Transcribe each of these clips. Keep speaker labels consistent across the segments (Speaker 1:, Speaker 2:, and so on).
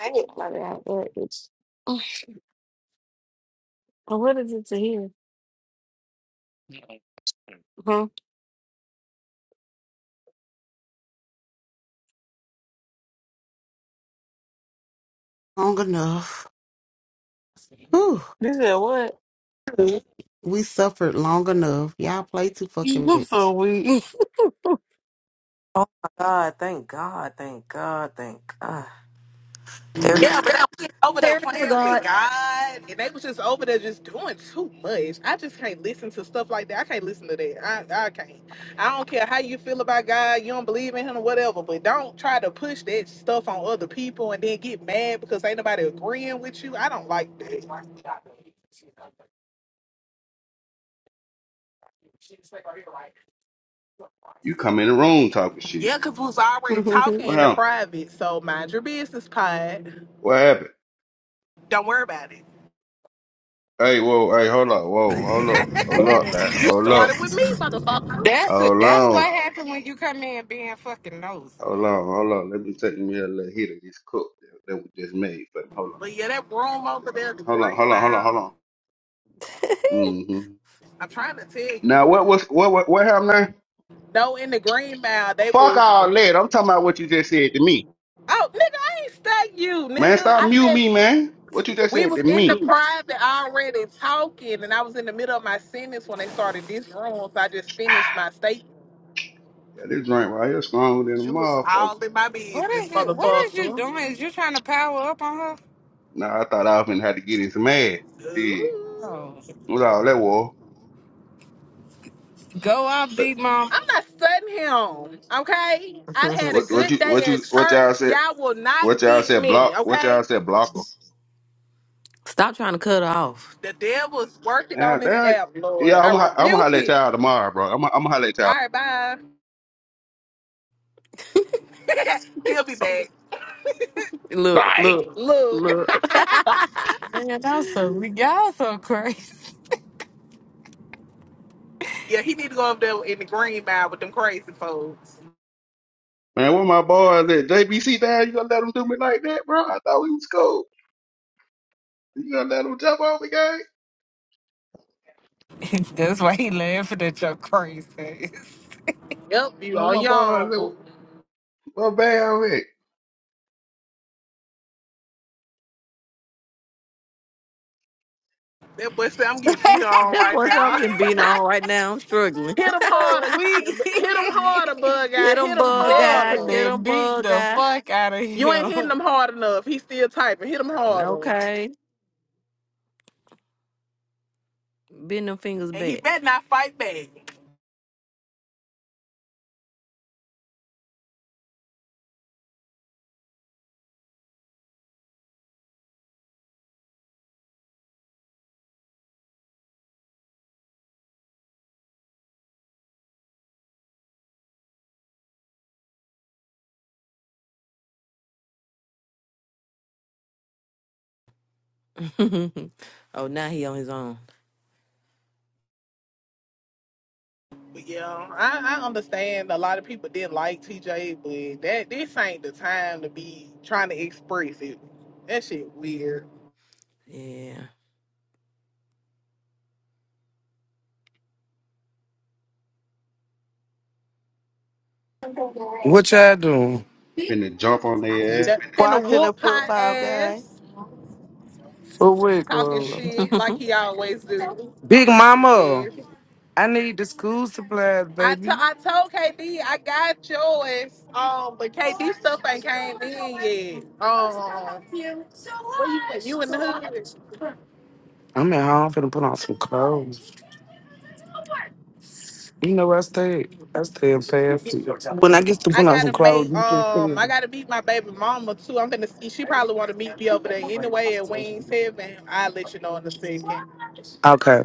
Speaker 1: I didn't know that. What is, what is it to hear? Huh?
Speaker 2: long enough. Whew.
Speaker 1: You said what?
Speaker 2: We suffered long enough. Y'all play too
Speaker 1: I'm
Speaker 2: fucking
Speaker 1: so weak.
Speaker 3: Oh my God. Thank God. Thank God. Thank God. There.
Speaker 4: Yeah, but they was just over there
Speaker 3: There is a
Speaker 4: playing with
Speaker 3: God.
Speaker 4: God, and they was just over there just doing too much. I just can't listen to stuff like that. I can't listen to that. I, I can't. I don't care how you feel about God, you don't believe in Him or whatever, but don't try to push that stuff on other people and then get mad because ain't nobody agreeing with you. I don't like that.
Speaker 5: You come in the room talking shit.
Speaker 4: Yeah, because we was already
Speaker 2: much.
Speaker 4: talking
Speaker 5: What
Speaker 4: in the
Speaker 5: happened?
Speaker 4: private, so mind your business, pod.
Speaker 5: What happened?
Speaker 4: Don't worry about it.
Speaker 5: Hey, whoa, hey, hold up, whoa, hold up, hold up, now,
Speaker 4: you
Speaker 5: hold
Speaker 4: started
Speaker 5: up,
Speaker 4: with me, motherfucker.
Speaker 6: That's a,
Speaker 5: hold
Speaker 6: that's
Speaker 5: on,
Speaker 6: what happened when you come in being fucking nosy.
Speaker 5: hold on, hold on. Let me take me a little hit of this cook that, that was just made for me. Hold
Speaker 4: But yeah, that room over
Speaker 5: on, I
Speaker 4: there, the
Speaker 5: got- hold on,
Speaker 4: green
Speaker 5: hold on, hold on,
Speaker 4: mile.
Speaker 5: hold on. Mm-hmm.
Speaker 4: I'm trying to tell you.
Speaker 5: Now what was what what what happened? Now?
Speaker 4: No, in the green mile, they
Speaker 5: Fuck
Speaker 4: was.
Speaker 5: all that. I'm talking about what you just said to me,
Speaker 4: Oh, nigga, I ain't stuck you,
Speaker 5: man.
Speaker 4: nigga.
Speaker 5: Stop
Speaker 4: I
Speaker 5: mute
Speaker 4: said
Speaker 5: me, man. What you just
Speaker 4: we
Speaker 5: said to
Speaker 4: was in the
Speaker 5: me?
Speaker 4: private already talking, and I was in the middle of my sentence when they started this room, so I just finished my statement.
Speaker 5: Yeah, this drink right here stronger than a
Speaker 4: You was
Speaker 5: motherfucker.
Speaker 4: all in my
Speaker 6: What
Speaker 4: business,
Speaker 6: is it? What is you
Speaker 4: motherfucker.
Speaker 6: doing? Is you trying to power up on her?
Speaker 5: Now I thought I was gonna have to get in some ass. Shit,
Speaker 4: Ooh.
Speaker 6: Oh,
Speaker 5: what all that was?
Speaker 6: go out, big mom.
Speaker 4: I'm not studying him, okay? I had
Speaker 3: Mhm.
Speaker 4: a
Speaker 5: What what
Speaker 4: good
Speaker 5: you what
Speaker 4: day at
Speaker 5: you what y'all
Speaker 4: church.
Speaker 5: said?
Speaker 4: Y'all will not
Speaker 5: What y'all
Speaker 4: get
Speaker 5: said?
Speaker 4: me,
Speaker 5: Block? What
Speaker 4: okay?
Speaker 5: y'all said? blocker?
Speaker 3: Stop trying to cut her off.
Speaker 4: The devil's working
Speaker 5: Yeah,
Speaker 4: on this
Speaker 5: that,
Speaker 4: app, Lord.
Speaker 5: yeah.
Speaker 4: I
Speaker 5: I'm ho- I'm gonna
Speaker 4: rebuke
Speaker 5: holler at
Speaker 4: it.
Speaker 5: y'all tomorrow, bro. I'm I'm gonna holler at y'all.
Speaker 4: All right, bye. He'll be back.
Speaker 3: Look,
Speaker 5: Right.
Speaker 3: look,
Speaker 4: Look.
Speaker 3: look.
Speaker 6: Man, I'm so y'all so crazy.
Speaker 4: yeah, he need to go up there in the green mile with them crazy folks.
Speaker 5: Man, where my boys at? JBC down? You gonna let them do me like that, bro? I thought we was cool. You gonna let them jump on me, gang?
Speaker 6: that's why he laughing at your crazy. ass.
Speaker 4: Yep, you
Speaker 5: Oh
Speaker 4: on
Speaker 5: my
Speaker 4: your own,
Speaker 5: boys, at?
Speaker 4: boo.
Speaker 5: where Bam at?
Speaker 4: That boy said I'm getting beat on
Speaker 3: That
Speaker 4: right
Speaker 3: boy said I'm
Speaker 4: now.
Speaker 3: getting beat on right now. I'm
Speaker 6: Man,
Speaker 3: struggling.
Speaker 4: hit
Speaker 6: I'm
Speaker 4: him harder.
Speaker 6: so weak.
Speaker 4: Hit him harder, bug guy.
Speaker 3: get him,
Speaker 4: Hit him
Speaker 3: bug guy.
Speaker 4: harder.
Speaker 3: Get
Speaker 6: Definitely
Speaker 3: him,
Speaker 6: beat
Speaker 3: bug
Speaker 6: the
Speaker 3: guy.
Speaker 6: fuck out of
Speaker 4: You ain't
Speaker 6: him.
Speaker 4: hitting him hard enough. He still typing. Hit him harder.
Speaker 3: Okay. Bend them fingers
Speaker 4: And he
Speaker 3: back.
Speaker 4: better not fight back.
Speaker 3: oh, now he on his own.
Speaker 4: But yeah, I, I understand a lot of people didn't like TJ, but that this ain't the time to be trying to express it. That shit weird.
Speaker 3: Yeah.
Speaker 7: What y'all doing?
Speaker 5: Finna jump on their ass,
Speaker 4: That finna
Speaker 8: Watching a
Speaker 4: whoop her
Speaker 8: football game.
Speaker 4: ass,
Speaker 7: For what,
Speaker 4: talking
Speaker 7: girl?
Speaker 4: shit like he always do.
Speaker 7: Big mama,
Speaker 4: Yes.
Speaker 7: I need the school supplies,
Speaker 4: I
Speaker 7: baby.
Speaker 4: to- I told KD I got yours. Um, but KD stuff ain't came in yet. Um, where you at? You in the hood?
Speaker 7: I'm at home finna put on some clothes. You know where I stay. at? I stay in fast food. When I get to
Speaker 4: I
Speaker 7: put on some
Speaker 4: gotta make
Speaker 7: clothes, you just tell
Speaker 4: um I
Speaker 7: me.
Speaker 4: gotta meet my baby mama too. I'm gonna see she probably wanna meet me over there anyway at Wings Heaven. I'll let you know in a second.
Speaker 7: Okay.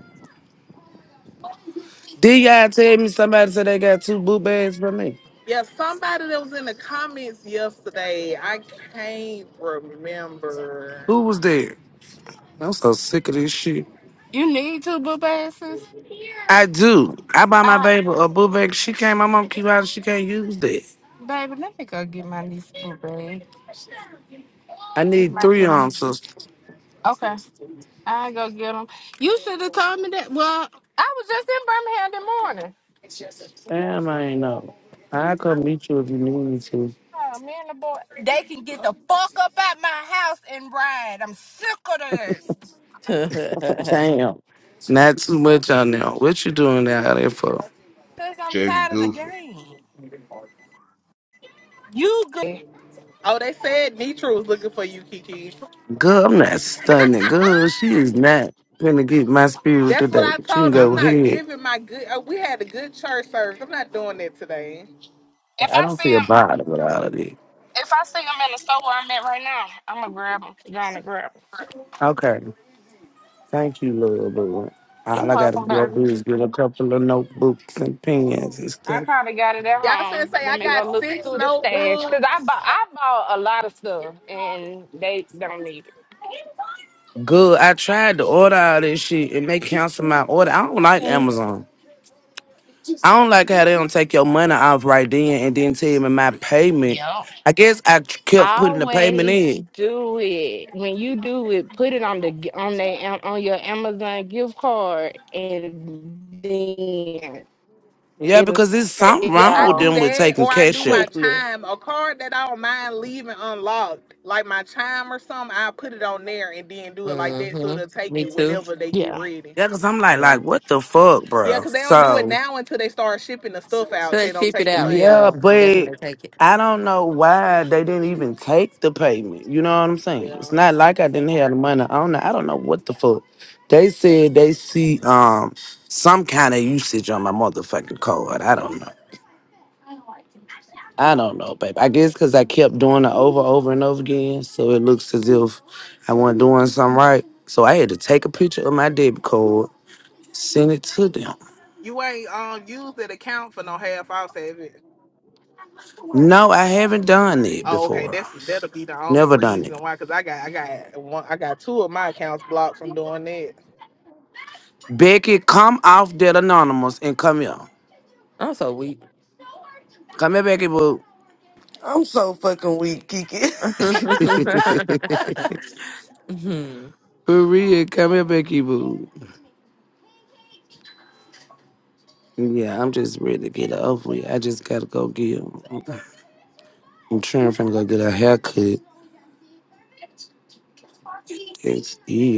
Speaker 7: Did y'all tell me somebody said they got two boot bags for me?
Speaker 4: Yeah, somebody that was in the comments yesterday, I can't remember.
Speaker 7: Who was there? I'm so sick of this shit.
Speaker 6: You need two boop asses?
Speaker 7: I do. I buy my
Speaker 6: Uh,
Speaker 7: baby a boot bag. She can't. My mom keep out. She can't use that.
Speaker 6: baby, let me go get my niece a boop bag.
Speaker 7: I
Speaker 6: It's
Speaker 7: need
Speaker 6: my
Speaker 7: three on,
Speaker 6: name.
Speaker 7: sister.
Speaker 6: Okay. I go get them. You should have told me that. Well, I was just in Birmingham this morning.
Speaker 7: Damn, I ain't know. I come meet you if you need me to.
Speaker 6: Oh, me and the boy, they can get the fuck up at my house and ride. I'm sick of this.
Speaker 7: Damn. Not too much on there. What you doing out there for?
Speaker 6: Cause I'm
Speaker 5: just
Speaker 6: tired of the
Speaker 5: goofy.
Speaker 6: game. You good? If
Speaker 4: Oh, they said Nitra was looking for you, Kiki.
Speaker 7: Girl, I'm not stunning. Girl, she is not gonna get my spirit
Speaker 4: That's
Speaker 7: today.
Speaker 4: what I
Speaker 7: But you can
Speaker 4: told. 'em. I'm
Speaker 7: go
Speaker 4: not
Speaker 7: ahead.
Speaker 4: giving my good. Uh, we had a good church service. I'm not doing that today.
Speaker 7: I
Speaker 6: I
Speaker 7: don't
Speaker 6: see
Speaker 7: feel
Speaker 6: him,
Speaker 7: bothered with all of this.
Speaker 6: if I see him in the store where I'm at right now, I'm gonna grab him. Gonna grab him.
Speaker 7: Okay. Thank you, little boo.
Speaker 6: You
Speaker 7: All I
Speaker 6: know if
Speaker 7: gotta
Speaker 6: I'm
Speaker 7: go
Speaker 6: better.
Speaker 7: do is get a couple of notebooks and pens and
Speaker 6: I
Speaker 7: stuff.
Speaker 6: probably got it at
Speaker 4: Y'all finna
Speaker 6: home.
Speaker 4: say
Speaker 6: Let
Speaker 4: I
Speaker 6: me go
Speaker 4: got
Speaker 6: look
Speaker 4: six
Speaker 6: through the stash. Cause I
Speaker 4: notebooks.
Speaker 6: bought, I bought a lot of stuff and they don't need it.
Speaker 7: Good. I tried to order all this shit and they canceled my order. I don't like
Speaker 6: Mm.
Speaker 7: Amazon. I don't like how they don't take your money off right then and then tell me my payment.
Speaker 6: Yep.
Speaker 7: I guess I kept putting the payment
Speaker 6: Always
Speaker 7: in.
Speaker 6: do it. When you do it, put it on the g- on they am- on your Amazon gift card, and then
Speaker 7: Yeah,
Speaker 6: it'll
Speaker 7: because there's
Speaker 6: take
Speaker 7: something
Speaker 6: it
Speaker 4: Yeah,
Speaker 7: wrong
Speaker 4: I
Speaker 7: with
Speaker 6: off
Speaker 4: do
Speaker 7: them with
Speaker 4: that,
Speaker 7: taking
Speaker 4: or I
Speaker 7: cash
Speaker 4: do my
Speaker 7: out.
Speaker 6: quickly.
Speaker 4: chime, a card that I don't mind leaving unlocked, like my chime or something. I put it on there and then do it like that, so
Speaker 3: hmm
Speaker 4: it'll take
Speaker 3: Me
Speaker 4: you
Speaker 3: too.
Speaker 4: whenever they get
Speaker 6: Yeah.
Speaker 4: ready.
Speaker 7: Yeah, because I'm like,
Speaker 3: Yeah.
Speaker 7: like,
Speaker 3: So
Speaker 7: what the fuck,
Speaker 4: Yeah,
Speaker 7: bro?
Speaker 4: because they don't do it
Speaker 7: So,
Speaker 4: now until they start shipping the stuff out.
Speaker 3: they
Speaker 4: They don't
Speaker 3: ship it
Speaker 4: take the
Speaker 3: out,
Speaker 4: money.
Speaker 7: yeah,
Speaker 3: yeah. And that's when
Speaker 7: but
Speaker 3: they take it.
Speaker 7: I don't know why they didn't even take the payment. You know what I'm saying? It's
Speaker 4: Yeah,
Speaker 7: not like I didn't have the money on it. I don't know what the fuck. They said they see um some kind of usage on my motherfucking card. I don't know. I don't know, babe. I guess because I kept doing it over, over and over again, so it looks as if I wasn't doing something right. So I had to take a picture of my debit card, send it to them.
Speaker 4: you ain't um use that account for no half. i savings.
Speaker 7: No, I haven't done it
Speaker 4: Oh, okay.
Speaker 7: before.
Speaker 4: That's that'll be the only
Speaker 7: Never done it.
Speaker 4: reason why, cause I got I got one, I got two of my accounts blocked from doing that.
Speaker 7: Becky, come off that anonymous and come here.
Speaker 3: I'm so weak.
Speaker 7: Come here, Becky Boo.
Speaker 9: I'm so fucking weak, Kiki.
Speaker 3: hmm
Speaker 7: For real, come here, Becky Boo. Yeah, I'm just ready to get it over with. I just gotta go get. 'em. I'm trying to go get a haircut. That's it.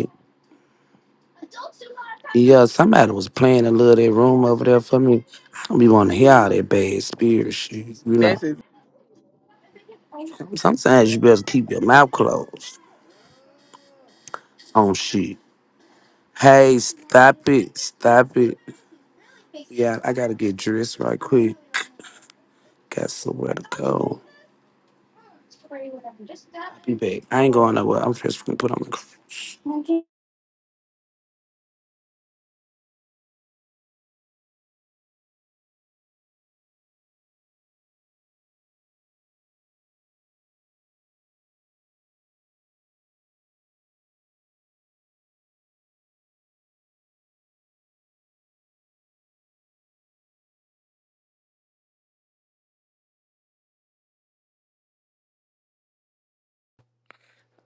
Speaker 7: Yeah, somebody was playing a little of that room over there for me. I don't be want to hear all that bad spirit shit, you know.
Speaker 4: That's it.
Speaker 7: Sometimes you better keep your mouth closed on shit. Hey, stop it, stop it. Yeah, I gotta get dressed right quick. Got somewhere to go. Be back. I ain't going nowhere. I'm just gonna put on my clothes.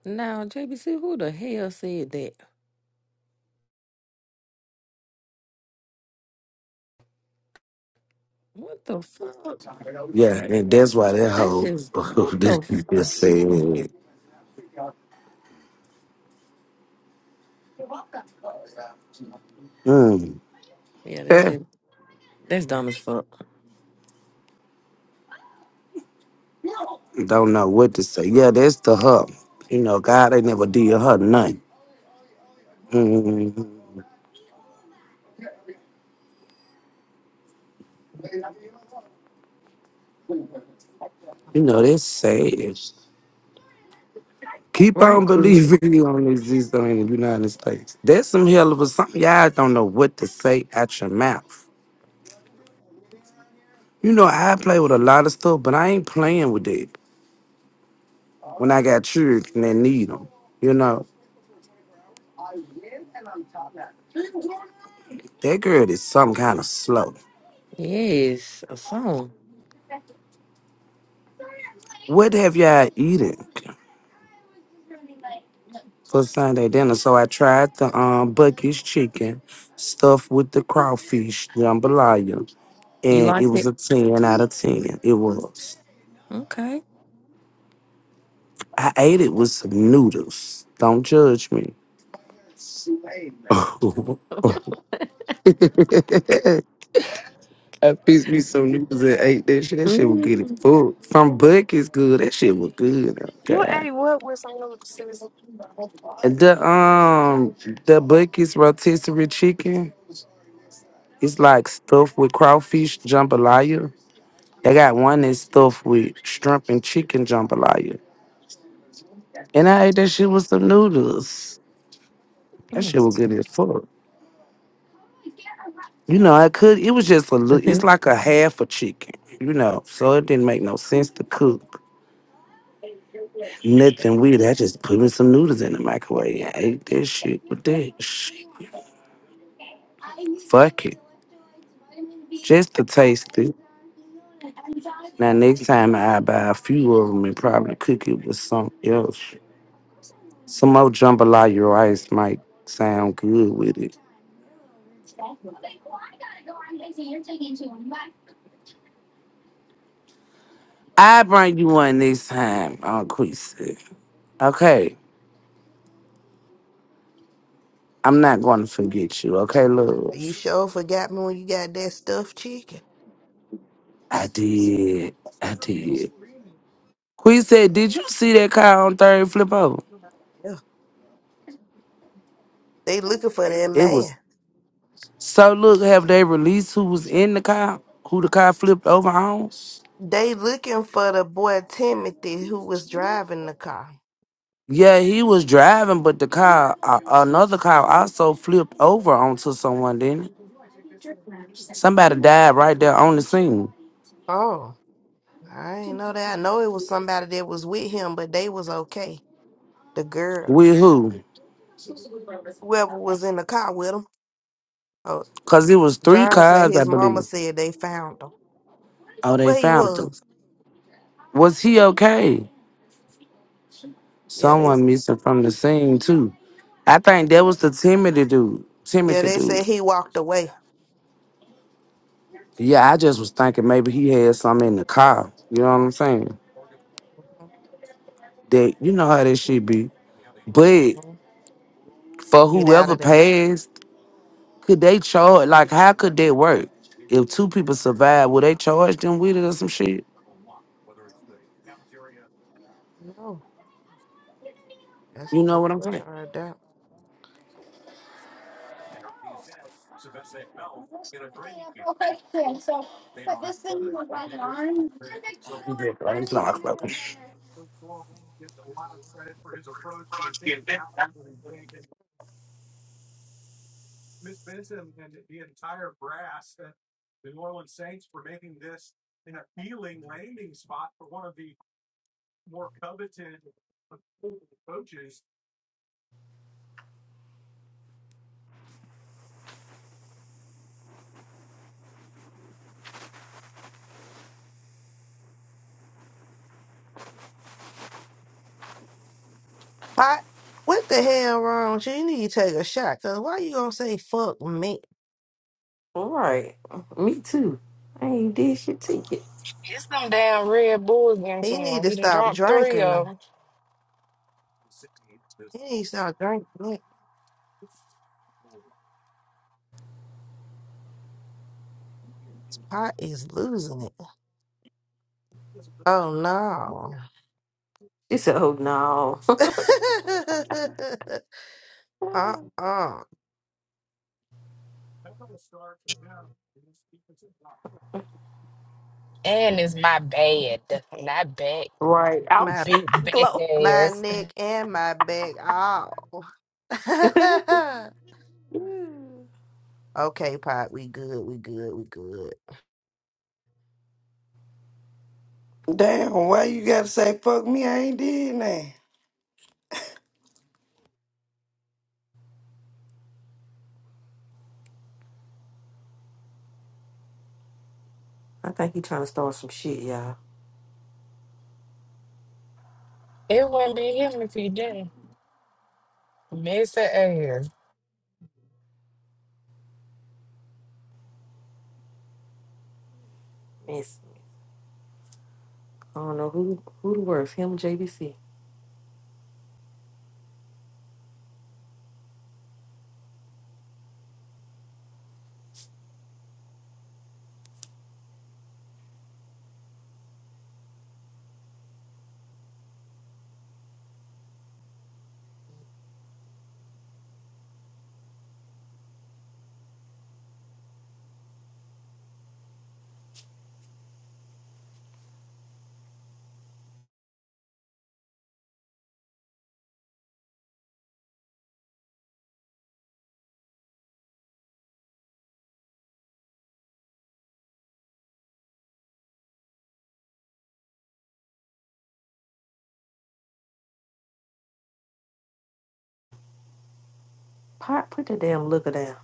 Speaker 3: Now, JBC, who the hell said that? What the fuck?
Speaker 7: Yeah, and that's why that
Speaker 3: That's
Speaker 7: hoe
Speaker 3: just what the fuck.
Speaker 7: just saying it. Mm.
Speaker 3: Yeah, that's just that's dumb as fuck.
Speaker 7: Don't know what to say. Yeah, that's the her. You know, God they never did her nothing. Mhm. You know, that's sad. Keep
Speaker 3: Right,
Speaker 7: on
Speaker 3: Queen.
Speaker 7: believing you only exist in the United States. That's some hell of a something. Y'all don't know what to say out your mouth. You know, I play with a lot of stuff, but I ain't playing with it when I got children that need them. You know, that girl is some kind of slow.
Speaker 3: Yes, a song.
Speaker 7: What have y'all eaten? for Sunday dinner. So I tried the um Bucky's chicken stuffed with the crawfish jambalaya,
Speaker 3: You
Speaker 7: and it
Speaker 3: like
Speaker 7: was
Speaker 3: it?
Speaker 7: a ten out of ten. It was.
Speaker 3: Okay.
Speaker 7: I ate it with some noodles. Don't judge me. I pieced me some noodles and ate that shit. That shit was good as
Speaker 3: Mm.
Speaker 7: fuck. From Bucky's good. That shit was good. Oh
Speaker 6: You
Speaker 7: god.
Speaker 6: ain't what with some little sis.
Speaker 7: The um the Bucky's rotisserie chicken. It's like stuffed with crawfish jambalaya. They got
Speaker 6: Oh,
Speaker 7: one that's stuffed with shrimp and chicken jambalaya. And I ate that shit with some noodles. That shit was good as fuck. You know, I could, it was just a little, it's like a half a chicken, you know, so it didn't make no sense to cook. Nothing weird. I just put in some noodles in the microwave and ate that shit with that shit. Fuck it. Just to taste it. Now, next time I buy a few of them and probably cook it with something else. Some more jambalaya rice might sound good with it. I bring you one this time, Uncle Queasy. Okay, I'm not going to forget you. Okay,
Speaker 8: You
Speaker 7: love.
Speaker 8: sure forgot me when you got that stuffed chicken.
Speaker 7: I did. I did. Queen said, "Did you see that car on third flip over?
Speaker 8: Yeah. They looking for that
Speaker 7: It was
Speaker 8: man.
Speaker 7: so. Look, have they released who was in the car? Who the car flipped over on?
Speaker 8: They looking for the boy Timothy who was driving the car.
Speaker 7: Yeah, he was driving, but the car, uh, another car, also flipped over onto someone. Didn't it? Somebody died right there on the scene.
Speaker 8: Oh, I ain't know that. I know it was somebody that was with him, but they was okay. The girl,
Speaker 7: With who?
Speaker 8: whoever was in the car with him. Oh,
Speaker 7: Cause it was three
Speaker 8: John said
Speaker 7: cars, I
Speaker 8: his mama
Speaker 7: believe.
Speaker 8: said they found him.
Speaker 7: Oh, they
Speaker 8: Where he
Speaker 7: found him.
Speaker 8: was?
Speaker 7: Was he okay?
Speaker 8: Yeah, they
Speaker 7: Someone missing from the scene too. I think that was the Timothy dude.
Speaker 8: yeah
Speaker 7: Timothy
Speaker 8: they
Speaker 7: dude.
Speaker 8: said he walked away.
Speaker 7: Yeah, I just was thinking maybe he had something in the car. You know what I'm saying?
Speaker 8: Mhm,
Speaker 7: That you know how that shit be. But
Speaker 8: mhm.
Speaker 7: for
Speaker 8: Get out
Speaker 7: whoever
Speaker 8: of there.
Speaker 7: passed. Could they charge? Like, how could that work? If two people survive, will they charge them with it or some shit?
Speaker 8: No, that's a
Speaker 7: You know
Speaker 8: good
Speaker 7: what I'm saying?
Speaker 8: question right there.
Speaker 7: You just ain't not fucking-
Speaker 8: Hot. What the hell wrong? She need to take a shot. Cause why you gonna say fuck me?
Speaker 3: All right. Me too. I ain't did shit to you.
Speaker 6: It's them damn Red Bulls getting to
Speaker 8: He need
Speaker 6: him.
Speaker 8: to
Speaker 6: He done
Speaker 8: stop
Speaker 6: drunk three
Speaker 8: drinking. now.
Speaker 6: of them.
Speaker 8: He need to stop drinking. That Pot is losing it. Oh no.
Speaker 3: She said, oh, no.
Speaker 8: uh uh.
Speaker 6: And it's my bad. Not back.
Speaker 3: right. Ouch.
Speaker 8: My
Speaker 6: big back
Speaker 3: Glow.
Speaker 8: my
Speaker 6: ass.
Speaker 8: neck and my back. Oh.
Speaker 3: I
Speaker 8: Okay, pot. we good, we good, we good.
Speaker 9: Damn, why you gotta say fuck me? I ain't did nothing.
Speaker 3: think he trying to start some shit, y'all.
Speaker 6: It wouldn't be him if he didn't. Miss her ass.
Speaker 3: It's, I don't know who who the worst, him or JBC. Pot, put that damn looker down.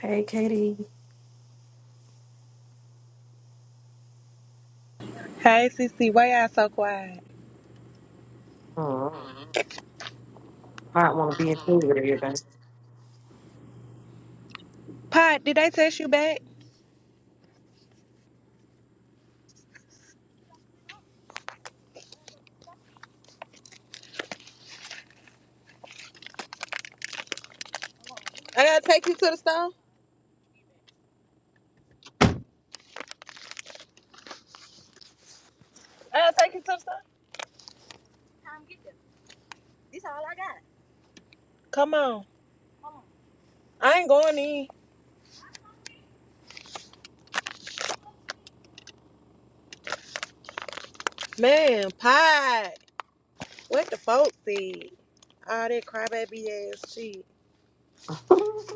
Speaker 3: Hey, Katie.
Speaker 10: Hey, CC, why y'all so quiet?
Speaker 3: Mm. Pot want to be in tune with everything.
Speaker 10: Pot, did they text you back? I gotta take you to the store. I gotta take you to the store. Come on. I ain't going in. Man, Pot, what the folks said. All that crybaby ass shit.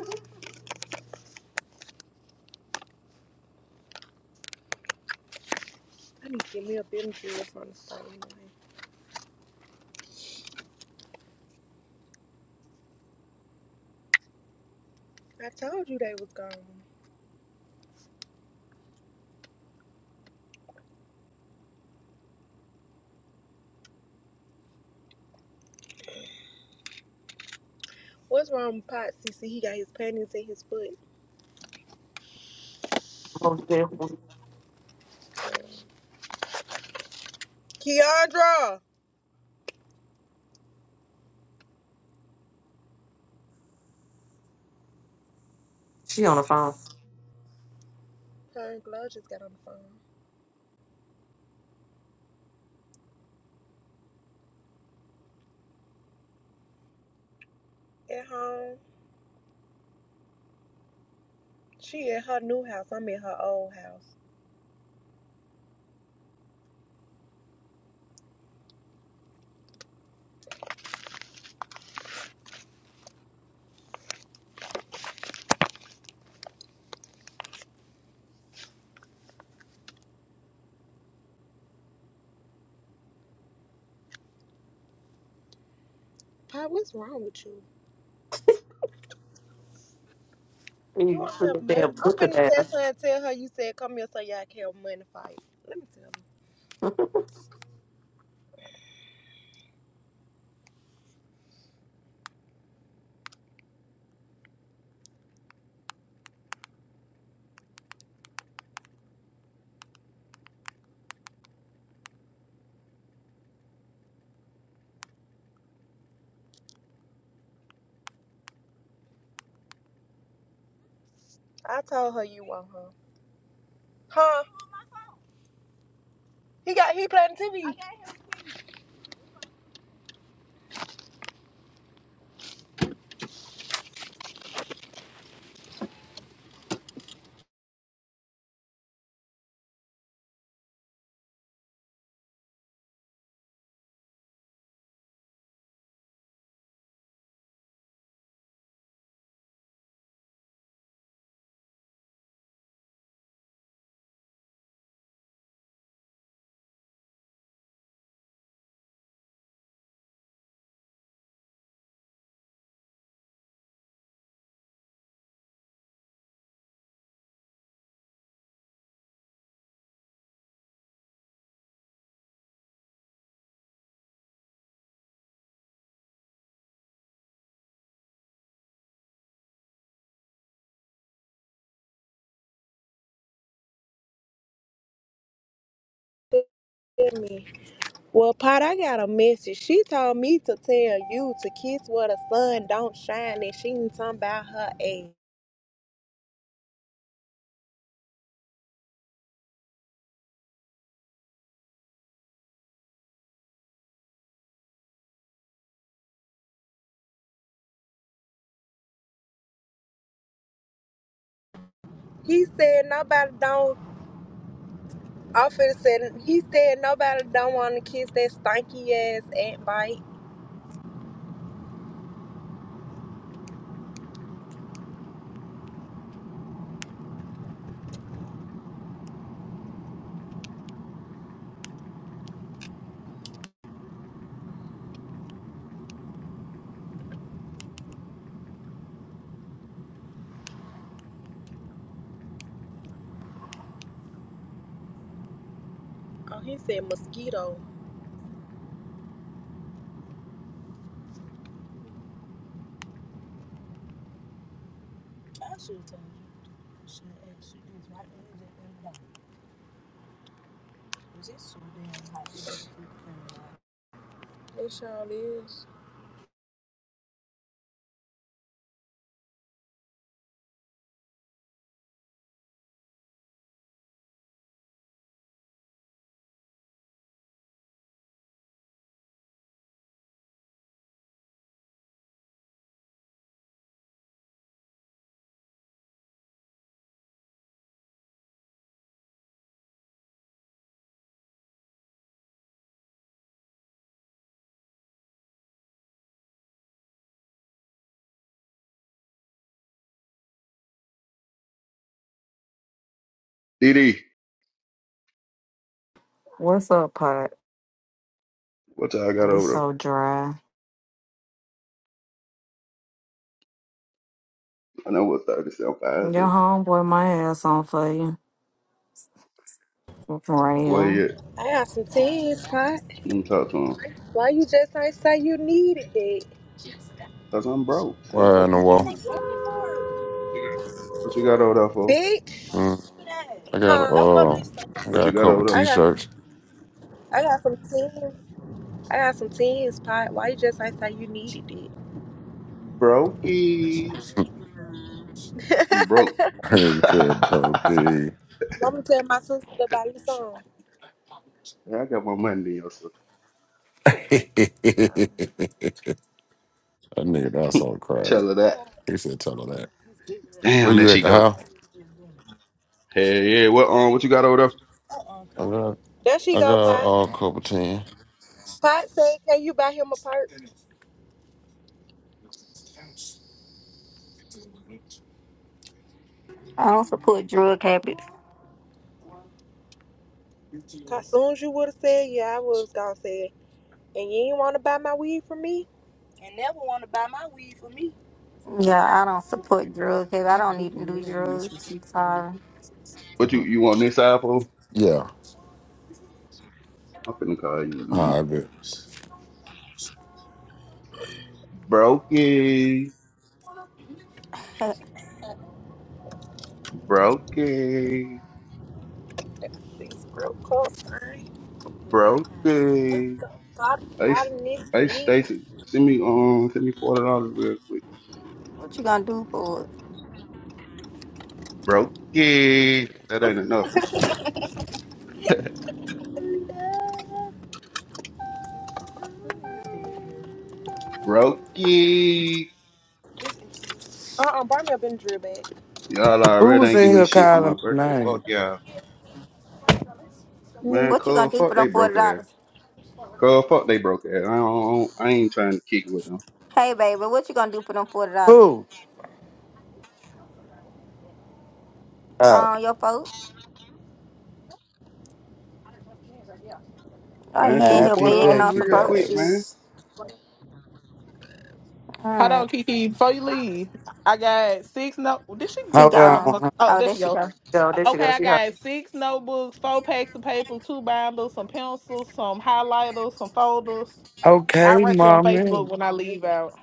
Speaker 10: I need to get me a building deal from the store anyway. I told you they was gone. What's wrong with Pot, CC? He got his panties in his foot.
Speaker 3: Most definitely.
Speaker 10: Keandra!
Speaker 3: She on the phone.
Speaker 10: Her and Glow just got on the phone. At home. She at her new house. I'm in her old house. Pop, what's wrong with you? You
Speaker 3: You
Speaker 10: want to
Speaker 3: put
Speaker 10: have
Speaker 3: that
Speaker 10: money?
Speaker 3: damn
Speaker 10: I'm
Speaker 3: looker
Speaker 10: finna text
Speaker 3: down.
Speaker 10: her and tell her you said come here so y'all can have money fight. Let me tell her. I told her you want her. Huh? He got he playing TV. Tell me. Well, Pot, I got a message. She told me to tell you to kiss where the sun don't shine, and she ain't talking about her ass. He said nobody don't. I finna said he said nobody don't want to kiss that stanky ass ant bite. Oh, he said mosquito. I should tell. him. It sure is.
Speaker 5: DD,
Speaker 11: What's up, Pot?
Speaker 5: what y'all got
Speaker 11: It's
Speaker 5: over
Speaker 11: so
Speaker 5: there?
Speaker 11: dry.
Speaker 5: I know what thirty seven
Speaker 11: Your
Speaker 5: five is.
Speaker 11: homeboy my ass on for you. From right
Speaker 5: Where
Speaker 11: here.
Speaker 5: you at?
Speaker 10: I got some teas, Pot.
Speaker 5: Let me talk to him.
Speaker 10: Why you just ain't say you needed it?
Speaker 5: Cause I'm broke. Shit,
Speaker 11: Why
Speaker 5: fuck
Speaker 11: in the
Speaker 5: you talking
Speaker 11: wall?
Speaker 5: about. What you got over there for?
Speaker 10: Bitch.
Speaker 11: Mm, I got
Speaker 10: Huh?
Speaker 11: uh, I
Speaker 5: What
Speaker 11: got
Speaker 5: you
Speaker 11: a
Speaker 5: got
Speaker 11: couple
Speaker 5: over there?
Speaker 10: I got
Speaker 11: t-shirts.
Speaker 10: I got some teas. I got some teas, Pot. Why you just ain't say you needed it?
Speaker 5: Brokey.
Speaker 11: okay,
Speaker 5: I'm broke.
Speaker 11: bro. okay.
Speaker 10: Mama tell my sister to buy you some.
Speaker 5: Yeah, I got my money in your so
Speaker 11: that
Speaker 10: Um,
Speaker 11: nigga that's all
Speaker 10: oh,
Speaker 11: crazy.
Speaker 5: tell her that.
Speaker 10: God.
Speaker 11: He said, "Tell her that." Where
Speaker 5: Damn, there
Speaker 11: you
Speaker 5: she
Speaker 11: at the
Speaker 5: go.
Speaker 11: house?
Speaker 5: Hey, yeah, what um, what you got over there?
Speaker 10: Uh-uh,
Speaker 11: I
Speaker 10: Connor.
Speaker 11: got,
Speaker 10: There she
Speaker 11: I
Speaker 10: go,
Speaker 11: got uh,
Speaker 10: Pot.
Speaker 11: a couple 10
Speaker 10: Pot said, Can you buy him a perk?
Speaker 12: I don't support drug habits.
Speaker 10: As soon as you would have said, Yeah, I would have gone said, And you ain't want to buy my weed for me? and never wanna buy my weed for me.
Speaker 12: Yeah, I don't support drug habits. I don't even do
Speaker 11: hmm
Speaker 12: drugs. Sorry.
Speaker 5: What you you want this apple?
Speaker 11: Yeah.
Speaker 5: I'm finna call you in a minute.
Speaker 11: All right, bet.
Speaker 5: Brokey,
Speaker 12: Hey,
Speaker 5: brokey,
Speaker 10: These real cup. What
Speaker 5: brokey.
Speaker 10: the God
Speaker 5: Hey, S-
Speaker 10: out of this
Speaker 5: hey,
Speaker 10: bitch?
Speaker 5: Stacy, send me um, send me forty dollars real quick.
Speaker 12: What you gonna do for it?
Speaker 5: Brokey, that ain't enough. Brokey.
Speaker 10: Uh uh, buy me a Benadryl bag.
Speaker 5: Y'all
Speaker 7: Who
Speaker 5: already
Speaker 7: was
Speaker 5: ain't give
Speaker 7: in
Speaker 5: me
Speaker 7: here
Speaker 5: shit for my
Speaker 7: calling my
Speaker 5: birthday. Fuck
Speaker 7: name?
Speaker 5: y'all. Man,
Speaker 10: Me.
Speaker 12: What you gonna
Speaker 5: cuz,
Speaker 12: do
Speaker 5: fuck
Speaker 12: for
Speaker 5: they
Speaker 12: them
Speaker 5: broke
Speaker 12: forty
Speaker 5: ass.
Speaker 12: dollars?
Speaker 5: Cuz, fuck they broke ass. I don't, I ain't trying to kick with them.
Speaker 12: Hey, baby, what you gonna do for them forty dollars?
Speaker 7: Who? Oh,
Speaker 12: Um, your folks? Oh,
Speaker 5: Man,
Speaker 12: he in
Speaker 5: send
Speaker 7: I'll
Speaker 5: me
Speaker 12: here
Speaker 7: be
Speaker 5: forty
Speaker 12: begging
Speaker 5: dollars
Speaker 12: on
Speaker 7: back, you
Speaker 12: some
Speaker 5: real
Speaker 12: broke
Speaker 5: quick,
Speaker 12: shit.
Speaker 5: man.
Speaker 7: guys.
Speaker 12: All
Speaker 4: Hold on,
Speaker 12: right,
Speaker 4: Kiki. Before you leave, I got six no. Did she?
Speaker 12: she
Speaker 7: Hold
Speaker 4: This
Speaker 12: gone.
Speaker 4: motherfucker.
Speaker 7: on.
Speaker 4: Oh,
Speaker 12: Oh,
Speaker 4: there
Speaker 12: there
Speaker 4: she
Speaker 12: she
Speaker 4: go. Uh,
Speaker 12: go.
Speaker 3: go, there she go.
Speaker 4: Okay, I
Speaker 3: She
Speaker 4: got six notebooks, four packs of paper, two binders, some pencils, some highlighters, some folders. I
Speaker 7: Okay,
Speaker 4: write you on
Speaker 7: mommy.
Speaker 4: Facebook when I leave out.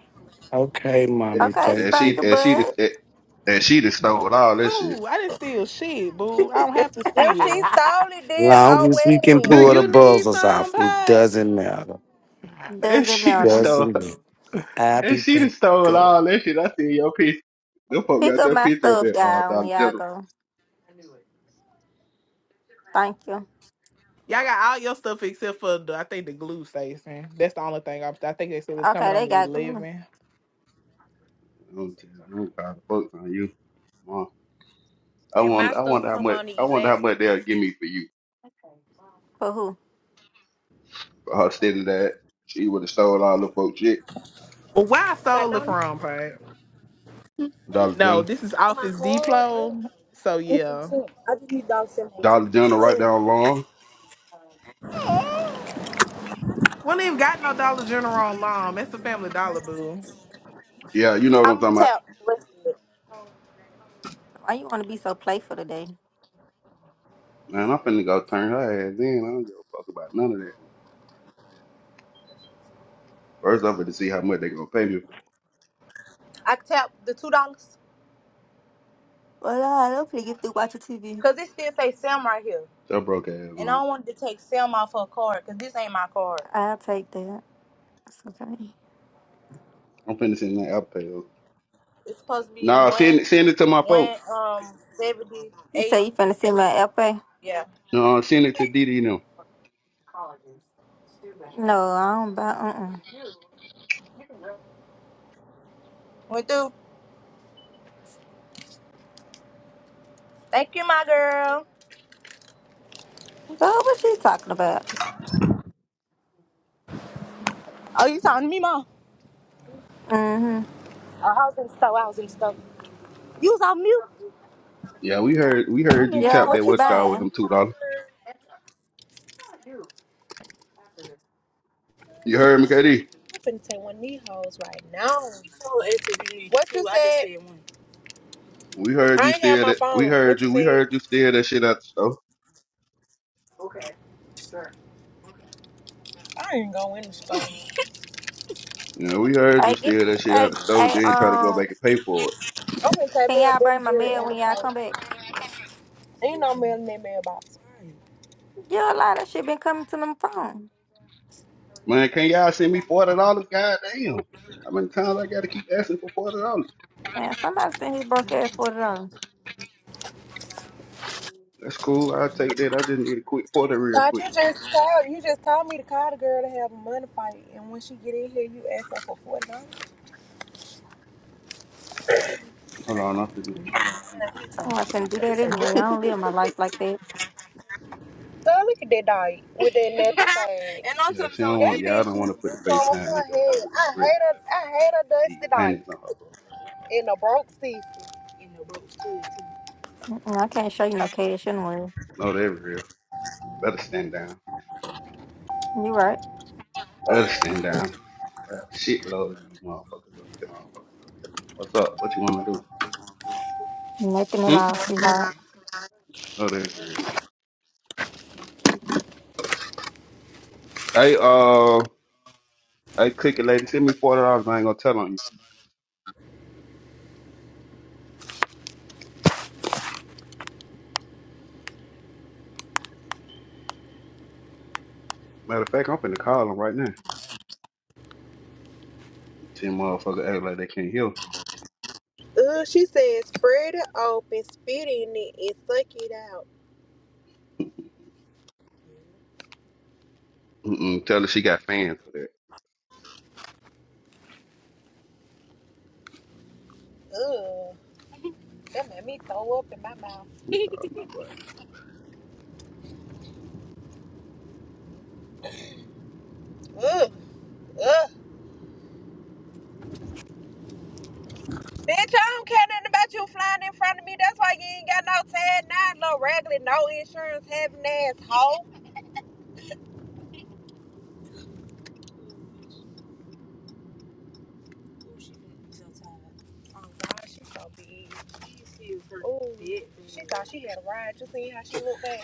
Speaker 7: Okay,
Speaker 5: And
Speaker 7: mommy.
Speaker 12: Okay,
Speaker 5: and
Speaker 7: Thank
Speaker 5: she,
Speaker 7: you.
Speaker 12: stinker
Speaker 5: and she,
Speaker 12: bud.
Speaker 5: and and she done stole all that shit.
Speaker 4: Who? I didn't steal shit, boo. I don't have to
Speaker 10: If she
Speaker 4: steal.
Speaker 10: stole it, then
Speaker 7: Long
Speaker 10: oh
Speaker 7: as we can
Speaker 4: Do
Speaker 7: pull
Speaker 10: well.
Speaker 7: the
Speaker 4: you need
Speaker 7: buzzers off,
Speaker 4: some,
Speaker 7: it
Speaker 4: Pod?
Speaker 7: doesn't matter.
Speaker 5: And
Speaker 12: Doesn't
Speaker 5: she done
Speaker 12: matter.
Speaker 5: stole,
Speaker 7: Doesn't matter. I
Speaker 5: and
Speaker 7: be
Speaker 5: she done stole all that shit. I see your piece. Them folk
Speaker 12: Pick
Speaker 5: got
Speaker 12: up
Speaker 5: your
Speaker 12: my
Speaker 5: picture up
Speaker 12: stuff,
Speaker 5: at uh,
Speaker 12: y'all, when
Speaker 5: Dollar
Speaker 12: y'all
Speaker 5: General.
Speaker 12: go. Thank you.
Speaker 4: Y'all got all your stuff except for the I think the glue station. That's the only thing i I think they said it's coming
Speaker 12: Okay,
Speaker 4: on
Speaker 12: they
Speaker 4: the
Speaker 12: got glue.
Speaker 4: 11.
Speaker 5: I don't tell you, I don't call the folks on you. Come on. I
Speaker 10: And my
Speaker 5: wonder, I
Speaker 10: stuff
Speaker 5: wonder how
Speaker 10: come
Speaker 5: much,
Speaker 10: on the
Speaker 5: I wonder how
Speaker 10: 11th.
Speaker 5: much they'll give me for you.
Speaker 12: For who?
Speaker 5: for her steady that she would have stole all the folks shit.
Speaker 4: Well, where I
Speaker 10: Got
Speaker 4: stole it
Speaker 10: no.
Speaker 4: from, Pat?
Speaker 5: Dollar
Speaker 4: No,
Speaker 5: General.
Speaker 4: this is Office Depot. So
Speaker 10: It's some
Speaker 4: yeah,
Speaker 10: sense. I just need dog in
Speaker 5: Dollar General right
Speaker 10: my
Speaker 5: down long.
Speaker 4: Oh, we don't even got no Dollar General on long. That's the Family Dollar boo.
Speaker 5: Yeah, you know what I'm
Speaker 10: I'm
Speaker 5: talking
Speaker 10: tapped.
Speaker 5: about.
Speaker 12: Why you wanna be so playful today?
Speaker 5: Man, I'm finna go turn her ass in. I don't give a fuck about none of that. First, I'm finna see how much they gonna pay me for.
Speaker 10: I tapped the two dollars
Speaker 12: Well, I don't really get through watching TV.
Speaker 10: because it still say Sam right here,
Speaker 5: That broke ass
Speaker 10: and I
Speaker 5: on.
Speaker 10: don't want to take Sam off her card because this ain't my card.
Speaker 12: I'll take that. It's okay.
Speaker 5: I'm finna send that Apple Pay. though.
Speaker 10: It's supposed to be
Speaker 5: Nah, send it
Speaker 10: one,
Speaker 5: send it to my
Speaker 10: one
Speaker 5: folks.
Speaker 10: um seventy
Speaker 12: You
Speaker 10: eight.
Speaker 12: say you finna send me an LP?
Speaker 10: Yeah,
Speaker 5: No, send it to Didi and them.
Speaker 12: No, I don't buy. Uh-uh.
Speaker 10: went through. Thank you, my girl.
Speaker 12: Girl, what she talking about?
Speaker 10: Oh, you talking to me, mom?
Speaker 12: Mm-hmm.
Speaker 10: You was on mute.
Speaker 5: Yeah, we heard we
Speaker 10: I'm
Speaker 5: heard you
Speaker 10: in the
Speaker 12: Yeah,
Speaker 5: tap
Speaker 10: store
Speaker 5: that
Speaker 12: what you
Speaker 10: putting
Speaker 5: what's
Speaker 10: something.
Speaker 5: called with them
Speaker 10: I'm
Speaker 12: buying?
Speaker 5: two dollars. You heard me, KD?
Speaker 10: finna take one of these hoes right now. Told us you need What two. you two, I just said? said one.
Speaker 5: We heard
Speaker 10: I
Speaker 5: you
Speaker 10: ain't have
Speaker 5: steal
Speaker 10: my
Speaker 5: that we
Speaker 10: phone.
Speaker 5: heard
Speaker 10: What you
Speaker 5: you we
Speaker 10: said?
Speaker 5: heard you steal that shit out the store.
Speaker 10: I ain't go in the store.
Speaker 5: You know, we heard you
Speaker 12: I get.
Speaker 5: steal that shit out
Speaker 12: I.
Speaker 5: the store,
Speaker 12: I.
Speaker 5: then try to go
Speaker 12: Um.
Speaker 5: back and pay for it.
Speaker 10: I'm gonna take
Speaker 12: Can
Speaker 10: me a
Speaker 12: y'all
Speaker 10: Ben
Speaker 12: bring
Speaker 10: and
Speaker 12: my
Speaker 10: Jerry
Speaker 12: mail
Speaker 10: and
Speaker 12: when
Speaker 10: a
Speaker 12: y'all
Speaker 10: Coke.
Speaker 12: come back?
Speaker 10: Ain't no man me and me a
Speaker 12: Yeah, a lot of shit been coming to them phone.
Speaker 5: Man, can y'all send me forty dollars? God damn. How many times I gotta keep asking for forty dollars?
Speaker 12: Man, somebody sent his broke ass forty dollars.
Speaker 5: That's cool. I'll take that. I just need a quick forty real
Speaker 10: God,
Speaker 5: quick.
Speaker 10: you just told you just told me to call the girl to have a money fight, and when she get in here, you ask her for forty dollars.
Speaker 5: Hold on, I'm finna, hold on.
Speaker 12: I'm not finna do that
Speaker 10: It's a good.
Speaker 12: anyway. I don't live my life like that.
Speaker 10: Girl, look at that dog with that nappy thing. And I'm
Speaker 5: Yeah,
Speaker 10: telling you,
Speaker 5: she
Speaker 10: so
Speaker 5: don't
Speaker 10: that
Speaker 5: want
Speaker 10: he-
Speaker 5: y'all
Speaker 10: bitch
Speaker 5: don't wanna
Speaker 10: is
Speaker 5: put the
Speaker 10: is on
Speaker 5: FaceTime
Speaker 10: her
Speaker 5: nigga up there.
Speaker 10: head.
Speaker 5: Let me
Speaker 10: I
Speaker 5: spread
Speaker 10: hate her.
Speaker 5: these
Speaker 10: I hate her dusty
Speaker 5: these hundreds
Speaker 10: dike
Speaker 5: on her broke ass.
Speaker 10: in a broke stiff.
Speaker 12: Mm-mm, I can't show you no cash anyway.
Speaker 5: No, they're real. Better stand down.
Speaker 12: You right?
Speaker 5: Better stand down. Got a shitload of these motherfuckers up here. What's up? What you wanna do?
Speaker 12: Nothing at
Speaker 5: Hmm?
Speaker 12: all, sweetheart.
Speaker 5: No, they're real. Hey, uh, hey, cookie lady, send me forty dollars. I ain't gonna tell on you. Matter of fact, I'm finna call them right now. Ten motherfucker act like they can't hear.
Speaker 10: Ugh, she said spread it open, spit in it, and suck it out.
Speaker 5: Mm-mm, tell her she got fans for that.
Speaker 10: Ugh, that made me throw up in my mouth.
Speaker 5: Oh, my boy.
Speaker 10: Ugh, ugh. Bitch, I don't care nothing about you flying in front of me. That's why you ain't got no tag, nine, no regular, no insurance, having ass hoe. Oh God, she so big. Ooh, she thought she had a ride. You see how she looked back?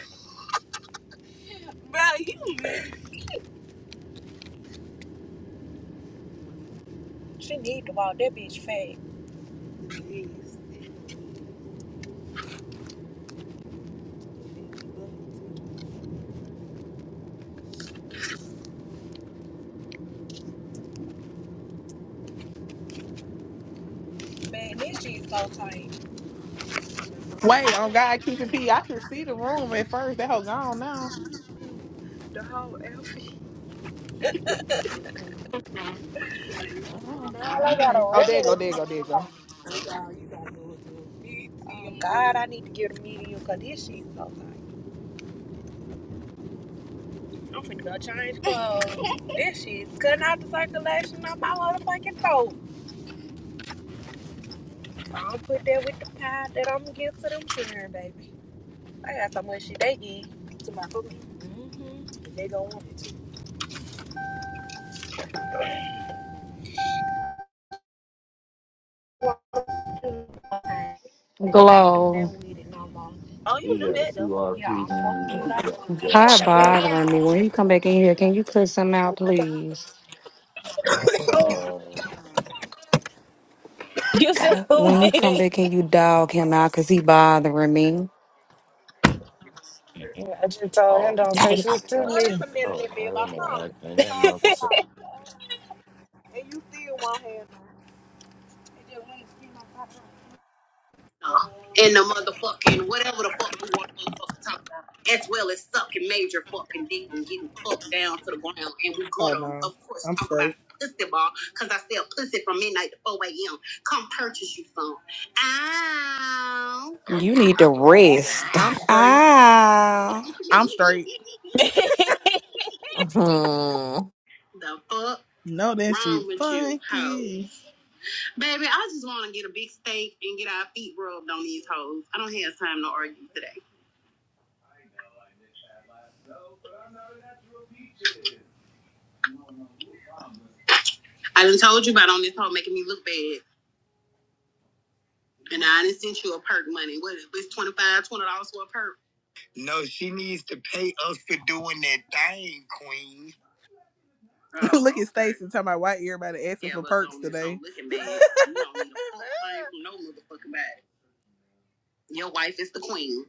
Speaker 10: Bro, you mad. She need to walk that bitch fat. Man, this shit so tight.
Speaker 4: Wait, on God keep it pee. I could see the room at first. That hoe gone now.
Speaker 10: Girl,
Speaker 4: Uh-uh.
Speaker 10: I got
Speaker 4: Okay.
Speaker 10: a
Speaker 4: Oh, there you
Speaker 10: regular
Speaker 4: go. There you
Speaker 10: too.
Speaker 4: go. There you go.
Speaker 10: Oh God, I need to get a medium because this shit so tight. I'm finna go change clothes. this shit's cutting out the circulation on my motherfucking throat. I don't put that with the pie that I'm gonna give to them children, baby. I got so much shit they eat to my food. Mm-hmm. They gonna want it. I can't do
Speaker 11: Glow.
Speaker 10: nothing with it no more. Oh, you knew that though. Yeah, I'm fucking
Speaker 11: Yeah.
Speaker 6: Yes,
Speaker 10: July.
Speaker 11: bothering me. When
Speaker 6: ma'am.
Speaker 11: he come back in here, can you cut something out,
Speaker 10: Man,
Speaker 11: please? Um.
Speaker 6: You said
Speaker 11: I-
Speaker 6: who
Speaker 11: When
Speaker 6: did
Speaker 11: he come
Speaker 6: it?
Speaker 11: back, can you dog him out? Cause he bothering me.
Speaker 6: Yeah, I just told him
Speaker 11: Oh.
Speaker 6: don't say
Speaker 11: Damn.
Speaker 6: shit to
Speaker 11: God,
Speaker 10: Lord,
Speaker 6: me.
Speaker 10: it's a minute
Speaker 11: no,
Speaker 10: that be
Speaker 11: I ain't
Speaker 10: about phone.
Speaker 11: gonna- I ain't
Speaker 10: So
Speaker 11: got
Speaker 10: I
Speaker 11: nothing for
Speaker 10: pull
Speaker 11: say.
Speaker 10: out, and you still won't have none. It
Speaker 13: in the motherfucking whatever the fuck we want to motherfucking talk about, as well as sucking major fucking dick and getting fucked down to the ground. And we Oh to, no, of course, I'm talk about straight. About pussy ball because I sell pussy from midnight to 4 a.m. Come purchase you some. Ow.
Speaker 11: You need to rest.
Speaker 13: I'm straight.
Speaker 11: Ah,
Speaker 13: I'm straight.
Speaker 3: Mhm.
Speaker 13: the fuck No, that wrong shit with funky. Baby, I just want to get a big steak and get our feet rubbed on these hoes. I don't have time to argue today. I done told you about on this hoe making me look bad. And I didn't send you a perk money. What if it's 25 dollars twenty dollars for a perk? No, she needs to pay us for doing that thing, Queen. Look at Stacey talking about why everybody asking Yeah, for perks today. looking bad, you don't need a fuck thing from no motherfucking body. Your wife is the queen.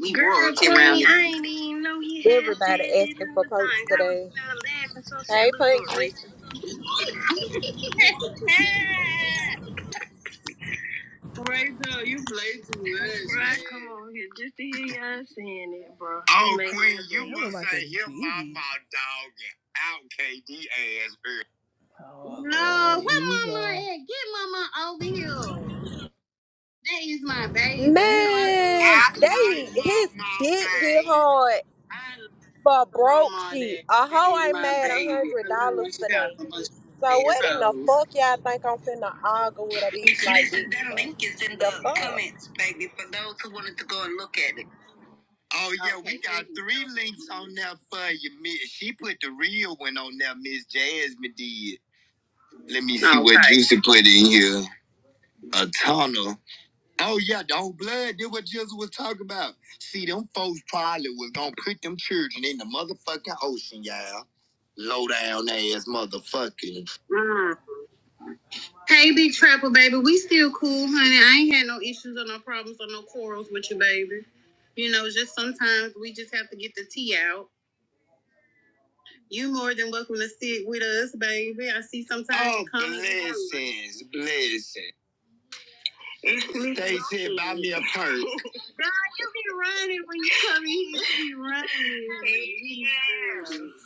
Speaker 13: We Girl, queen, around I ain't even know he had said
Speaker 10: Everybody
Speaker 13: it
Speaker 10: asking
Speaker 13: in
Speaker 10: for
Speaker 13: the
Speaker 10: perks
Speaker 13: thing. I was
Speaker 10: today.
Speaker 13: uh, laughing, so I said,
Speaker 10: Hey,
Speaker 13: "Look what
Speaker 10: Punky.
Speaker 13: Rachel." Right now, you play too much. Right, come on here. Just to hear y'all saying it, bro. Oh, Make Queen, me you must like say your mama dogging out KD ass early. Oh, no, where mama at? Get mama over here. That is my baby. You know I love
Speaker 10: Man,
Speaker 13: I you. like
Speaker 10: they his
Speaker 13: mama,
Speaker 10: dick get
Speaker 13: babe.
Speaker 10: hard
Speaker 13: I
Speaker 10: for
Speaker 13: love
Speaker 10: broke
Speaker 13: mama,
Speaker 10: shit.
Speaker 13: that.
Speaker 10: A
Speaker 13: That
Speaker 10: hoe
Speaker 13: is
Speaker 10: ain't
Speaker 13: my
Speaker 10: made a
Speaker 13: baby.
Speaker 10: hundred
Speaker 13: I love
Speaker 10: dollars
Speaker 13: when she called
Speaker 10: today.
Speaker 13: him a bunch of
Speaker 10: So
Speaker 13: ass
Speaker 10: what in the
Speaker 13: hoes.
Speaker 10: fuck y'all think I'm finna argue with a bitch like this for? The fuck?
Speaker 13: Oh yeah, okay, we Okay, got three so links on there for you, Miss. She put the real one on there, Miss Jasmine did. Let me see okay. what Okay. Juicy put in here. A tunnel. Oh yeah, the old blood. Did what Juicy was talking about. See, them folks probably was gonna put them children in the motherfucking ocean, y'all. Low down ass motherfucking. Mm. Hey, Big Trapper, baby, we still cool, honey. I ain't had no issues or no problems or no quarrels with you, baby. You know, just sometimes we just have to get the tea out. You more than welcome to sit with us, baby. I see sometimes. Oh, you come blessings, blessings. They said, buy me a perk. God, you be running when you come in here. You be running.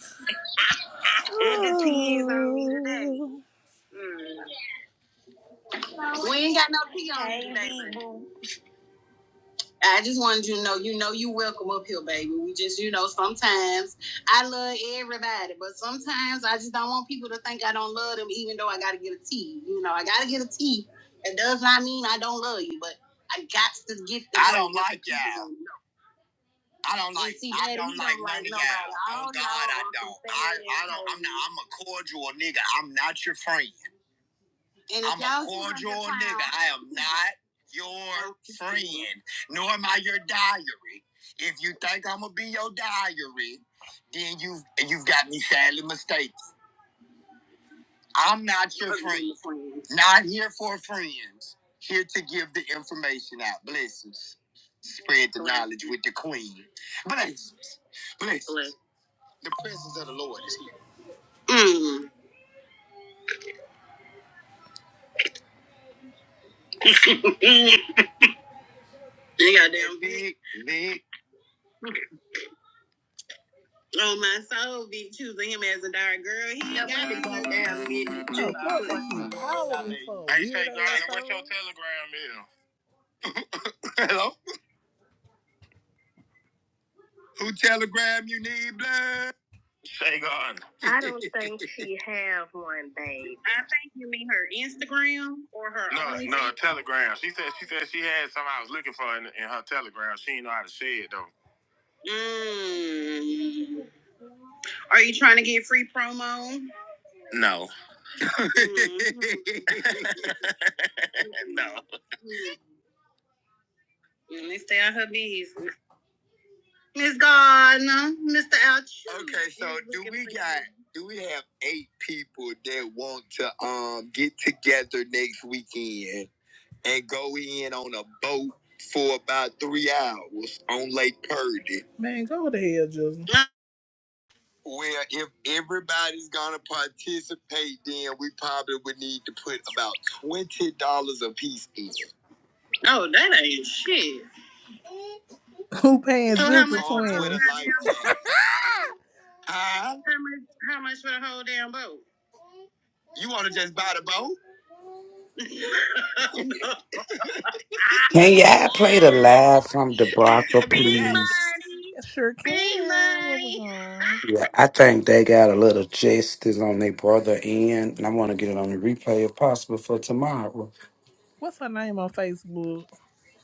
Speaker 13: Yeah. Got the peas on me today. Mm. We ain't got no pee on me today. I just wanted you to know, you know, you welcome up here, baby. We just, you know, sometimes I love everybody, but sometimes I just don't want people to think I don't love them, even though I got to get a T. You know, I got to get a T. It does not mean I don't love you, but I got to get. The I don't like y'all. I don't like. See, I don't like none of y'all. Oh God, I don't. I, I don't. I'm not. I'm a cordial nigga. I'm not your friend. And I'm a cordial nigga. I am not your friend, nor am I your diary. If you think I'm gonna be your diary, then you have you've got me sadly mistaken. I'm not your friend. Not here for friends. Here to give the information out. Blessings. Spread the knowledge with the queen. Blessings. Blessings. The presence of the Lord is here. Mm, they got damn big, big. Oh, my soul be choosing him as a dark girl. He ain't got to go down business. Oh, what Hey, Weird Shay what's your telegram is? Hello? Who telegram you need, blood? Shay Garden. I don't think she have one, babe. I think you mean her Instagram or her No, OnlyFans. no, telegram. She said she said she had something I was looking for in, in her telegram. She didn't know how to say it, though. Mm. Are you trying to get free promo? No. no. Let me stay on her bees. Miss Gardner, Mr. Ouch. Okay, so do we got do we have eight people that want to um get together next weekend and go in on a boat for about three hours on Lake Purdy? Man, go to hell, Justin. Well, if everybody's gonna participate, then we probably would need to put about twenty dollars a piece in. No, that ain't shit. Who paying So how much for the whole twenty? damn boat? Huh? How much, how much for the whole damn boat? You want to just buy the boat?
Speaker 7: Can y'all play the live from DeBarca,
Speaker 13: that be Big
Speaker 7: please?
Speaker 13: money. Sure can. What money.
Speaker 7: Yeah, I think they got a little justice on their brother end, and I want to get it on the replay if possible for tomorrow.
Speaker 13: What's her name on Facebook?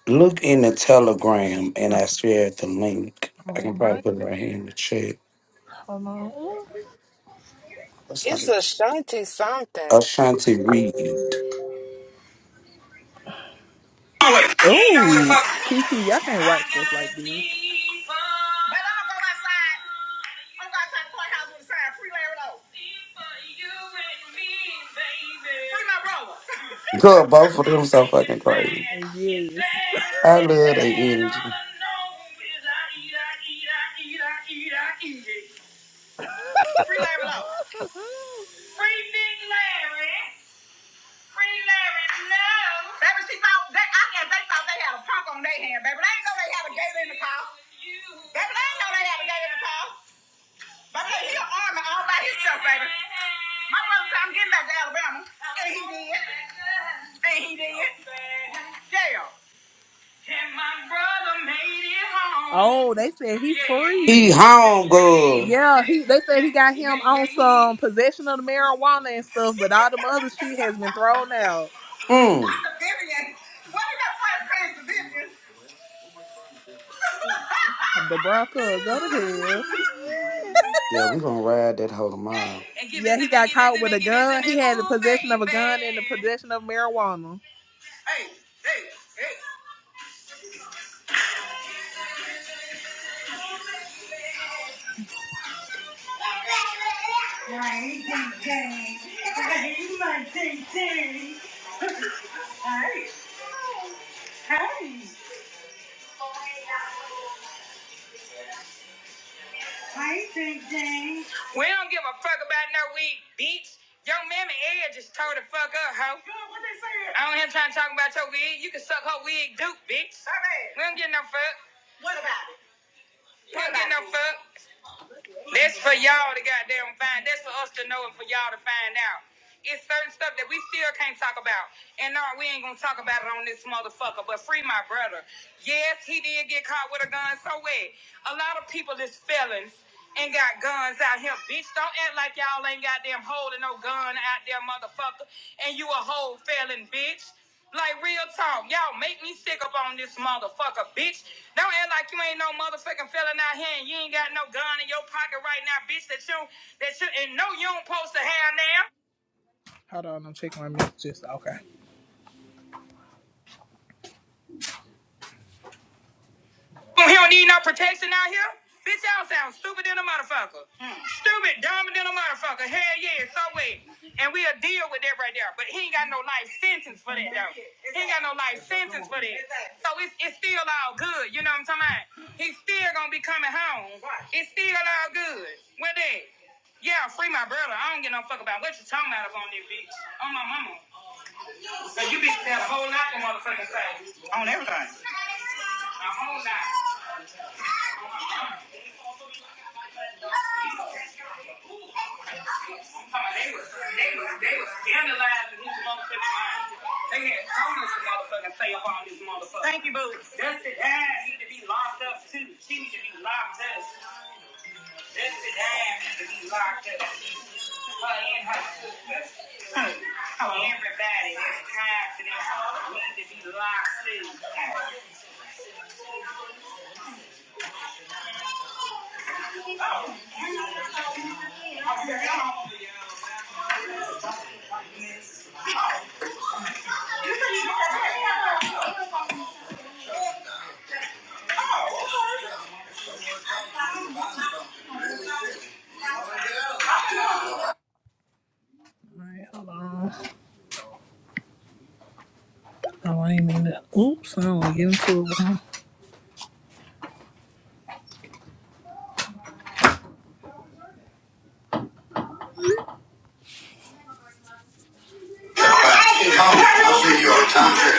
Speaker 7: Look in the telegram, and
Speaker 13: Uh,
Speaker 7: I shared the link. I can
Speaker 13: All
Speaker 7: probably
Speaker 13: right,
Speaker 7: put it right here in the chat.
Speaker 13: hold on. Ooh,
Speaker 7: What's her
Speaker 6: It's
Speaker 7: name?
Speaker 6: a shanty something.
Speaker 7: Ashanti Reed.
Speaker 13: Ain't no Kiki, y'all can't watch this like this.
Speaker 7: Girl, both of
Speaker 13: Yes.
Speaker 7: them so fucking crazy. I love their energy.
Speaker 13: Free Larry Lowe. Free Big Larry. Free Larry Lowe. Baby, she thought they, I guess they thought they had a punk on their hand, baby. They ain't know they had a gator in the car. Baby, they ain't know they had a gator in the car. Baby, he an army all by himself, baby. My brother said, I'm getting back to Alabama. And he did. And he did. Yeah. Can my brother made it home? Oh, they said he
Speaker 7: He
Speaker 13: free.
Speaker 7: home, girl.
Speaker 13: Yeah, he. They said he got him on some possession of the marijuana and stuff, but all the other shit has been thrown out.
Speaker 7: Mm.
Speaker 13: The Broncos go to hell.
Speaker 7: Yeah, we gonna ride that hoe tomorrow.
Speaker 13: Yeah, he got caught with a gun. He had the possession of a gun and the possession of marijuana. Hey, hey, hey! We don't give a fuck about no weed, bitch. Young mammy Ed just tore the fuck up, ho. Girl, what they said? I don't have time to talk about your wig. You can suck her wig, Duke, bitch. Her ass. We don't get no fuck. What about it? We don't What get no fuck. That's for y'all to goddamn find. That's for us to know and for y'all to find out. It's certain stuff that we still can't talk about. And no, we ain't gonna talk about it on this motherfucker. But free my brother. Yes, he did get caught with a gun. So what? A lot of people is felons and got guns out here. Bitch, don't act like y'all ain't got them holding no gun out there, motherfucker. And you a whole felon, bitch. Like real talk, y'all make me sick up on this motherfucker, bitch. Don't act like you ain't no motherfucking felon out here and you ain't got no gun in your pocket right now, bitch. That you that you and no you don't supposed to have now. Hold on, I'm checking my messages. Okay. Oh, He don't need no protection out here? Bitch, y'all sound stupid than a motherfucker. Mm. Stupid, dumb than a motherfucker. Hell yeah, so wait. And we'll deal with that right there. But he ain't got no life sentence for that, though. He ain't got no life sentence for that. So it's, it's still all good. You know what I'm talking about? He's still going to be coming home. It's still all good. What that? Yeah, free my brother. I don't give no fuck about what you talking about up on this bitch. On my mama. So you bitch got a whole lot of motherfucking say. On everything. A whole lot. Thank you, boo. Dusty Dime need to be locked up too. She needs to be locked up. Dusty Dime needs to be locked up. Her and her sister. Hmm. Everybody that's tied to them need to be locked too. Oh, I ain't mean that. Oops, I don't give into it. I'll see you on time for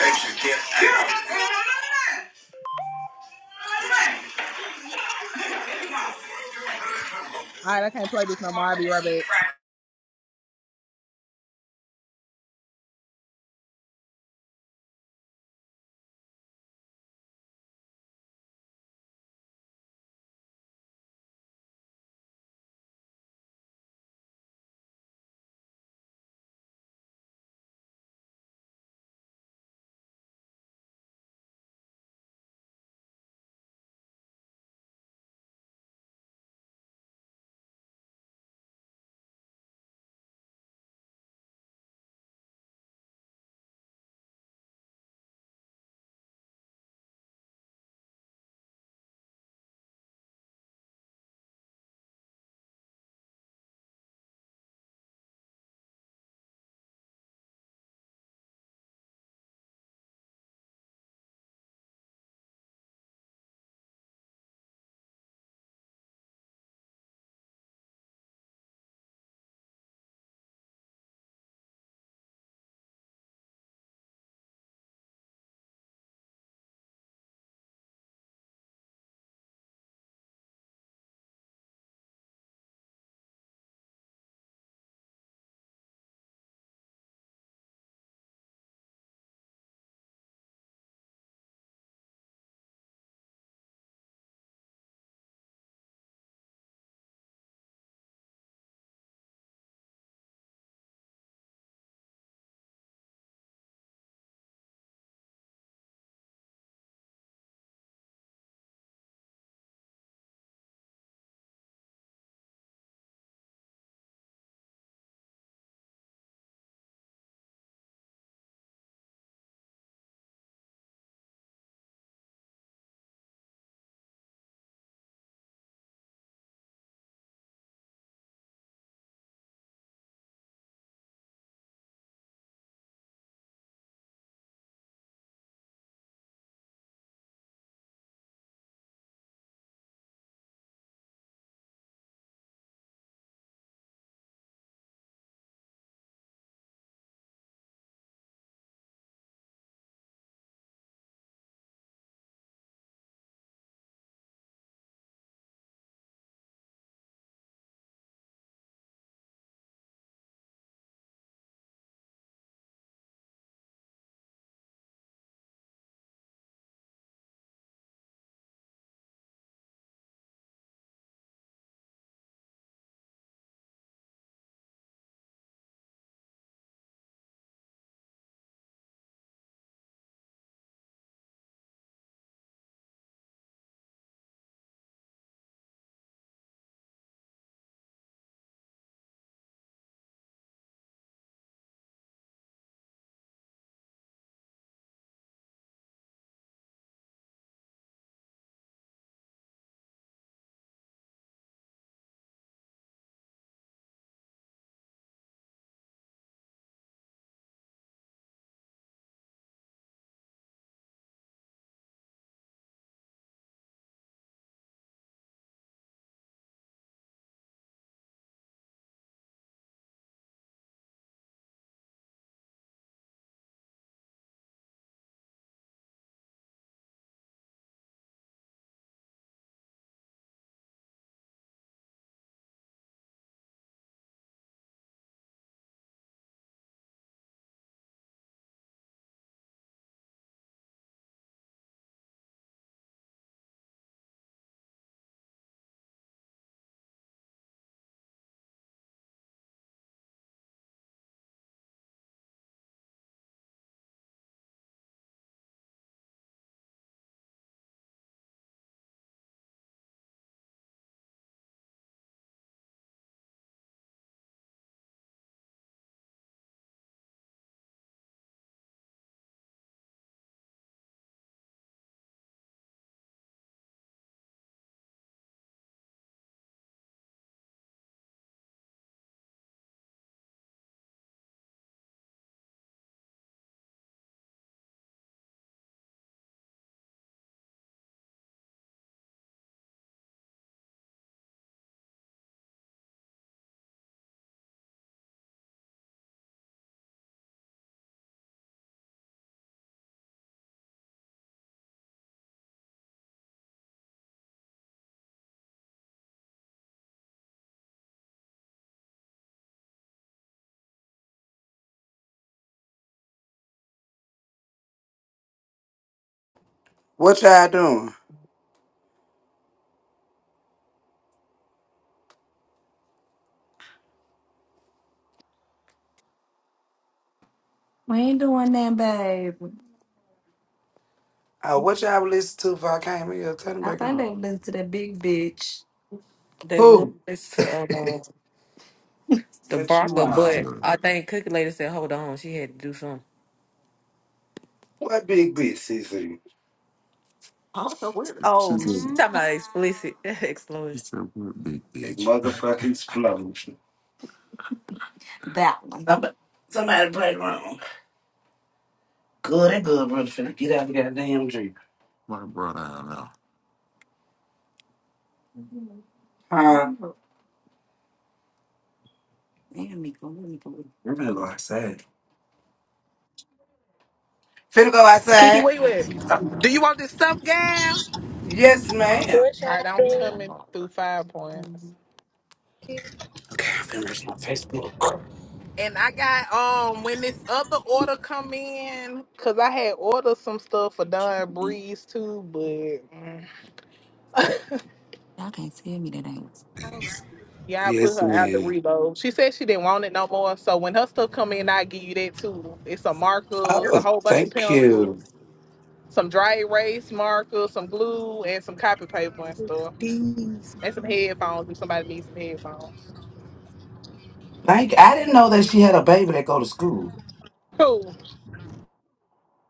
Speaker 13: All right, I can't play this no more. I'll be right back.
Speaker 7: What y'all doing?
Speaker 11: we ain't doing that, babe.
Speaker 7: Uh, what y'all listen to If I came here? Turn it
Speaker 11: I
Speaker 7: back
Speaker 11: think
Speaker 7: on.
Speaker 11: they listen to that big bitch.
Speaker 3: They was
Speaker 7: Who?
Speaker 3: uh, the
Speaker 7: What you
Speaker 3: Barker,
Speaker 7: on?
Speaker 3: but I think Cookie Lady said, "Hold on, she had to do something."
Speaker 7: What big bitch is it?
Speaker 3: I don't know what.
Speaker 11: She
Speaker 3: Oh,
Speaker 11: said,
Speaker 3: she talking about
Speaker 11: Ah.
Speaker 3: explicit
Speaker 11: she
Speaker 3: explosion.
Speaker 11: said, what a big
Speaker 7: Big
Speaker 11: bitch.
Speaker 7: motherfucking explosion.
Speaker 11: That one.
Speaker 7: Somebody, somebody played wrong. Good, and good brother finna get out of the goddamn drink.
Speaker 11: My brother, I
Speaker 7: Huh?
Speaker 11: don't know. Man, Miko, Miko,
Speaker 7: I'm finna go outside. Finna go
Speaker 4: Kiki,
Speaker 7: outside?
Speaker 4: where you
Speaker 11: that's
Speaker 4: at?
Speaker 11: it
Speaker 4: Uh,
Speaker 11: all.
Speaker 4: do you want this stuff, gal? All
Speaker 7: Yes,
Speaker 11: Wow.
Speaker 7: ma'am.
Speaker 10: What
Speaker 4: right,
Speaker 10: y'all
Speaker 4: I'm
Speaker 10: do?
Speaker 4: coming through five points.
Speaker 11: Mhm.
Speaker 7: Okay, I'm finna reach my Facebook.
Speaker 4: And I got um when this other order come in, cause I had ordered some stuff for Dawn
Speaker 11: Shouldn't be.
Speaker 4: Breeze too, but mm,
Speaker 11: Y'all can't tell me that ain't. It's,
Speaker 4: yeah, I put
Speaker 7: Yes,
Speaker 4: her out the
Speaker 7: ma'am.
Speaker 4: reload. She said she didn't want it no more. So when her stuff come in, I give you that too. It's some markers, a
Speaker 7: Oh,
Speaker 4: whole bunch of
Speaker 7: thank you.
Speaker 4: pencils, some dry erase markers, some glue, and some copy paper and stuff,
Speaker 10: These
Speaker 4: and some headphones. If somebody needs some headphones,
Speaker 7: Thank. I didn't know that
Speaker 10: motherfuckers,
Speaker 7: she had a
Speaker 10: these.
Speaker 7: baby that go to school.
Speaker 4: cool.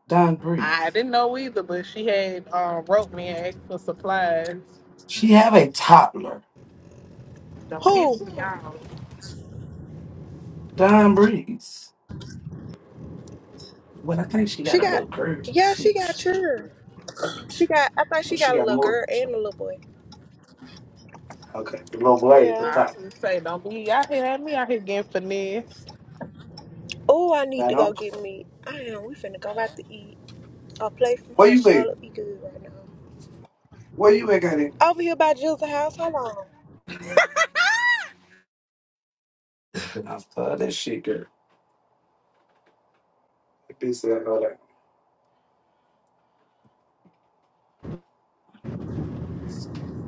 Speaker 7: Don
Speaker 4: I
Speaker 7: Breeze.
Speaker 4: didn't know either, but she had um, wrote me and asked for supplies.
Speaker 7: She have a toddler.
Speaker 4: Don't piss
Speaker 10: Who?
Speaker 4: me off.
Speaker 7: Don Breeze. Well, I think she
Speaker 10: She
Speaker 7: got a
Speaker 10: got?
Speaker 7: little curve
Speaker 10: Yeah, she
Speaker 7: too.
Speaker 10: got children. She got. I think
Speaker 7: Oh,
Speaker 10: she
Speaker 7: she
Speaker 10: got a
Speaker 7: got
Speaker 10: little
Speaker 7: more.
Speaker 10: girl and
Speaker 7: so-
Speaker 10: a little boy.
Speaker 7: Okay, the little blade at the
Speaker 10: Yeah.
Speaker 4: I was
Speaker 7: top.
Speaker 4: gonna say, don't be out here at me out here getting finesse.
Speaker 10: Oh, I need
Speaker 7: Man,
Speaker 10: to go
Speaker 7: don't.
Speaker 10: get me. I am. We finna go out to eat. A plate from
Speaker 7: Where
Speaker 10: her.
Speaker 7: you at?
Speaker 10: Charlotte be good right now.
Speaker 7: Where you at, Gotti?
Speaker 10: Over here by Jill's house. Hello.
Speaker 7: I love that shit, girl. This and all that.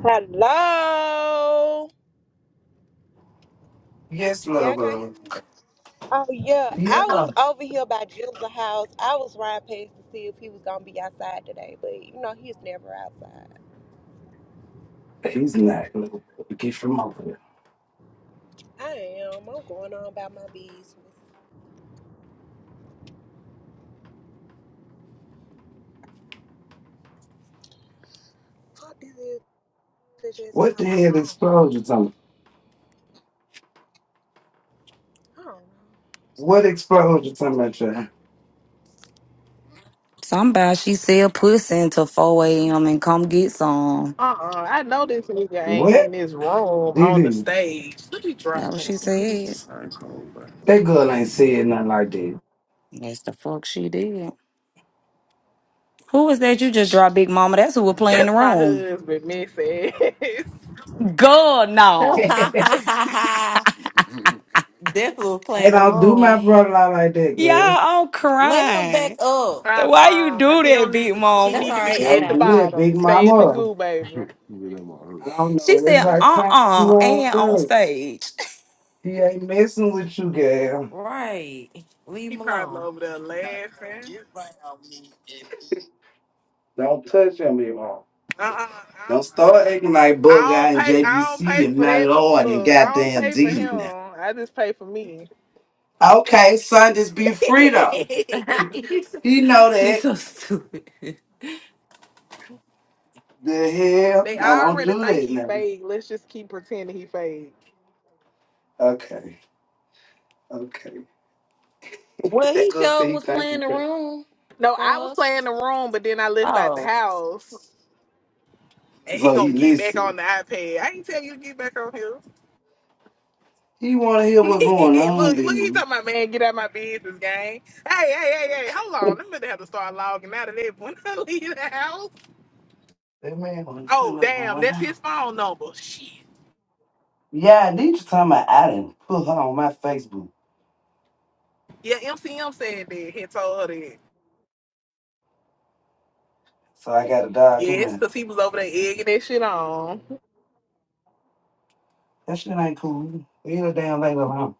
Speaker 10: Hello.
Speaker 7: Yes,
Speaker 10: Yeah, I
Speaker 7: love.
Speaker 10: can't hear
Speaker 7: Uh,
Speaker 10: me. Oh yeah. I was
Speaker 7: Yeah,
Speaker 10: over here by Jill's house. I was riding past to see if he was gonna be outside today, but you know he's never outside.
Speaker 7: he's not little. Get from over there.
Speaker 10: I am. I'm going on about my business. Fuck this is they just
Speaker 7: What the
Speaker 10: called my
Speaker 7: hell
Speaker 10: phone.
Speaker 7: explosion on?
Speaker 10: I
Speaker 7: What explosion talking about?
Speaker 10: don't
Speaker 7: child?
Speaker 11: Somebody she said pussy until 4 a.m. and come get some.
Speaker 4: Uh uh I know this nigga ain't
Speaker 7: What
Speaker 4: in this room
Speaker 7: did
Speaker 4: on the
Speaker 7: he?
Speaker 4: stage. Let me
Speaker 11: That
Speaker 4: drop
Speaker 11: what
Speaker 4: him.
Speaker 11: she said.
Speaker 7: That girl ain't said nothing like that.
Speaker 11: That's the fuck she did. Who was that you just dropped, Big Mama? That's who was playing the
Speaker 4: That's my
Speaker 11: room.
Speaker 4: husband, Missy.
Speaker 11: God, no.
Speaker 3: Definitely was
Speaker 7: I
Speaker 3: playing a
Speaker 7: don't do my
Speaker 3: role.
Speaker 7: brother like that,
Speaker 11: Y'all
Speaker 7: girl.
Speaker 11: all
Speaker 3: Let him back
Speaker 11: crying.
Speaker 3: up.
Speaker 4: uh
Speaker 11: Why you
Speaker 4: uh
Speaker 11: do
Speaker 4: He
Speaker 11: that,
Speaker 4: don't need
Speaker 11: Big
Speaker 4: to he
Speaker 3: That's
Speaker 11: Mama?
Speaker 3: all
Speaker 4: need to
Speaker 3: right. I
Speaker 4: be at
Speaker 7: Don't
Speaker 4: the
Speaker 3: got him.
Speaker 7: do that,
Speaker 4: bottom.
Speaker 7: big
Speaker 4: Stay in the
Speaker 7: mama.
Speaker 4: goo, baby.
Speaker 7: I don't know
Speaker 11: She
Speaker 7: what
Speaker 11: said,
Speaker 7: type of time
Speaker 11: uh-uh,
Speaker 7: you on,
Speaker 11: and on
Speaker 7: though.
Speaker 11: stage.
Speaker 7: He ain't messing with you, girl.
Speaker 3: Right. Leave
Speaker 4: He
Speaker 3: him
Speaker 4: probably
Speaker 3: alone.
Speaker 4: over there laughing.
Speaker 7: Don't touch him anymore.
Speaker 4: Uh uh
Speaker 7: Don't start acting like
Speaker 4: I don't I
Speaker 7: Bug Guy
Speaker 4: don't
Speaker 7: and
Speaker 4: pay I don't
Speaker 7: JBC
Speaker 4: pay
Speaker 7: and
Speaker 4: for
Speaker 7: my
Speaker 4: that
Speaker 7: lord and
Speaker 4: look, I don't
Speaker 7: goddamn
Speaker 4: pay for
Speaker 7: D
Speaker 4: him.
Speaker 7: now.
Speaker 4: I just pay for me.
Speaker 7: Okay, son, just be free though. He,
Speaker 3: she's, so,
Speaker 7: he know
Speaker 3: she's
Speaker 7: that.
Speaker 3: so stupid.
Speaker 7: The hell?
Speaker 4: They
Speaker 7: Now don't
Speaker 4: already
Speaker 7: do
Speaker 4: think
Speaker 7: that
Speaker 4: he
Speaker 7: now.
Speaker 4: fake. Let's just keep pretending he fake.
Speaker 7: Okay, okay.
Speaker 3: Well,
Speaker 7: that
Speaker 3: he
Speaker 7: girl said
Speaker 3: sure
Speaker 7: he
Speaker 3: was
Speaker 7: thank
Speaker 3: playing
Speaker 7: you.
Speaker 3: the
Speaker 7: for-
Speaker 3: room
Speaker 4: No, I
Speaker 3: for
Speaker 4: was playing
Speaker 3: us.
Speaker 4: the room, but then I left out the
Speaker 3: Oh.
Speaker 4: house. And he
Speaker 7: So he
Speaker 4: gonna get back
Speaker 7: listening.
Speaker 4: on the iPad. I ain't tell you to get back on here.
Speaker 7: He wanna hear what's going on,
Speaker 4: look,
Speaker 7: B
Speaker 4: look, he
Speaker 7: man.
Speaker 4: talking about man, get out my business, gang. Hey, hey, hey, hey, hold on. I'm gonna have to start logging out of that when I leave the house.
Speaker 7: That man wanna see
Speaker 4: Oh,
Speaker 7: what's
Speaker 4: damn,
Speaker 7: going
Speaker 4: that's
Speaker 7: on.
Speaker 4: his phone number. Shit.
Speaker 7: Yeah, I need you talking about I didn't put her on my Facebook.
Speaker 4: Yeah, MCM said that. He told her that.
Speaker 7: So I got a dog him
Speaker 4: Yes,
Speaker 7: out.
Speaker 4: because he was over there egging that shit on.
Speaker 7: That shit ain't cool. Leave her damn lady alone.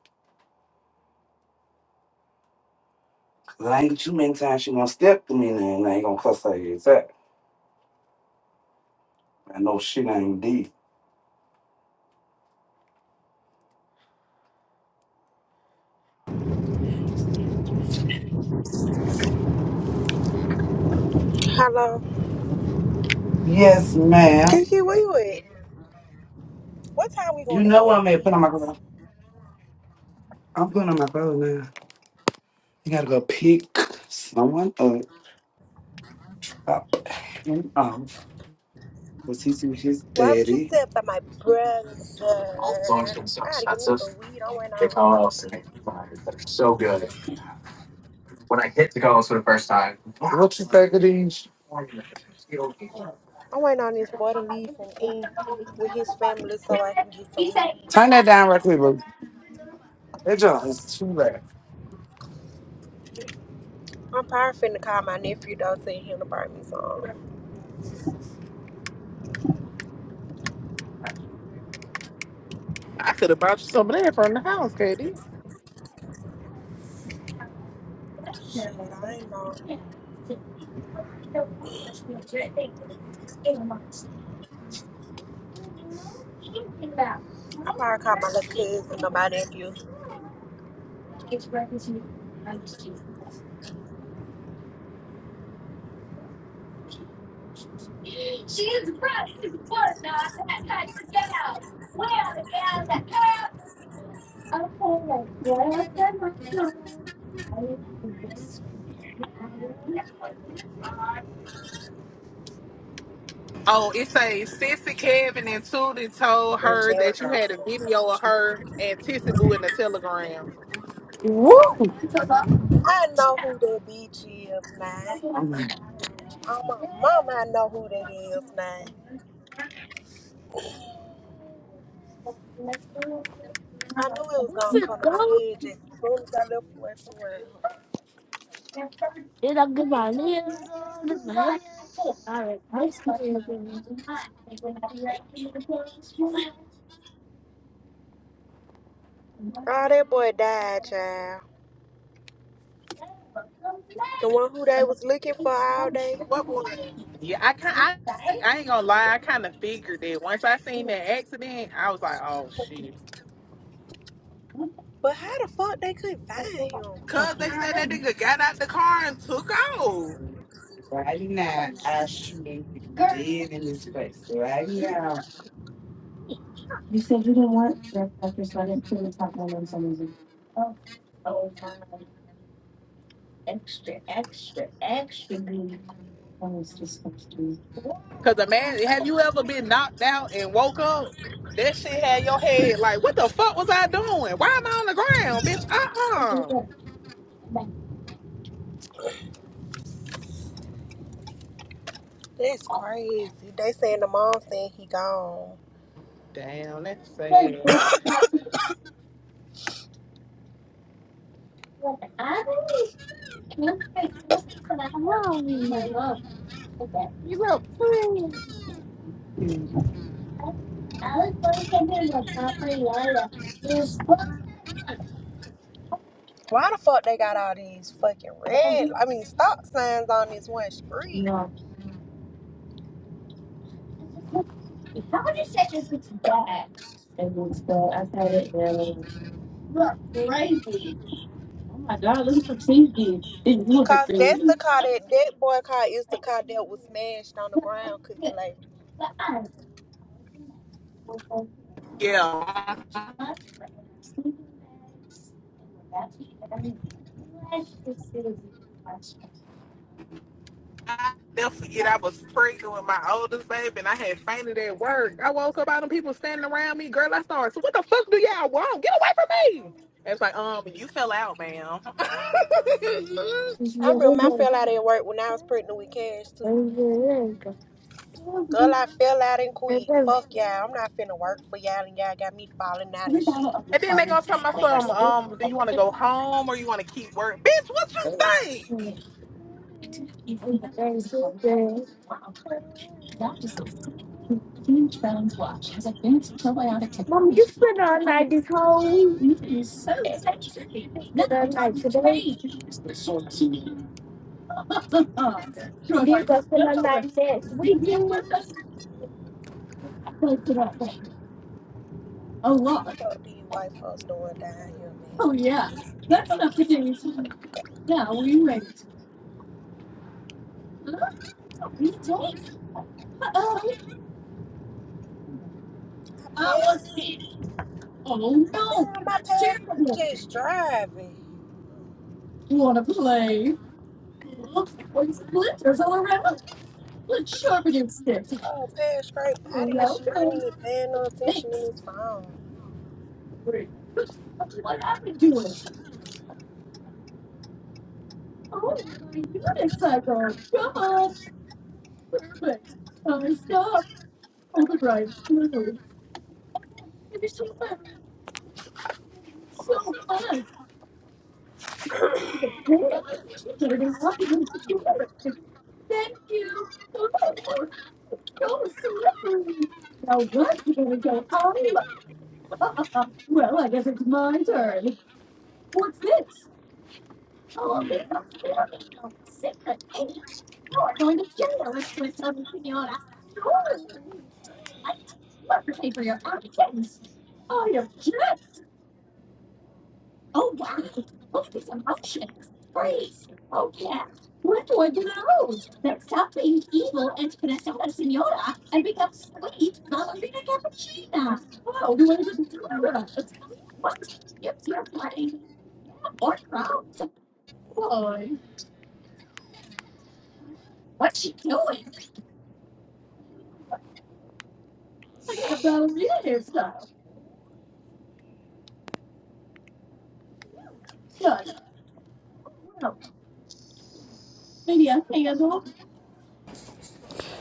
Speaker 7: Cause I ain't get you many times she gonna step to me and I ain't gonna cuss her ass out. I know shit ain't deep.
Speaker 10: know. Hello.
Speaker 7: Yes, ma'am.
Speaker 10: Kiki, where you at? What time we
Speaker 7: You
Speaker 10: gonna
Speaker 7: know what
Speaker 10: go
Speaker 7: I'm at
Speaker 10: eat?
Speaker 7: put on my clothes. I'm putting on my clothes now. You gotta go pick someone up. Up and off. Cause he's with his
Speaker 10: Why would you
Speaker 7: daddy.
Speaker 10: sit by my brother? I gotta give me some weed. I went on.
Speaker 7: What you think of these?
Speaker 10: I'm waiting on this boy to leave from in with his family so I can get some weed.
Speaker 7: Turn that down right quick, bro. That joint is too
Speaker 10: I'm probably finna call my nephew though, tell him to buy me some.
Speaker 4: I could have brought you some of that from the house, Katie.
Speaker 10: Shit, I ain't know. I probably call my little cousin or my nephew.
Speaker 4: Oh, it says Sissy Kevin and Tootie told her that you had a video of her and Tissy Boo in the telegram.
Speaker 10: I know who that bitch is now. Oh my mama, I know who that is now. I knew it was gonna come to my head just as soon as I left away from around.
Speaker 7: loud.
Speaker 10: Oh, that boy died, child. The one who they was looking for all day.
Speaker 4: What boy? Yeah, I can I I ain't gonna lie, I kind of figured it. Once I seen that accident, I was like, oh shit.
Speaker 10: But how the fuck they couldn't find him?
Speaker 4: Cause they said that nigga got out the car and took off.
Speaker 7: Right now, I shoot you dead in this place. Right now.
Speaker 4: Cause a man, have you ever been knocked out and woke up? That shit had your head like, what the fuck was I doing? Why am I on the ground, bitch? Uh uh
Speaker 10: That's crazy. They saying the mom saying he gone.
Speaker 4: Damn, that's sad.
Speaker 10: Why the fuck they got all these fucking red? I mean, stop signs on this one street. Cause that's the car that that boy car is the car that was smashed on the ground cooking like.
Speaker 4: Yeah. I never forget I was pregnant with my oldest baby and I had fainted at work. I woke up, all them people standing around me. Girl, I started, so what the fuck do y'all want? Get away from me. It was like, um, you fell out, ma'am.
Speaker 10: I remember I fell out at work when I was pregnant with Cash too.
Speaker 7: Y'all
Speaker 10: Girl, I fell out and quit. Fuck y'all. I'm not finna work for y'all and y'all got me falling out and shit.
Speaker 4: and then they gonna tell my son, um, do you wanna go home or you wanna keep work? Bitch, what you think?
Speaker 10: What do you white folks doing down here, man? I passed it. Damn, I passed it. Just driving. Oh, past straight body. did not even paying no attention in his phone.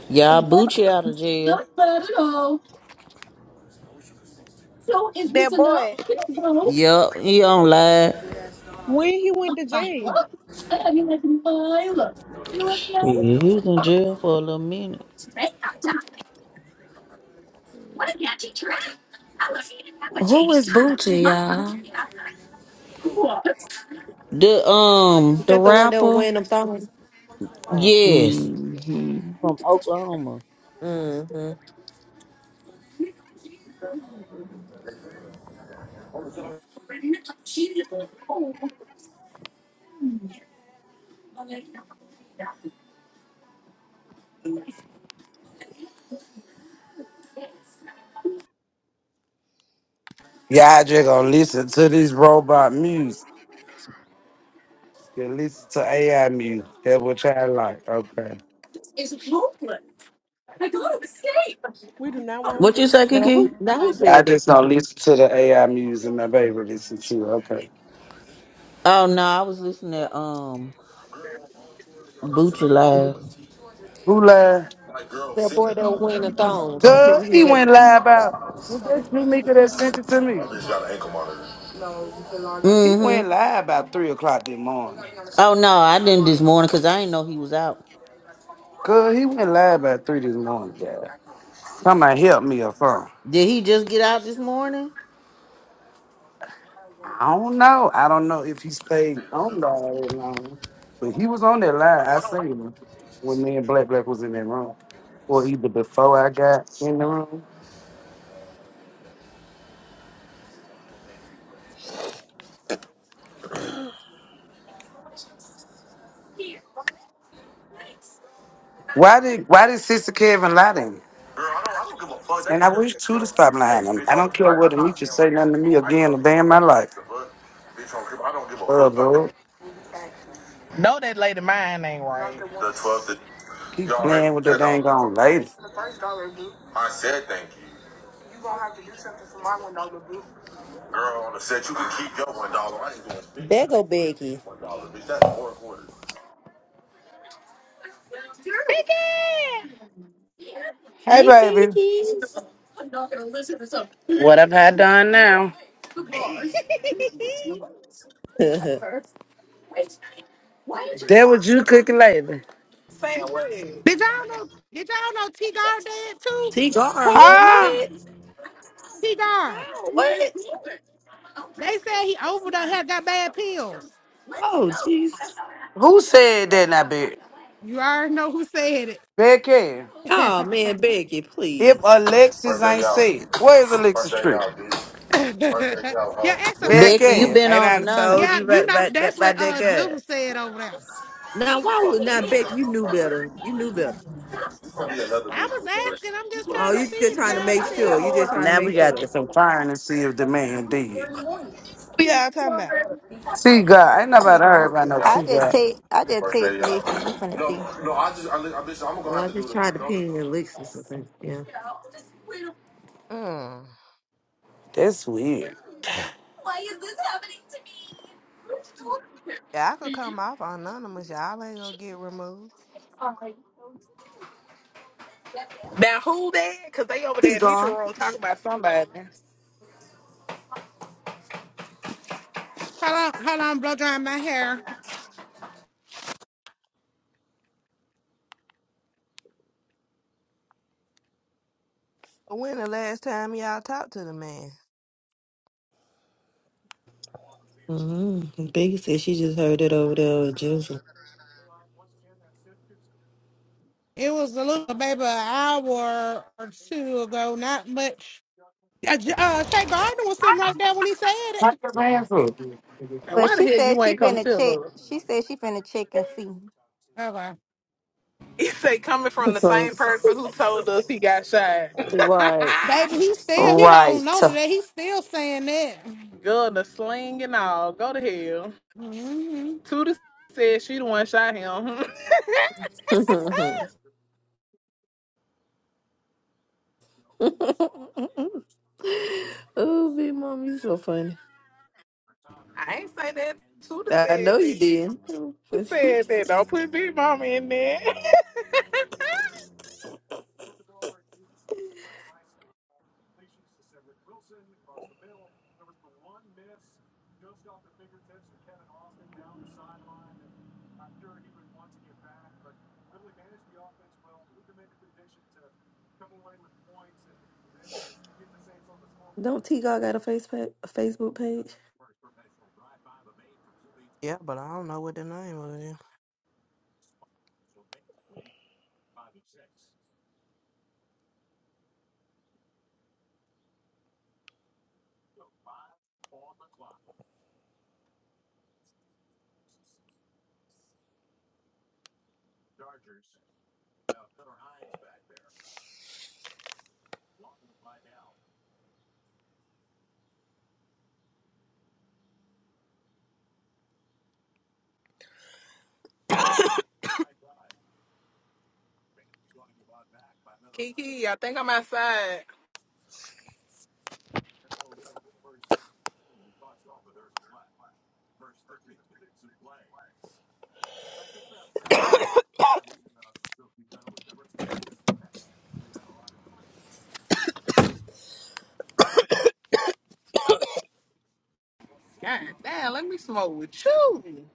Speaker 14: Y'all Bucci out of jail.
Speaker 10: That boy,
Speaker 14: Yup, he on live.
Speaker 10: when he went to jail,
Speaker 14: Yeah, he was in jail for a little minute.
Speaker 11: Who is Bucci, y'all?
Speaker 14: The um,
Speaker 11: The
Speaker 3: that the one that was
Speaker 11: rapper?
Speaker 3: wearing them thongs? Oh.
Speaker 14: yes,
Speaker 11: hmm
Speaker 14: from Oklahoma.
Speaker 3: Mm-hmm.
Speaker 7: just gonna listen to this robot music. You listen to AI music. That's what y'all like. Okay.
Speaker 10: we do not want
Speaker 14: What
Speaker 10: to
Speaker 14: you
Speaker 10: listen.
Speaker 14: say,
Speaker 3: Now who
Speaker 14: Kiki?
Speaker 3: now who
Speaker 10: Like,
Speaker 7: Y'all
Speaker 3: said that,
Speaker 7: just gonna
Speaker 3: Kiki?
Speaker 7: listen to the AI music my baby listen to. Okay.
Speaker 14: Oh no, I was listening to um Bucci live.
Speaker 7: Who lied?
Speaker 3: That boy that was wearing the thongs. She said
Speaker 7: Girl,
Speaker 3: he
Speaker 7: he
Speaker 3: got
Speaker 7: went live about. Was that you, Mika, that sent it to me? He went
Speaker 14: Mm-hmm.
Speaker 7: live about 3 o'clock this morning.
Speaker 14: Oh no, I didn't this morning because I didn't know he was out.
Speaker 7: Girl, he went live about 3 this morning, yeah. Come and help me or something.
Speaker 14: Did he just get out this morning?
Speaker 7: I don't know. I don't know if he stayed on the all line, but he was on that line. I seen him when me and Black Black was in that room, or either before I got in the room. Why did Why did Sister Kevin lie to me? And I wish to to stop lying. to me. I don't care what Anitra say nothing to me again a day in my life. Girl, bro,
Speaker 4: No, that lady mine ain't right.
Speaker 7: keep playing with that dang on lady.
Speaker 3: bego go Becky.
Speaker 7: Hey,
Speaker 3: Hey,
Speaker 7: baby,
Speaker 3: Becky.
Speaker 7: what have I done now?
Speaker 4: Biggie!
Speaker 7: That what you cooking lately?
Speaker 4: Say what?
Speaker 15: Did y'all know? Did y'all know T Gar dead too?
Speaker 3: T-Gar.
Speaker 4: Who?
Speaker 7: Huh?
Speaker 3: What?
Speaker 15: T Gar.
Speaker 3: How? What?
Speaker 15: They said he overdosed. Had got bad pills.
Speaker 3: Oh, jeez.
Speaker 7: Who said that, now, bitch?
Speaker 15: You already know who said it.
Speaker 7: Becky,
Speaker 3: Oh, man, Becky,
Speaker 7: if
Speaker 3: please.
Speaker 7: Alexis ain't sick, where is Alexis Tree?
Speaker 15: yeah, ex
Speaker 7: Becky,
Speaker 14: Becky, you
Speaker 15: Alexis.
Speaker 7: ain't
Speaker 14: been on
Speaker 7: I told
Speaker 14: anonymous.
Speaker 15: Yeah,
Speaker 7: you about,
Speaker 15: you know
Speaker 7: about that
Speaker 15: that's what
Speaker 7: about that
Speaker 15: uh
Speaker 7: guy?
Speaker 15: Jules said over there.
Speaker 3: Now, why would not Becky? You knew better. You knew better.
Speaker 15: I was asking. I'm just
Speaker 3: Oh,
Speaker 15: trying to
Speaker 3: you
Speaker 15: see.
Speaker 3: just
Speaker 15: Did
Speaker 3: trying to
Speaker 15: y'all hear
Speaker 3: make sure. You
Speaker 15: this?
Speaker 3: just trying to
Speaker 7: Now we
Speaker 3: make
Speaker 7: got
Speaker 3: sure.
Speaker 7: to confirm to see if the man did.
Speaker 8: We all talking about.
Speaker 7: See God, ain't nobody
Speaker 3: T-Gar.
Speaker 7: heard about no
Speaker 12: I
Speaker 7: see
Speaker 12: just
Speaker 7: God.
Speaker 12: take I just text Lisa. We finna see.
Speaker 3: Well, I just tried to pin your licks or something. Yeah.
Speaker 8: Mm.
Speaker 7: That's weird.
Speaker 8: Yeah, I could come off anonymous. Y'all ain't gonna get removed.
Speaker 4: Now who that? Cause they over there in Nietzsche
Speaker 3: T-Gar.
Speaker 4: room talking about somebody.
Speaker 15: Hold on, hold on. Blow drying my hair.
Speaker 8: But when the last time y'all talked to the man?
Speaker 3: Mm-hmm. Big said she just heard it over there with Jizzle.
Speaker 15: It was a little baby an hour or two ago. Not much. Uh, J- uh Shay Gardner was sitting right there when he said
Speaker 7: Not
Speaker 15: it.
Speaker 7: your man food.
Speaker 4: And
Speaker 12: Well,
Speaker 4: why the
Speaker 12: she
Speaker 4: hell
Speaker 12: said
Speaker 4: you
Speaker 12: she
Speaker 4: ain't come
Speaker 12: finna check.
Speaker 4: tell us?
Speaker 12: She said she finna check and see.
Speaker 15: Okay.
Speaker 4: He say coming from the
Speaker 3: So,
Speaker 4: same person who told us he got shot.
Speaker 3: right.
Speaker 15: Baby, he still he
Speaker 11: Right.
Speaker 15: holding on to that. He still saying that.
Speaker 4: Gun, the sling and all. Go to hell.
Speaker 15: hmm
Speaker 4: Tuda said she the one shot him.
Speaker 3: oh, big mom, you so funny.
Speaker 4: I ain't say that. Tuda
Speaker 3: I know
Speaker 4: said
Speaker 3: you
Speaker 4: that.
Speaker 3: did.
Speaker 4: Tuda said that. Don't put Big Mama in there.
Speaker 3: Don't T God got a face pa- a Facebook page?
Speaker 8: Yeah, but I don't know what the name of it.
Speaker 4: Kiki, I think I'm outside. God damn, let me smoke with you.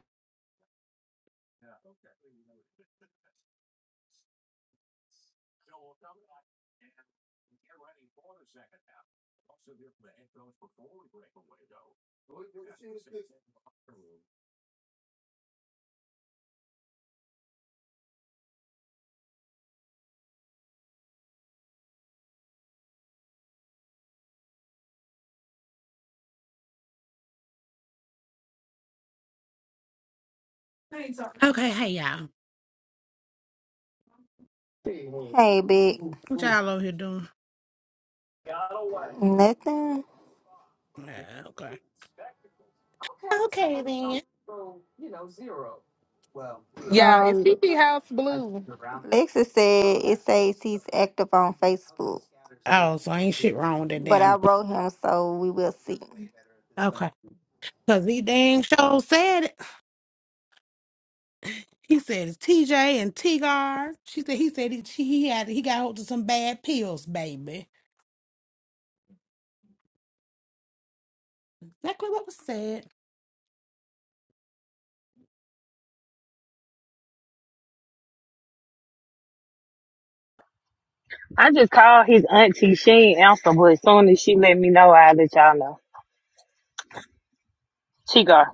Speaker 15: Okay, hey y'all.
Speaker 12: Hey, big.
Speaker 15: What y'all over here doing?
Speaker 12: Nothing.
Speaker 15: Yeah, okay. Okay then.
Speaker 4: Yeah, it's
Speaker 12: Um,
Speaker 4: Kiki House Blue.
Speaker 12: Lexus said it says he's active on Facebook,
Speaker 15: Oh, so ain't shit wrong with that
Speaker 12: but I
Speaker 15: damn.
Speaker 12: wrote him, so we will see.
Speaker 15: Okay. Cause he dang show said it. He said it's TJ and T-Gar. She said he said he, she, he had he got hold of some bad pills, baby. Exactly what was said.
Speaker 16: I just called his auntie. She ain't answer, but as soon as she let me know, I will let y'all know. Chigar.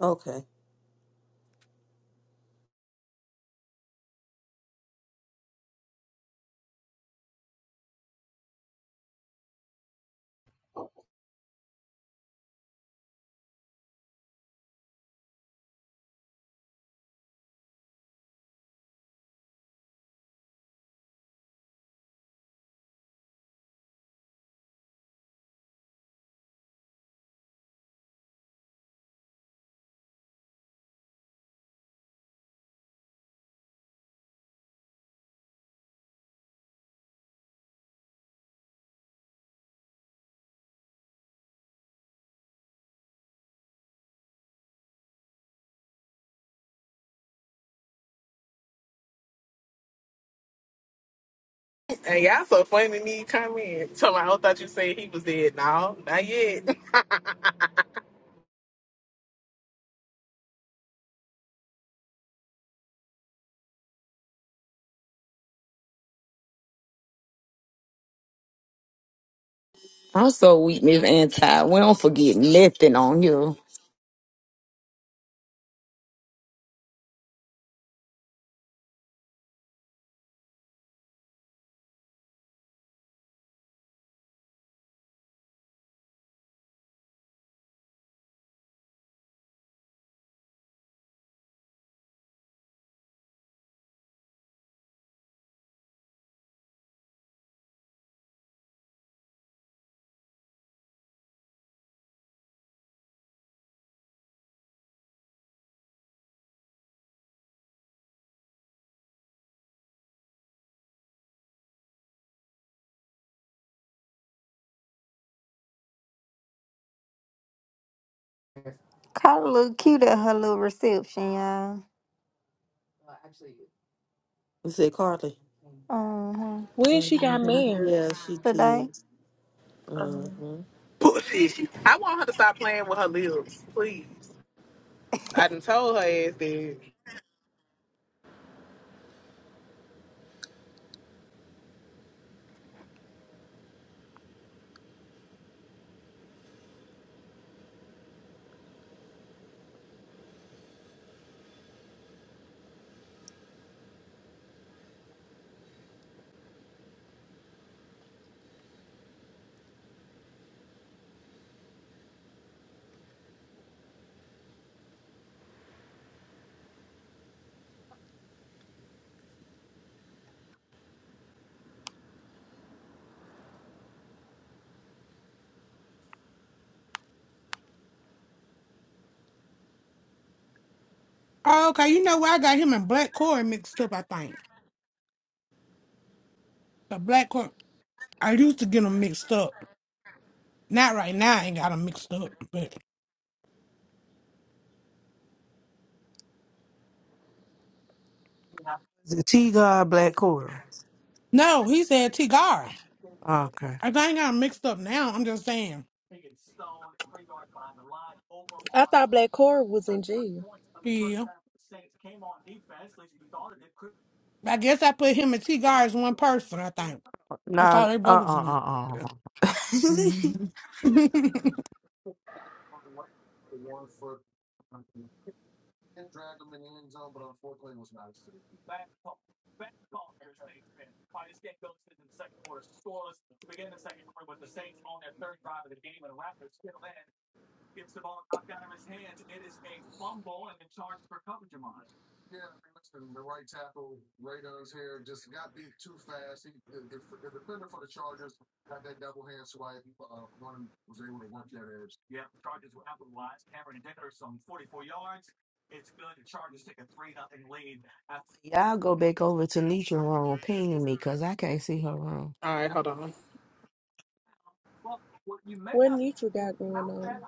Speaker 3: Okay.
Speaker 4: And y'all so funny to me come in. Tell me, I thought you said he was dead. No, not yet.
Speaker 11: I'm so weak, Miss Anti. We don't forget nothing on you.
Speaker 12: Carla look cute at her little reception, y'all.
Speaker 3: You said Carly.
Speaker 12: Uh-huh.
Speaker 10: when she
Speaker 3: hmm
Speaker 10: got married,
Speaker 3: Yeah, she
Speaker 12: Today,
Speaker 3: did. hmm
Speaker 10: um,
Speaker 4: Bullshit. I want her to stop playing with her lips, please. I done told her ass that.
Speaker 15: Oh, okay. You know where I got him and Black Corey mixed up, I think. The Black Corey, I used to get them mixed up. Not right now, I ain't got them mixed up. But
Speaker 8: Is Is it T God Black Quarter?
Speaker 15: no, he said T Gar.
Speaker 8: Okay.
Speaker 15: I think I got 'em mixed up now. I'm just saying.
Speaker 10: I thought Black Cora was in jail.
Speaker 15: Yeah. I guess I put him and T Gar as one person, I think. I
Speaker 8: No,
Speaker 15: thought they
Speaker 8: uh
Speaker 15: both was in
Speaker 8: uh
Speaker 15: there.
Speaker 8: uh uh.
Speaker 15: Yeah. Mhm.
Speaker 8: Y'all go back over to Nitra room, pinging me, cause I can't see her room.
Speaker 4: All right, hold on.
Speaker 10: What Nitra got going on?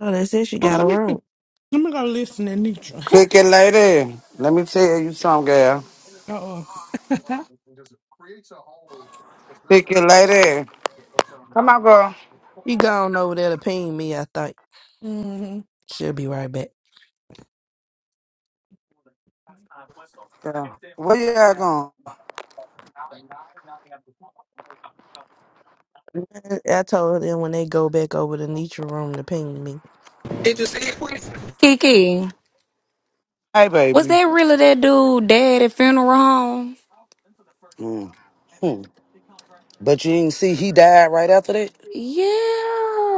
Speaker 8: Oh, they said she
Speaker 15: Oh,
Speaker 8: got
Speaker 15: let
Speaker 8: a
Speaker 15: me see.
Speaker 8: room.
Speaker 15: Let me go listen to Nitra.
Speaker 7: Pick it lady. Let me tell you something, girl.
Speaker 15: oh.
Speaker 7: Pick it lady. Come on, girl.
Speaker 8: She gone over there to ping me, I think.
Speaker 15: hmm
Speaker 8: She'll be right back.
Speaker 7: girl. Where y'all going?
Speaker 8: I told them when they go back over the Nietzsche room to ping me.
Speaker 4: Did you see it, please?
Speaker 11: Kiki,
Speaker 7: Hey,
Speaker 11: was
Speaker 7: baby.
Speaker 11: that really that dude dad at funeral home?
Speaker 7: Mm. hmm But you didn't see he died right after that?
Speaker 11: Yeah.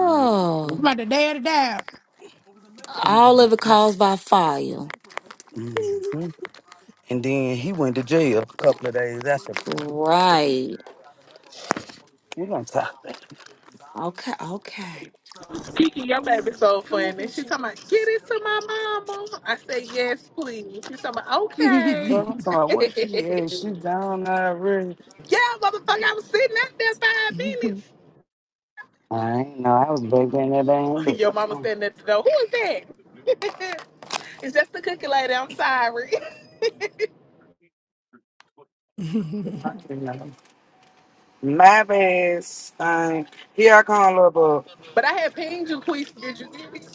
Speaker 7: Mm.
Speaker 15: About the day of the dab.
Speaker 11: All of it caused by fire.
Speaker 7: And then he went to jail a couple of days after
Speaker 11: Right.
Speaker 7: We gonna talk that.
Speaker 11: Okay, okay.
Speaker 4: Kiki, your baby so funny. She talking about, get it to my mama. I said, yes, please. She talking about, okay.
Speaker 7: Girl, I'm talking about
Speaker 4: yeah,
Speaker 7: what she is. She down there really.
Speaker 4: motherfucker, I was sitting out there five minutes.
Speaker 7: I ain't know. I was baking that thing. But,
Speaker 4: Your mama
Speaker 7: um,
Speaker 4: standing at the door. Who is that? it's just the cookie lady. I'm sorry.
Speaker 7: my bad, thing. Here I come, little
Speaker 4: But I had pinged you, Queese. Did you get it?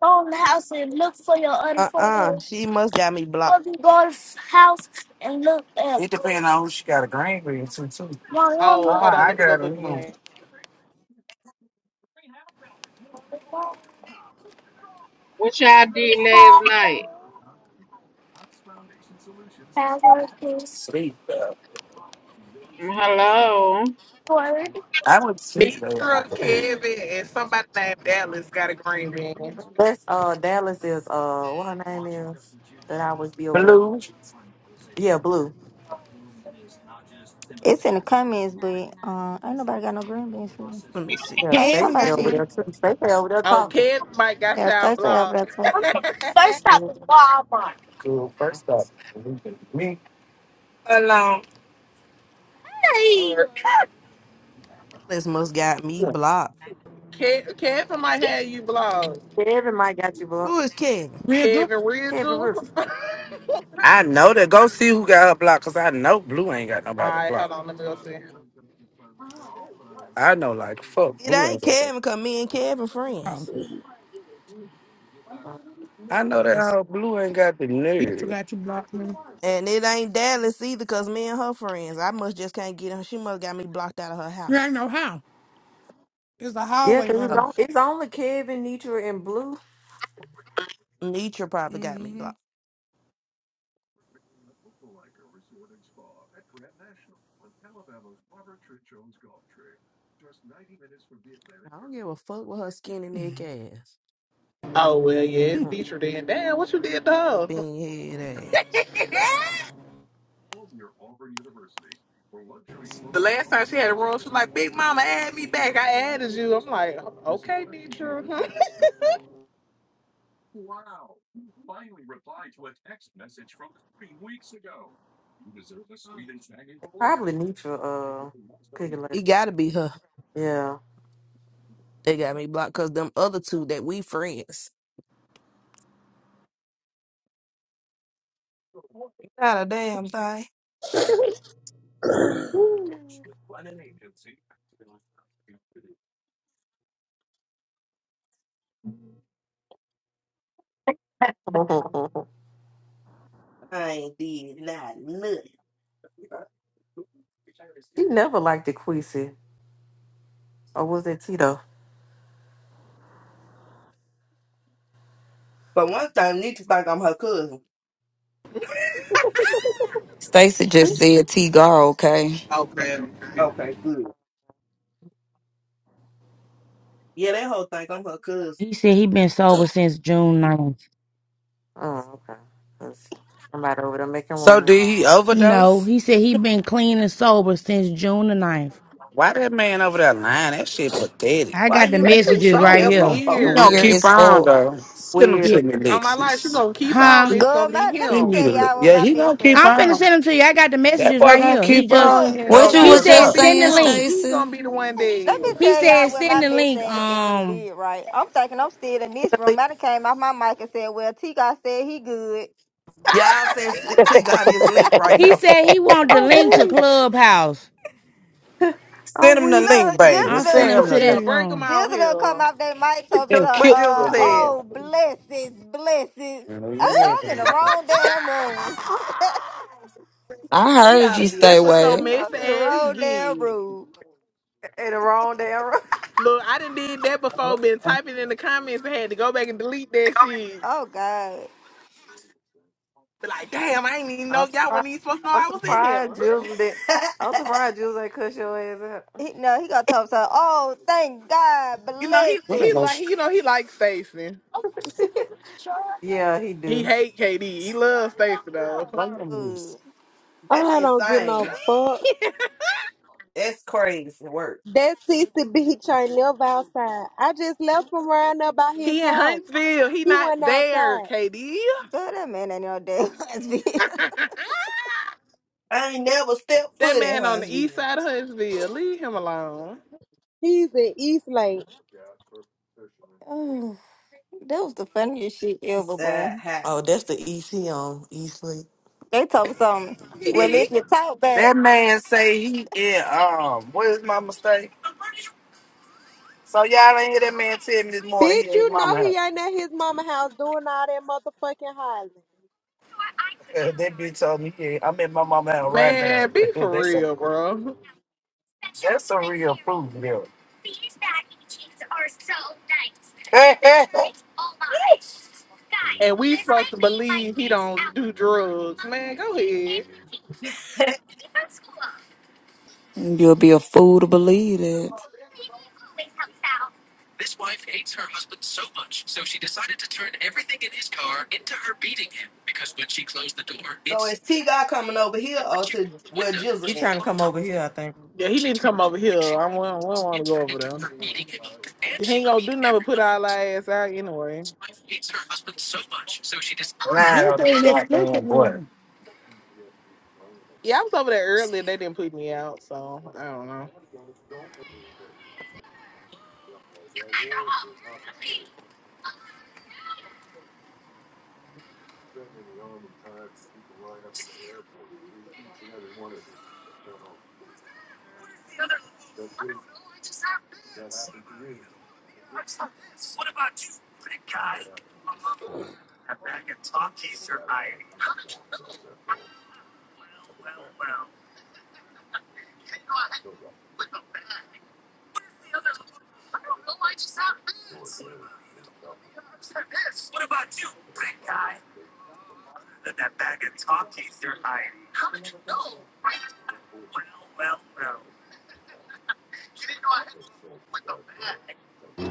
Speaker 7: boy. house house and and look look for
Speaker 8: Uh uh
Speaker 7: your
Speaker 8: She must got me blocked.
Speaker 7: Gonna go to the house and look at. It depends on who she got a green with too, too. No, no, no.
Speaker 4: Oh,
Speaker 7: Oh,
Speaker 4: hold on.
Speaker 7: I
Speaker 4: Let me go
Speaker 7: got it.
Speaker 4: look
Speaker 7: mm.
Speaker 4: again.
Speaker 17: What y'all did last night?
Speaker 7: Sleep, though.
Speaker 17: Hello.
Speaker 7: Word. I went to sleep last night.
Speaker 4: Mitra, Kevin, and somebody named Dallas got a green bean.
Speaker 3: That's uh Dallas is uh what her name is that I always be over there.
Speaker 7: Blue.
Speaker 3: Yeah, Blue.
Speaker 12: it's in the comments, but uh, ain't nobody got no green beans for them.
Speaker 8: Let me see.
Speaker 3: Yeah,
Speaker 12: I ain't talking
Speaker 3: Stacey
Speaker 15: Kevin
Speaker 12: about
Speaker 15: got
Speaker 3: over
Speaker 12: shit.
Speaker 3: there
Speaker 15: one.
Speaker 3: too. Stacey over there
Speaker 4: Oh,
Speaker 3: talking.
Speaker 4: Kevin might got
Speaker 12: Yes,
Speaker 4: y'all
Speaker 12: they fell
Speaker 4: blocked.
Speaker 12: better.
Speaker 7: First stop
Speaker 3: Yeah.
Speaker 7: was Walmart. Cool. first up, leaving me. Alone.
Speaker 8: This must got me blocked.
Speaker 4: Kev, Kevin might have you blocked.
Speaker 3: Kevin might got you
Speaker 8: Who
Speaker 3: blocked.
Speaker 8: is Kevin?
Speaker 15: Riddle.
Speaker 4: Kevin
Speaker 3: Kevin
Speaker 4: Ridgel.
Speaker 3: Roof.
Speaker 4: All
Speaker 7: I know that. Go see who got her blocked, cause I know Blue ain't got nobody
Speaker 4: right,
Speaker 7: blocked.
Speaker 4: hold on. Let me go see.
Speaker 7: I know, like fuck,
Speaker 8: It
Speaker 7: Blue
Speaker 8: ain't
Speaker 7: ain't got.
Speaker 8: Kevin because me and Kevin
Speaker 15: Oh,
Speaker 8: friends.
Speaker 7: I know that
Speaker 8: Dallas.
Speaker 7: how Blue ain't got the
Speaker 15: Nitra
Speaker 7: nerve.
Speaker 15: got you blocked, man.
Speaker 8: And it ain't Dallas either because me and her friends. I must just can't get her. She must got me blocked out of her
Speaker 15: You
Speaker 8: house.
Speaker 15: ain't know how. It's a
Speaker 3: Yeah,
Speaker 15: hallway
Speaker 3: because it's,
Speaker 8: Oh,
Speaker 15: room.
Speaker 3: on, it's only Kevin, Nitra, and Blue.
Speaker 8: Nietzsche probably got me
Speaker 15: Mm-hmm.
Speaker 8: blocked. I don't give a fuck with her skinny neck ass,
Speaker 4: Oh, well, yeah, it's
Speaker 3: Hmm.
Speaker 4: Mitra then. Damn, what you did to
Speaker 8: and
Speaker 4: her?
Speaker 8: bean head ass.
Speaker 4: the last time she had a room, she was like, Big Mama, add me back. I added you. I'm like, okay, Mitra.
Speaker 3: Probably Nitra, uh, cooking later.
Speaker 8: It gotta be her.
Speaker 3: Yeah.
Speaker 8: They got me blocked because them other two that we friends. Not a damn thing.
Speaker 3: she never liked the Queasy. Or was it Tito?
Speaker 8: But one thing, Nikki think I'm her cousin.
Speaker 11: Stacy just said T Gar, okay?
Speaker 4: okay.
Speaker 8: Okay, good. Yeah, that whole thing, I'm her cousin.
Speaker 18: He said he been sober since June ninth.
Speaker 3: Oh, okay. 'Cause somebody over there making
Speaker 7: So
Speaker 3: room.
Speaker 7: did he
Speaker 18: No,
Speaker 7: overdose?
Speaker 18: he said he been clean and sober since June the ninth.
Speaker 7: Why that man over there lying? That shit pathetic.
Speaker 18: I
Speaker 8: Why
Speaker 18: got the
Speaker 8: you
Speaker 4: That
Speaker 8: be
Speaker 4: shit's
Speaker 18: messages
Speaker 8: wishing
Speaker 4: so
Speaker 18: right
Speaker 8: death
Speaker 18: here.
Speaker 8: on
Speaker 7: He
Speaker 8: folks?
Speaker 7: gonna
Speaker 11: Weird
Speaker 4: weird.
Speaker 7: keep
Speaker 11: as
Speaker 7: on
Speaker 11: fuck.
Speaker 7: though. Send him
Speaker 3: Weird.
Speaker 18: Yeah.
Speaker 7: to me,
Speaker 4: On my life, she
Speaker 7: Lexus.
Speaker 4: gonna keep out,
Speaker 18: Huh?
Speaker 4: and it's
Speaker 12: Girl,
Speaker 4: gonna be
Speaker 12: my, let me
Speaker 7: Send
Speaker 4: him.
Speaker 7: me
Speaker 12: tell
Speaker 7: the.
Speaker 12: y'all what
Speaker 7: Yeah,
Speaker 12: my
Speaker 7: he
Speaker 12: miss
Speaker 7: gonna keep
Speaker 12: at.
Speaker 18: I'm finna
Speaker 7: on.
Speaker 18: send them to you. I got the
Speaker 7: That
Speaker 18: messages
Speaker 7: boy
Speaker 18: right
Speaker 12: Look,
Speaker 7: gonna
Speaker 18: here. He
Speaker 7: keep
Speaker 18: just
Speaker 7: on. He
Speaker 12: look,
Speaker 7: ain't
Speaker 4: Oh
Speaker 11: What
Speaker 7: gonna
Speaker 11: you
Speaker 7: get
Speaker 4: God,
Speaker 18: he
Speaker 12: listen.
Speaker 4: it's
Speaker 11: was
Speaker 18: said
Speaker 4: gonna
Speaker 11: just
Speaker 7: enough.
Speaker 4: be
Speaker 18: send the
Speaker 11: saying,
Speaker 4: him.
Speaker 18: link.
Speaker 4: He's gonna
Speaker 11: Stacy?
Speaker 4: be the one
Speaker 12: Let
Speaker 4: dead.
Speaker 12: me
Speaker 18: He
Speaker 12: tell
Speaker 18: said
Speaker 12: y'all when
Speaker 18: send
Speaker 12: my
Speaker 18: the
Speaker 12: miss
Speaker 18: link.
Speaker 12: asked and when it
Speaker 18: Um
Speaker 12: did right. I'm thinking I'm still in this room. I done came off my mic and said, well, T God said he good.
Speaker 8: Y'all
Speaker 4: Ah!
Speaker 8: saying T God is linked right
Speaker 18: he
Speaker 8: here.
Speaker 18: said he want the
Speaker 3: Oh,
Speaker 18: link to
Speaker 3: weird.
Speaker 18: Clubhouse.
Speaker 3: Oh,
Speaker 7: Send him the
Speaker 3: weird.
Speaker 7: link,
Speaker 12: Look,
Speaker 7: baby.
Speaker 18: I'm
Speaker 12: Jizzle
Speaker 18: finna
Speaker 7: Send
Speaker 18: him
Speaker 7: him
Speaker 18: to
Speaker 7: the
Speaker 4: yeah,
Speaker 18: this
Speaker 7: link.
Speaker 4: break him
Speaker 12: Jizzle
Speaker 18: room.
Speaker 4: out
Speaker 12: done come
Speaker 4: here.
Speaker 12: off their mic told me,
Speaker 7: Then
Speaker 12: so,
Speaker 3: Ju- What
Speaker 7: kill
Speaker 3: Joseph
Speaker 12: uh,
Speaker 7: his
Speaker 3: said.
Speaker 7: ass.
Speaker 12: oh, blessings, blessings. I said, I'm in the wrong damn room.
Speaker 11: I
Speaker 8: He
Speaker 11: heard
Speaker 8: ought to
Speaker 11: you
Speaker 8: be
Speaker 11: stay
Speaker 4: That's what
Speaker 8: ashamed
Speaker 4: your
Speaker 11: away.
Speaker 8: of
Speaker 12: I'm
Speaker 4: mess
Speaker 12: in the
Speaker 8: himself.
Speaker 4: ass
Speaker 12: wrong damn
Speaker 4: did.
Speaker 12: room.
Speaker 3: In the wrong damn room.
Speaker 4: Look, I done did that before. Been typing in the comments and had to go back and delete that shit.
Speaker 12: Oh, God.
Speaker 4: Be like, damn, I ain't even
Speaker 3: I'm
Speaker 4: know y'all
Speaker 3: surprised.
Speaker 4: wasn't even supposed to know
Speaker 3: I'm
Speaker 4: I was in here.
Speaker 3: surprised Jules did. I'm surprised Jules ain't cuss your ass
Speaker 12: He, no, he gonna talk so. Oh, thank God,
Speaker 4: You know he he
Speaker 12: blessings.
Speaker 4: like he, you know he likes Stacy.
Speaker 3: out. yeah, he
Speaker 4: He
Speaker 3: do.
Speaker 4: hate KD. He loves Stacey though.
Speaker 12: Good.
Speaker 8: That's
Speaker 10: I don't give no
Speaker 8: insane.
Speaker 10: fuck.
Speaker 8: That's crazy work.
Speaker 10: That sissy bitch ain't never outside. I just left him around up by his
Speaker 4: He in
Speaker 10: house.
Speaker 4: Huntsville. He
Speaker 10: He went
Speaker 4: not there,
Speaker 10: outside.
Speaker 4: KD.
Speaker 12: Girl, that man ain't no damn husband.
Speaker 8: I ain't never stepped
Speaker 4: that
Speaker 8: foot in
Speaker 4: man on the east
Speaker 8: Huntsville.
Speaker 4: side of Huntsville. Leave him alone.
Speaker 10: He's in East Lake.
Speaker 12: Mm, that was the funniest shit
Speaker 8: He's
Speaker 12: ever, boy.
Speaker 8: uh, half.
Speaker 3: Oh, that's the EC on Eastley.
Speaker 12: They told me something. Well, if you talk back,
Speaker 10: Bitch, you know he ain't at his mama house doing all that motherfucking hollering.
Speaker 4: Man, be for real, bro. And we supposed to believe he don't do drugs. Man, go ahead.
Speaker 11: You'll be a fool to believe it.
Speaker 8: so is T God coming over here or to where
Speaker 3: He
Speaker 8: Jizzle
Speaker 3: trying
Speaker 8: at?
Speaker 3: to come over here, I think.
Speaker 4: Yeah, he didn't come over here. I don't, want to go over there. He ain't gonna do nothing but put our ass out anyway.
Speaker 15: Just an explicit room.
Speaker 4: Yeah, I was over there earlier. They didn't put me out, so I don't know.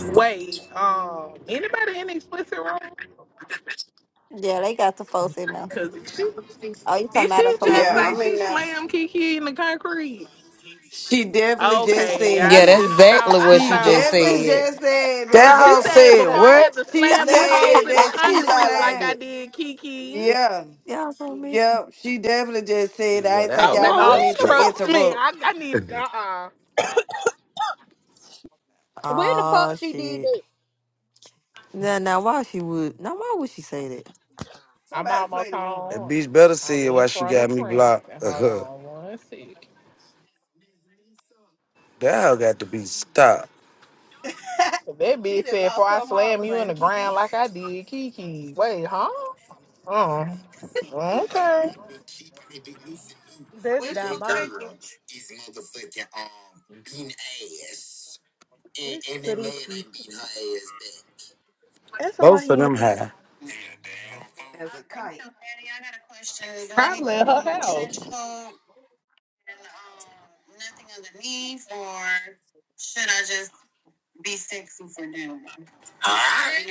Speaker 4: Wait, um, anybody in the explicit room?
Speaker 12: yeah, they got the folks in there.
Speaker 4: Cause she,
Speaker 12: Oh, you talking
Speaker 4: did
Speaker 12: about up
Speaker 4: she
Speaker 12: from over
Speaker 4: just
Speaker 9: Yeah,
Speaker 4: say
Speaker 9: I
Speaker 12: here?
Speaker 4: she
Speaker 9: mean, now
Speaker 4: slammed Kiki in the concrete?
Speaker 9: she definitely just
Speaker 4: Okay,
Speaker 9: said
Speaker 4: I
Speaker 11: Yeah, that's
Speaker 9: that.
Speaker 4: just thought
Speaker 11: exactly
Speaker 4: I
Speaker 11: what
Speaker 9: She
Speaker 11: she just
Speaker 4: thought
Speaker 9: definitely
Speaker 11: said.
Speaker 4: so.
Speaker 9: just said
Speaker 7: That
Speaker 4: She
Speaker 7: hoe
Speaker 9: that.
Speaker 4: said
Speaker 7: said
Speaker 4: before I
Speaker 7: what?
Speaker 4: had to
Speaker 9: She
Speaker 4: slam you
Speaker 8: Now
Speaker 4: hoes
Speaker 8: she
Speaker 9: said
Speaker 4: in the
Speaker 8: why
Speaker 9: that
Speaker 8: she
Speaker 9: she
Speaker 8: lie
Speaker 4: concrete
Speaker 8: like
Speaker 4: like
Speaker 9: slammed.
Speaker 4: I
Speaker 8: that?
Speaker 4: did Kiki.
Speaker 3: Yeah,
Speaker 9: Yeah,
Speaker 3: yeah, I'm so missing.
Speaker 9: yep. She definitely just said. That. I
Speaker 7: Yeah,
Speaker 9: ain't
Speaker 7: that
Speaker 9: think
Speaker 4: Oh,
Speaker 7: hoe
Speaker 4: baby,
Speaker 9: y'all
Speaker 10: Now
Speaker 7: over
Speaker 10: when
Speaker 9: wanted
Speaker 7: there
Speaker 4: oh,
Speaker 9: me
Speaker 10: the
Speaker 7: geek.
Speaker 9: to
Speaker 10: fuck?
Speaker 4: trust me,
Speaker 9: interrupt.
Speaker 4: I, I need. Uh, uh-uh. uh,
Speaker 10: When the
Speaker 3: oh
Speaker 10: fuck she did
Speaker 3: shit.
Speaker 10: that?
Speaker 3: Now, now, why she would? Now, why would she say that?
Speaker 4: i am
Speaker 8: Somebody play
Speaker 4: almost
Speaker 8: the room.
Speaker 7: That
Speaker 4: home.
Speaker 7: bitch better
Speaker 4: I'm
Speaker 7: see it
Speaker 4: in
Speaker 7: why she
Speaker 4: front of
Speaker 7: got me blocked.
Speaker 4: Princeton. Hold
Speaker 7: Uh-huh.
Speaker 4: on one second.
Speaker 7: That hoe got to be stopped.
Speaker 4: That
Speaker 8: she
Speaker 4: bitch
Speaker 8: done
Speaker 4: said,
Speaker 8: lost
Speaker 4: "Before I
Speaker 8: her
Speaker 4: slam
Speaker 8: marbles,
Speaker 4: you in
Speaker 8: ain't it,
Speaker 4: the ground
Speaker 8: Kiki?
Speaker 4: like I did, Kiki." Wait, huh? Uh, okay.
Speaker 10: That's
Speaker 8: Wishful
Speaker 10: diabolical.
Speaker 8: thinking.
Speaker 9: and,
Speaker 10: Listen
Speaker 9: and
Speaker 10: to
Speaker 9: that man
Speaker 10: this. sis.
Speaker 9: ain't beating her ass back.
Speaker 10: That's why
Speaker 7: Both
Speaker 10: he
Speaker 7: of
Speaker 10: ain't
Speaker 7: them high.
Speaker 9: Yeah, damn fool.
Speaker 8: As a kite.
Speaker 4: Probably at her house.
Speaker 9: Alright.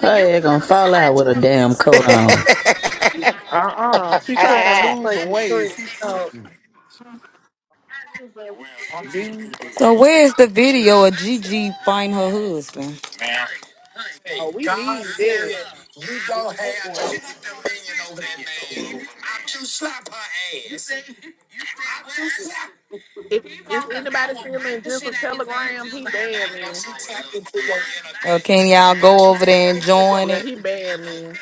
Speaker 14: Hey, gonna fall out with a damn coat on.
Speaker 4: Uh, uh She
Speaker 10: talking
Speaker 4: trying to
Speaker 10: about a
Speaker 4: lose some
Speaker 10: fucking
Speaker 4: weight.
Speaker 10: drink. Oh,
Speaker 9: Man, why people do do the
Speaker 11: So
Speaker 9: ass
Speaker 11: where's the
Speaker 9: back?
Speaker 11: video of Gigi find her husband?
Speaker 9: Hey,
Speaker 4: Oh, we
Speaker 9: God
Speaker 4: need
Speaker 9: said
Speaker 4: that.
Speaker 9: you don't
Speaker 8: Night
Speaker 9: have no
Speaker 8: one.
Speaker 9: dominion. I too slap her ass. I too slap.
Speaker 4: If is anybody still in Jizzle Telegram, he banned
Speaker 9: Now,
Speaker 4: me.
Speaker 11: Or can y'all
Speaker 9: Don't
Speaker 11: go
Speaker 9: you tell
Speaker 11: over there and join
Speaker 4: Yeah,
Speaker 11: it?
Speaker 4: he banned me.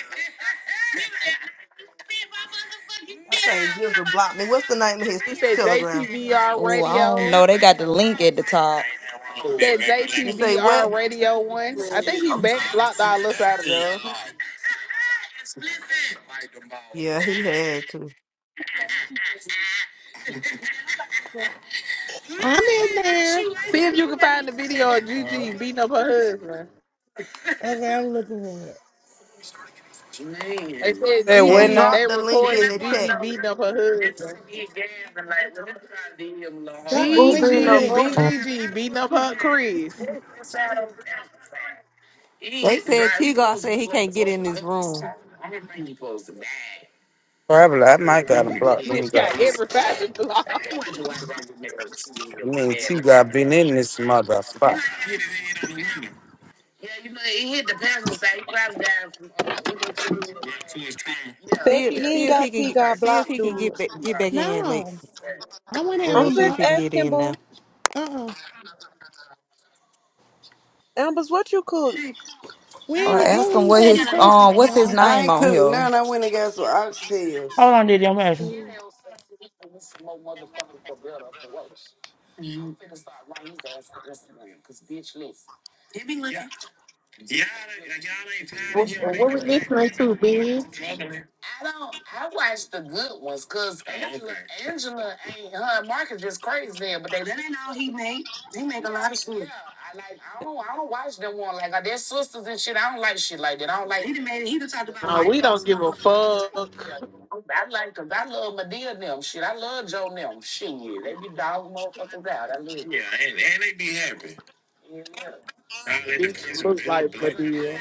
Speaker 8: I think Gilda blocked me. What's the name of his
Speaker 4: He said
Speaker 8: telegram?
Speaker 4: JTBR
Speaker 11: Oh, I don't know.
Speaker 4: Radio.
Speaker 11: They got the link at the top.
Speaker 9: Oh, that
Speaker 4: That
Speaker 9: nigga like
Speaker 8: You
Speaker 9: a
Speaker 8: say
Speaker 9: little
Speaker 8: what?
Speaker 4: JTBR
Speaker 9: nigga.
Speaker 4: Radio one. I
Speaker 9: Yeah,
Speaker 4: think he
Speaker 9: I'm
Speaker 4: back
Speaker 9: trying to
Speaker 4: blocked
Speaker 9: see what
Speaker 4: all us out
Speaker 9: that
Speaker 4: of
Speaker 9: feel
Speaker 4: there.
Speaker 9: like.
Speaker 8: Yeah, he had to.
Speaker 15: I'm in there.
Speaker 4: See if you can find the video of Gigi beating up her husband.
Speaker 15: Okay, I'm looking for it.
Speaker 4: They said
Speaker 7: Say what
Speaker 8: And
Speaker 4: Gigi,
Speaker 7: now?
Speaker 4: they
Speaker 8: drop the link in
Speaker 4: recorded
Speaker 8: the chat.
Speaker 4: Gigi beating up her husband.
Speaker 15: Drop the link to
Speaker 4: Gigi,
Speaker 15: what?
Speaker 4: Big Gigi beating up her Chris.
Speaker 3: They said T Tigar said he can't get in this room.
Speaker 7: Probably. I might got him
Speaker 4: this
Speaker 7: blocked. Let me
Speaker 4: bitch got
Speaker 7: grab this.
Speaker 4: everybody blocked.
Speaker 7: I mean, T got been in this mother spot.
Speaker 3: See,
Speaker 10: Becky,
Speaker 3: if-
Speaker 10: you
Speaker 3: see
Speaker 10: ain't
Speaker 3: if he
Speaker 10: got
Speaker 3: can
Speaker 10: T
Speaker 3: get.
Speaker 10: got
Speaker 3: See if
Speaker 10: blocked,
Speaker 3: he can
Speaker 10: dude.
Speaker 3: get back, get back in,
Speaker 15: No.
Speaker 3: Lex.
Speaker 15: I wouldn't have
Speaker 3: Well,
Speaker 10: I'm
Speaker 15: him
Speaker 3: see if
Speaker 10: just
Speaker 15: blocked.
Speaker 3: he can get
Speaker 10: asking,
Speaker 3: in
Speaker 10: boo.
Speaker 15: Uh-uh.
Speaker 10: Ambers, what you cook?
Speaker 11: Or
Speaker 15: When,
Speaker 11: ask
Speaker 15: when
Speaker 11: him
Speaker 15: he
Speaker 11: what
Speaker 15: said he
Speaker 11: his
Speaker 15: posted
Speaker 11: um
Speaker 15: it,
Speaker 11: what's his
Speaker 15: y'all.
Speaker 9: I
Speaker 11: name
Speaker 9: ain't
Speaker 11: on
Speaker 9: cooking
Speaker 11: here?
Speaker 9: none. I went and got some oxtails.
Speaker 18: Hold on, did I'm asking.
Speaker 10: Mm,
Speaker 4: What, what we listening to, bitch? Uh, we don't give a fuck. Bitch look like Madea.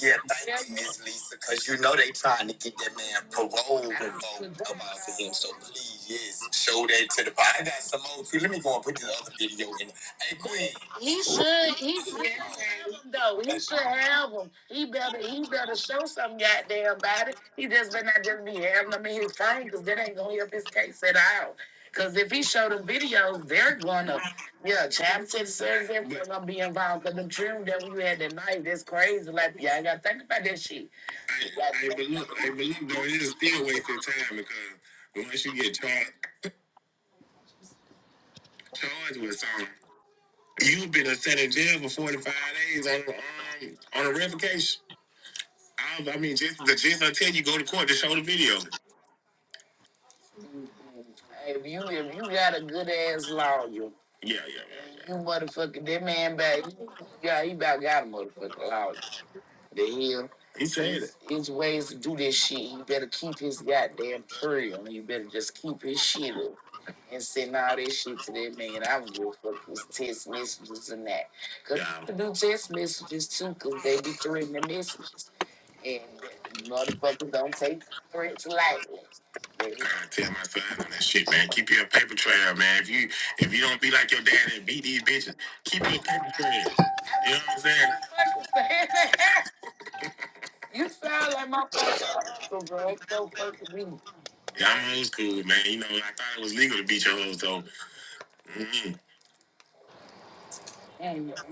Speaker 9: Yeah, Lisa, cause you know they trying to get that man parole. Please, yes, show that to the pod. I got some more too. Let me go and put this other video in. Hey, Queen,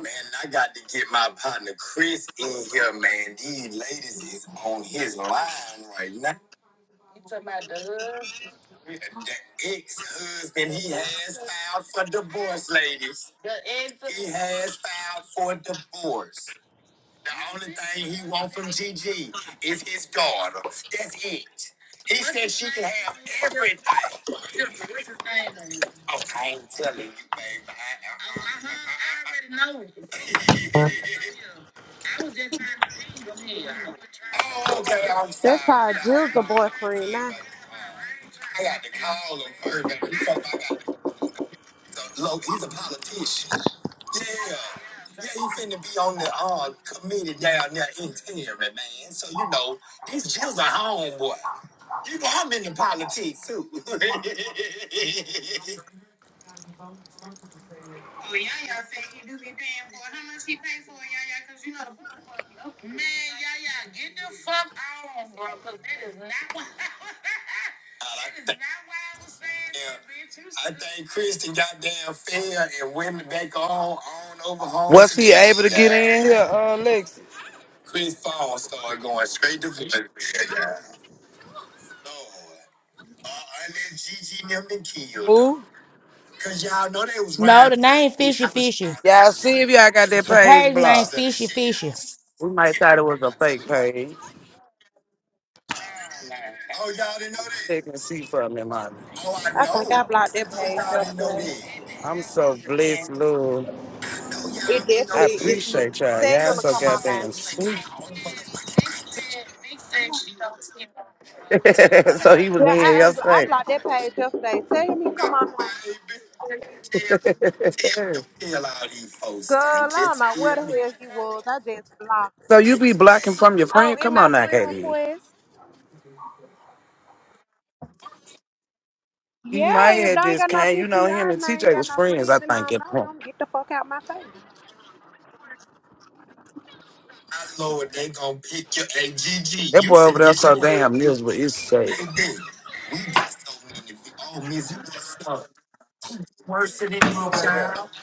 Speaker 9: man, I got to get my partner Chris in here, man. These ladies is on his line right now. The ex-husband he has filed for divorce, ladies. Has filed for divorce. The only thing he wants from Gigi is his daughter. That's it. He's everything. Oh, I ain't telling you, baby. I- I, oh, okay, I'm sorry.
Speaker 10: That's probably Jill's the boyfriend
Speaker 9: Yeah,
Speaker 10: now.
Speaker 9: but uh, got to call him first, baby. He told me I got to, he's a, low, he's a politician. Yeah. Yeah, he finna be on the uh, committee down there in Terry, man. So, you know, these Jill's a homeboy. You know, I'm into politics, too. I like yeah, I think Kristen got damn fair and went back on on over home
Speaker 7: Was
Speaker 9: to
Speaker 7: he able to
Speaker 9: Gigi,
Speaker 7: get
Speaker 9: y'all.
Speaker 7: in here, uh, Lexi?
Speaker 9: Chris Paul started going straight to voice. Lord, uh, I let Gigi and them been killed them.
Speaker 7: Who?
Speaker 9: Cause y'all know they was
Speaker 18: No,
Speaker 9: riding
Speaker 18: the name
Speaker 9: past his
Speaker 18: Fishy
Speaker 9: house
Speaker 18: Fishy.
Speaker 9: all the
Speaker 7: Y'all
Speaker 9: other
Speaker 7: see
Speaker 9: day.
Speaker 7: if y'all got
Speaker 9: That's
Speaker 7: that
Speaker 9: why
Speaker 18: The
Speaker 9: all
Speaker 7: page
Speaker 9: them
Speaker 18: page name
Speaker 9: pictures
Speaker 7: blocked.
Speaker 9: of the
Speaker 18: Fishy
Speaker 9: shit
Speaker 18: Fishy.
Speaker 9: house
Speaker 7: We might
Speaker 9: ended
Speaker 7: thought
Speaker 9: up
Speaker 7: it
Speaker 9: in
Speaker 7: was a
Speaker 9: my
Speaker 7: fake
Speaker 9: telegram.
Speaker 7: page.
Speaker 9: Oh, y'all didn't know that?
Speaker 7: Check and see from me, mommy.
Speaker 9: Oh, I
Speaker 10: I think
Speaker 9: know.
Speaker 10: I blocked
Speaker 9: I
Speaker 10: that
Speaker 9: know
Speaker 10: page
Speaker 9: y'all didn't know
Speaker 10: yesterday.
Speaker 9: that.
Speaker 7: I'm so blessed, Lord.
Speaker 9: I know
Speaker 10: It
Speaker 9: y'all didn't
Speaker 7: I
Speaker 9: know
Speaker 10: definitely is
Speaker 9: that.
Speaker 10: me.
Speaker 7: appreciate y'all.
Speaker 10: Tell
Speaker 7: Y'all
Speaker 10: him to
Speaker 7: so
Speaker 10: come on
Speaker 9: Cause
Speaker 10: now.
Speaker 9: y'all
Speaker 7: goddamn
Speaker 9: the one
Speaker 7: sweet.
Speaker 9: got all the
Speaker 7: so he was in
Speaker 10: Yeah,
Speaker 7: here
Speaker 10: I unblo- I
Speaker 7: yesterday.
Speaker 10: blocked that page yesterday. Tell him he come on now.
Speaker 9: baby. Tell, tell, tell all these folks,
Speaker 10: Girl, I
Speaker 9: thank you.
Speaker 10: don't know where
Speaker 9: Tell,
Speaker 10: the hell he was. I just blocked
Speaker 7: So
Speaker 10: him.
Speaker 7: you
Speaker 9: thank
Speaker 7: be blocking
Speaker 9: you,
Speaker 7: from your
Speaker 9: baby.
Speaker 10: Oh,
Speaker 7: friend?
Speaker 10: in
Speaker 7: Come
Speaker 10: my
Speaker 7: on now,
Speaker 10: friend
Speaker 7: Katie.
Speaker 10: request.
Speaker 7: He might
Speaker 10: Yeah, if
Speaker 7: have
Speaker 10: they ain't
Speaker 7: just
Speaker 10: got no
Speaker 7: came. You know, him
Speaker 10: PTR
Speaker 7: and
Speaker 10: and they ain't
Speaker 7: TJ
Speaker 10: got
Speaker 7: was
Speaker 10: no
Speaker 7: friends,
Speaker 10: friends
Speaker 7: I
Speaker 10: and I
Speaker 7: think,
Speaker 10: don't
Speaker 7: at
Speaker 10: know
Speaker 7: point.
Speaker 10: them, get the fuck out my face.
Speaker 9: I know it ain't gonna pick you. Hey, GG,
Speaker 7: That
Speaker 9: you
Speaker 7: boy over
Speaker 9: finna
Speaker 7: there
Speaker 9: get
Speaker 7: so
Speaker 9: your
Speaker 7: damn
Speaker 9: ass
Speaker 7: miserable.
Speaker 9: picked up.
Speaker 7: It's sad.
Speaker 9: Baby, we got so many. vi- Oh, Miss Lisa, worse than that, child.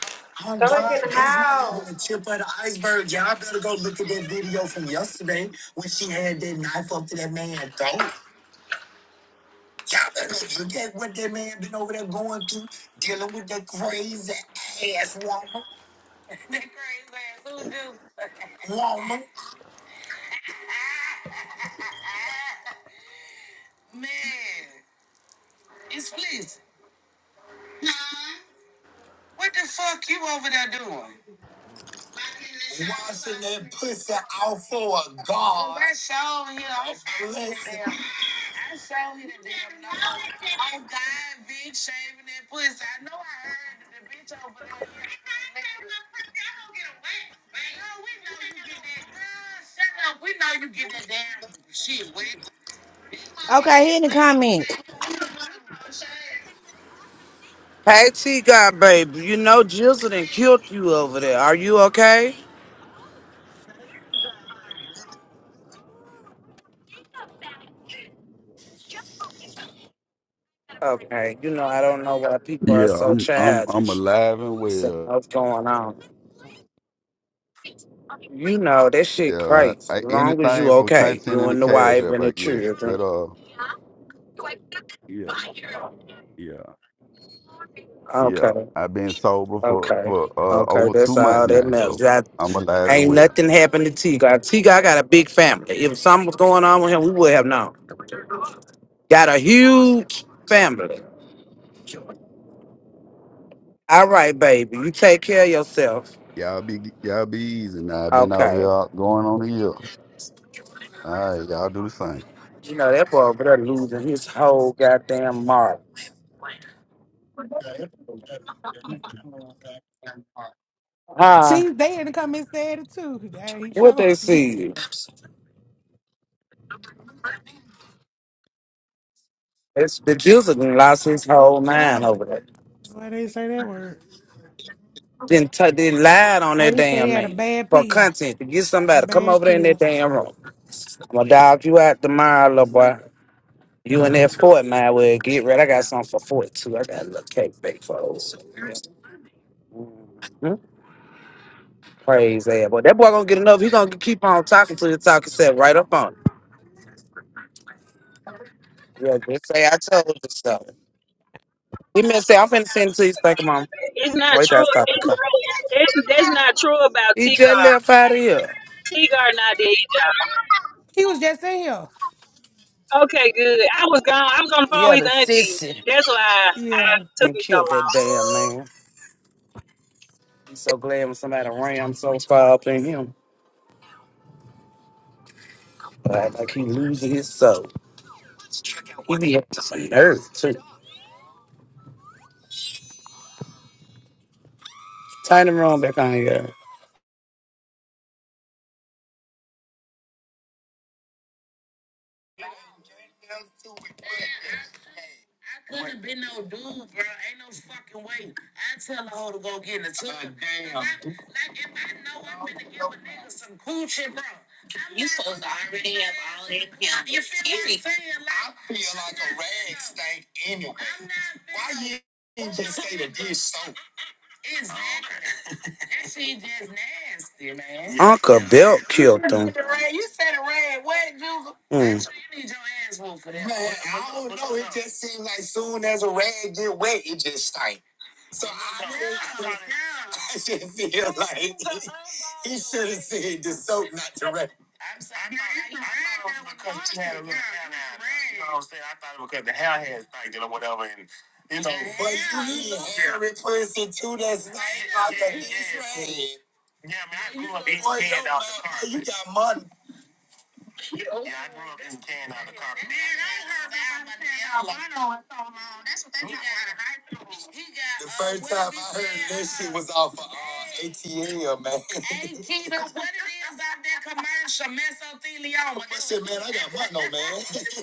Speaker 9: Oh,
Speaker 10: Come back
Speaker 9: God,
Speaker 10: in the
Speaker 9: that's not
Speaker 10: house.
Speaker 9: even the tip of the iceberg. Y'all better go look at that video from yesterday when she had that knife up to that man throat. Y'all better go look at what that man been over there going through, dealing with that crazy ass woman, woman, and pussy out for a god. Listen,
Speaker 18: Okay, hit the comment.
Speaker 7: Hey, T God, baby. You know, Jizzle done killed you over there. Are you okay? Okay, you know, I don't know why people are
Speaker 19: Yeah,
Speaker 7: so
Speaker 19: I'm I'm I'm
Speaker 7: childish.
Speaker 19: alive and
Speaker 7: So
Speaker 19: well.
Speaker 7: what's going on? You know, that shit
Speaker 19: Yeah, I,
Speaker 7: crazy. As
Speaker 19: I
Speaker 7: long as you
Speaker 19: anything for
Speaker 7: okay,
Speaker 19: content
Speaker 7: you
Speaker 19: and the
Speaker 7: and the
Speaker 19: cash
Speaker 7: wife
Speaker 19: up,
Speaker 7: and the
Speaker 19: I guess.
Speaker 7: children.
Speaker 19: But uh, yeah, yeah, yeah.
Speaker 7: Okay,
Speaker 19: I've been sober for
Speaker 7: okay,
Speaker 19: for uh
Speaker 7: okay.
Speaker 19: over
Speaker 7: That's
Speaker 19: two months
Speaker 7: all that
Speaker 19: now,
Speaker 7: matters.
Speaker 19: so
Speaker 7: That
Speaker 19: I'm alive and
Speaker 7: ain't
Speaker 19: well.
Speaker 7: nothing happened to T. God, T. God got a big family. If something was going on with him, we would have known. Got a huge family. All right, baby, you take care of yourself.
Speaker 19: Y'all be y'all be easy now. I've been out
Speaker 7: Okay.
Speaker 19: here out going on a year. All right, y'all do the same.
Speaker 7: You know that boy over there losing his whole goddamn mark. Huh?
Speaker 15: See, they in the comments said it too. That he
Speaker 7: What they
Speaker 15: chose.
Speaker 7: see? It's the Juicer done lost
Speaker 15: I'll
Speaker 7: his
Speaker 15: fuck
Speaker 7: whole mind
Speaker 15: some.
Speaker 7: over that.
Speaker 15: Why they say that word?
Speaker 7: Then t- they lied on that
Speaker 15: They say he
Speaker 7: damn
Speaker 15: had a
Speaker 7: man
Speaker 15: bad
Speaker 7: for
Speaker 15: pill.
Speaker 7: content to get somebody
Speaker 15: Some
Speaker 7: to come
Speaker 15: bad
Speaker 7: over there in that
Speaker 15: pills.
Speaker 7: damn room. I'ma dog you out tomorrow, little boy. You in that Fortnite where get ready. I got something for Fort too. I got a little cake bake for old. son. Hmm? Praise that boy. That boy gonna get enough. He gonna keep on talking till the talking set right up on. him. Yeah, just say I told you so. He may say I'm finna send it to you. Thank you, mom.
Speaker 16: It's not
Speaker 7: Wait,
Speaker 16: true.
Speaker 7: that's topic.
Speaker 16: It's, it's, that's not true about
Speaker 7: He just
Speaker 16: T-Gar.
Speaker 7: left out of here.
Speaker 16: T-Gar not dead either.
Speaker 15: He was just in here.
Speaker 16: Okay, good. I was gone. I was on the phone
Speaker 7: Yeah,
Speaker 16: with
Speaker 7: the
Speaker 16: his auntie.
Speaker 7: sissy.
Speaker 16: That's why I, I
Speaker 15: Yeah.
Speaker 16: took
Speaker 7: Then
Speaker 16: me so
Speaker 7: killed that
Speaker 16: long.
Speaker 7: damn man. He's so glad when somebody ran so far up in him. But act like he losing his soul. He be up to some nerve too. Turn the room back on here.
Speaker 9: Like anyway, say the dish soap. Yeah.
Speaker 7: Uncle Belt killed him. Mm.
Speaker 9: It seems like soon as a rag get wet, it just stank. So I just feel the soap not to rag. Big person too that's dead. Got money was off of uh, ATL, man. man, I got money. on- I,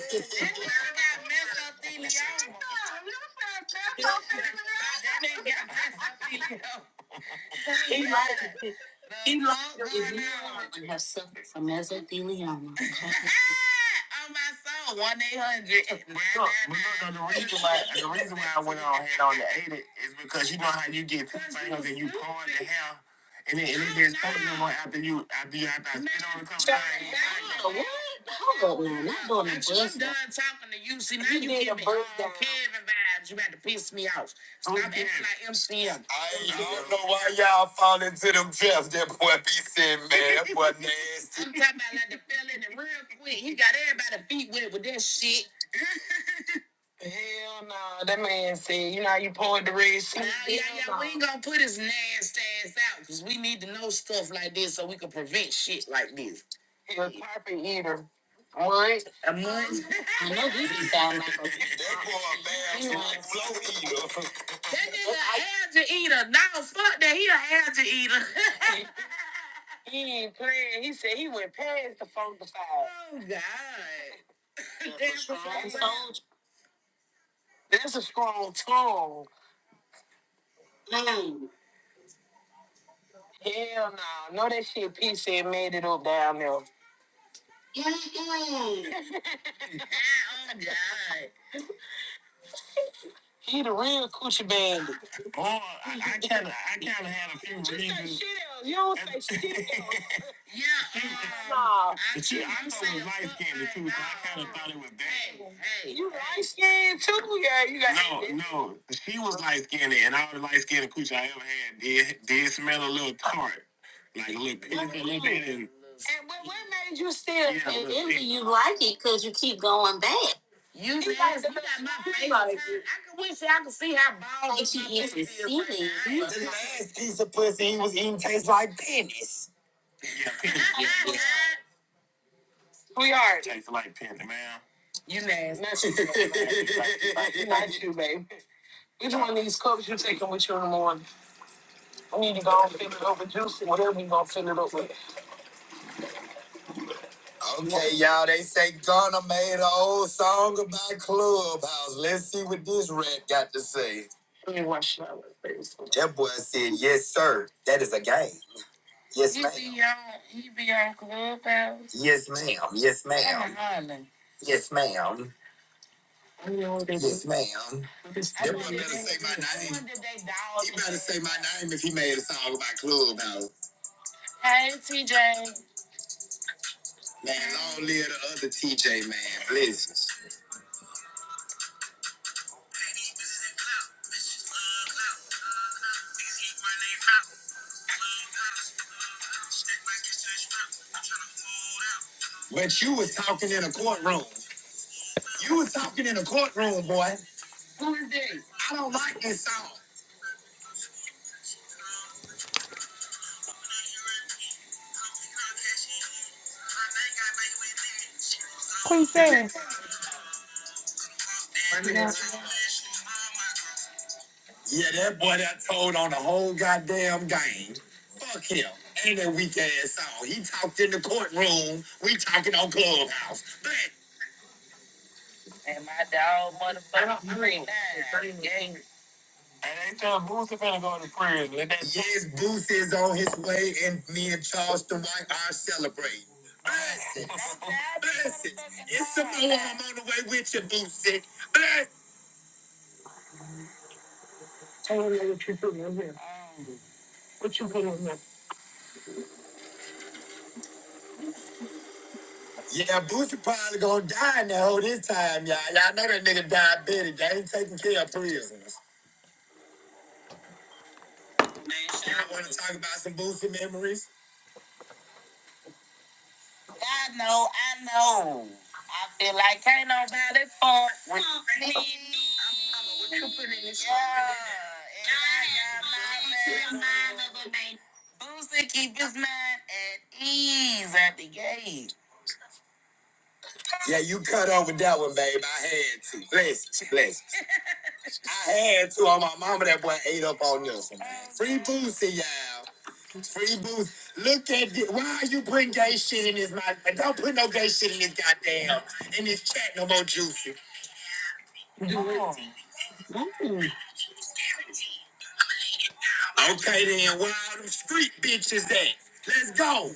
Speaker 9: ain't- I don't know why y'all fall into them traps. That boy be said, man, that boy nasty. That boy a bad flow eater. my God. Hey. Well, why did you still like it? Because you keep going back. You- The last piece of pussy he was eating tastes like penis. Okay, y'all, they say Gunna made an old song about Clubhouse. Let's see what this rat got to say. That boy said, yes, sir. That is a game. Yes, yes, ma'am. Yes, ma'am. Yes, ma'am. Yes, ma'am. Say my name if he made a song about Clubhouse. Man, long live the other TJ, man. Blessings. But you was talking in a courtroom. You was talking in a courtroom, boy. I don't like this song.
Speaker 15: Queen said.
Speaker 9: Yeah, that boy that told on the whole goddamn game. Fuck him. Ain't that weak ass song. He talked in the courtroom. We talking on Clubhouse. But yes, Booth is on his way, and me and Charleston White are celebrating. Bless it. Bless it. It's Samoa. I'm on the way with you, Boosie. Bless. Yeah, Boosie probably gonna die in that hole this time, y'all. Y'all know that nigga diabetic. They ain't taking care of prisoners. Y'all wanna talk about some Boosie memories? Yeah, you cut over that one, babe. I had to. Bless you, bless you. I had to on my mama. That boy ate up on this one. Free Boosie, y'all. Free Boosie. Look at this. Why are you putting gay shit in this mouth? Don't put no gay shit in this goddamn, in this chat no more, Juicy. Okay then, where all them street bitches at? Let's go.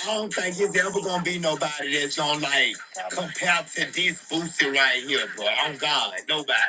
Speaker 9: I don't think it's ever gonna be nobody that's gonna like compare to this Boosie right here, bro. I'm God, nobody.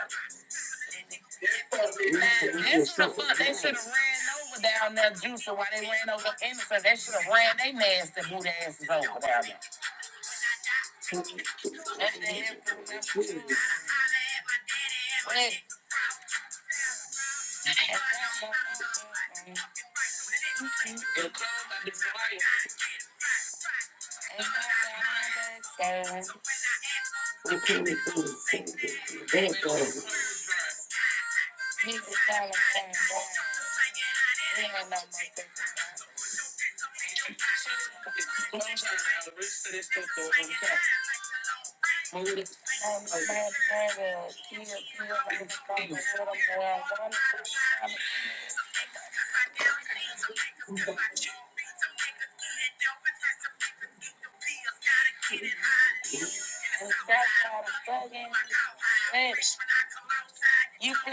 Speaker 9: You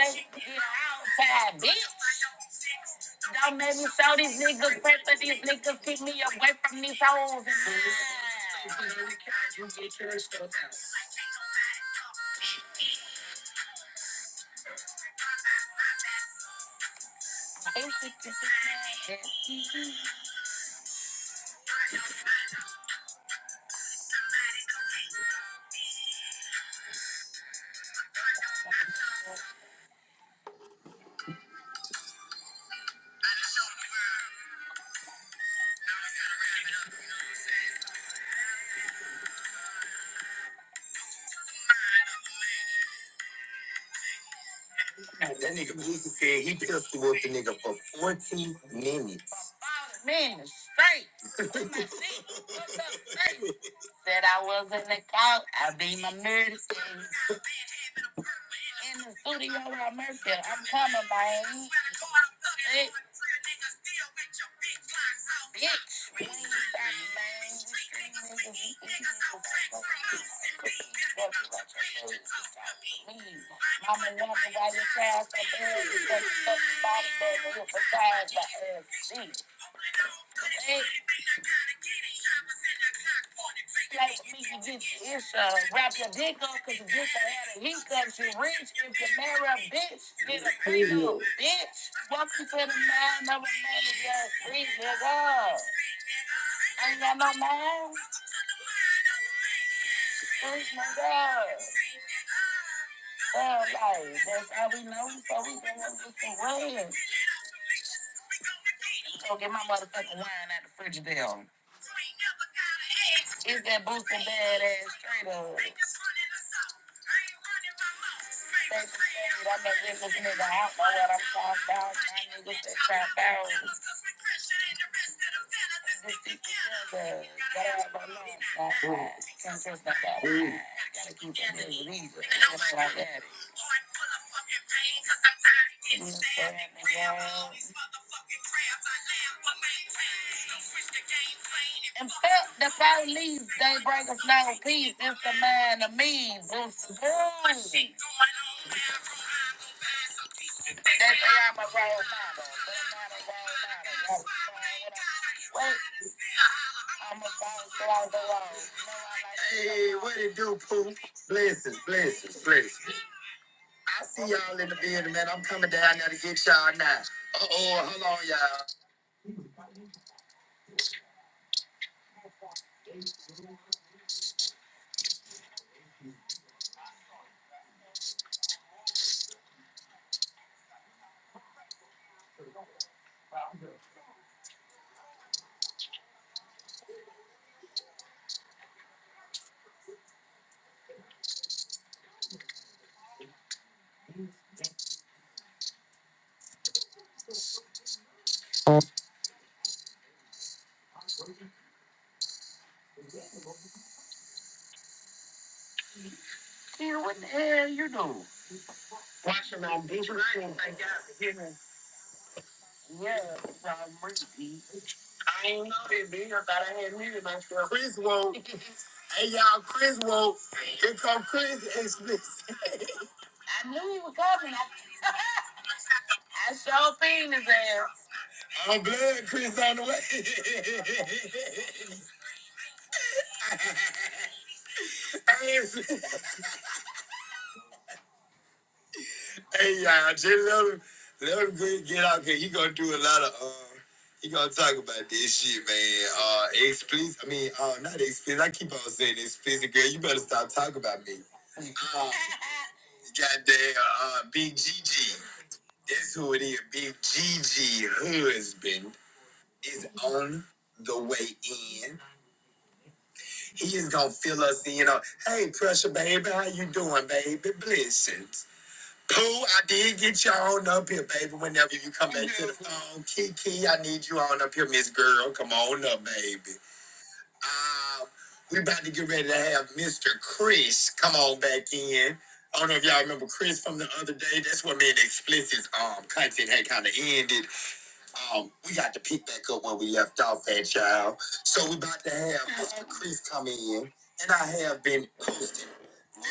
Speaker 9: play And That nigga Boosie said he pistol whipped the nigga for 40 minutes. Hey, what it do, Pooh? Blessings, blessings, blessings. I see y'all in the building, man. I'm coming down there to get y'all now. Uh-oh, hold on, y'all. I'm glad Chris on the way. Hey, Hey, y'all, just let him, let him get get out here. He gonna do a lot of, uh, he gonna talk about this shit, man. Uh, explicit, I mean, uh, not explicit. I keep on saying explicit, girl. You better stop talking about me. Uh, goddamn, uh, Big GG. That's who it is. Big GG husband is on the way in. He is gonna fill us in on, hey, pressure, baby, how you doing, baby? Blessings. Pooh, I did get you on up here, baby. Whenever you come back to the phone, Kiki, I need you on up here, Miss Girl. Come on up, baby. Uh, we about to get ready to have Mr. Chris come on back in. I don't know if y'all remember Chris from the other day. That's what me and Explicit's um, content had kind of ended. Um, we got to pick back up where we left off at, child. So we about to have Mr. Chris come in, and I have been posting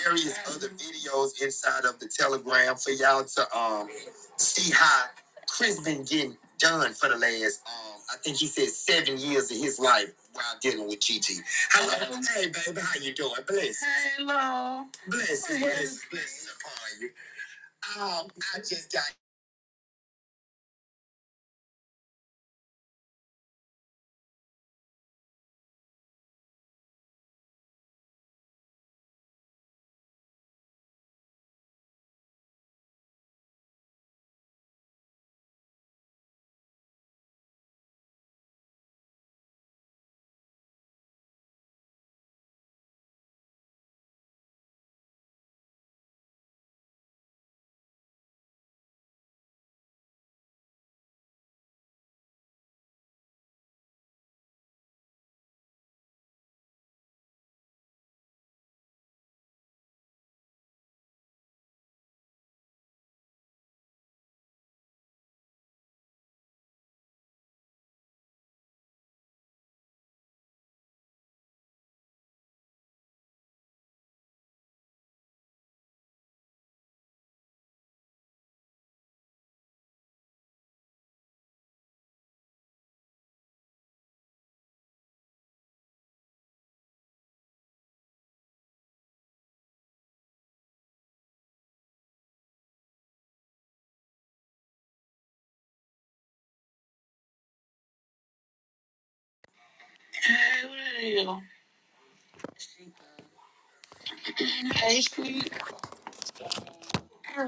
Speaker 9: various other videos inside of the Telegram for y'all to um see how Chris been getting done for the last um I think he said seven years of his life while dealing with Gigi. How- Hey baby, how you doing? Bless, bless, bless upon you. Um, I just got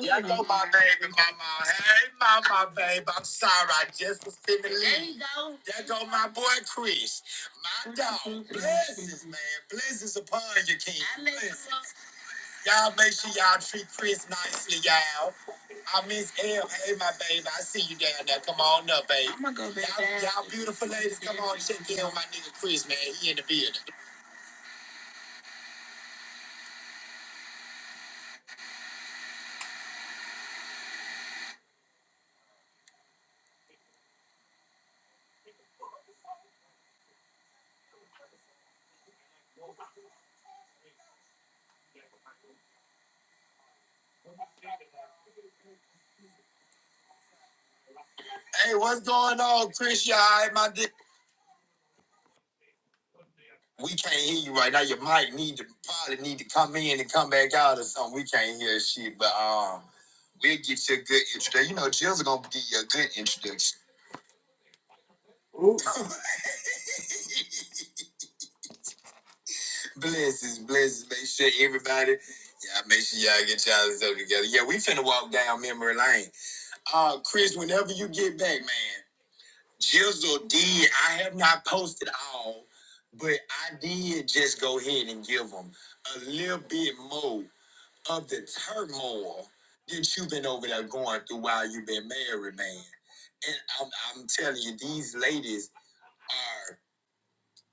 Speaker 9: There go my baby mama. Hey, mama, babe. I'm sorry. I just was finna leave. There go my boy Chris. My dog. Blessings, man. Blessings upon you, King. Y'all make sure y'all treat Chris nicely, y'all. I miss L. Hey, my baby. I see you down there. Come on up, baby. I'm gonna go back y'all, down. y'all beautiful ladies, come on check in on my nigga Chris, man. He in the building. Hey, what's going on, Chris? Y'all, all right, my nigga? We can't hear you right now. Your mic need to probably need to come in and come back out or something. We can't hear shit, but um, we'll get you a good introduction. You know, Jill's gonna give you a good introduction. blesses, blesses. Make sure everybody, yeah. make sure y'all get y'all stuff together. Yeah, we finna walk down memory lane. Uh, Chris, whenever you get back, man, Jizzle did. I have not posted all, but I did just go ahead and give them a little bit more. of the turmoil that you've been over there going through while you've been married, man. And I'm, I'm telling you, these ladies are,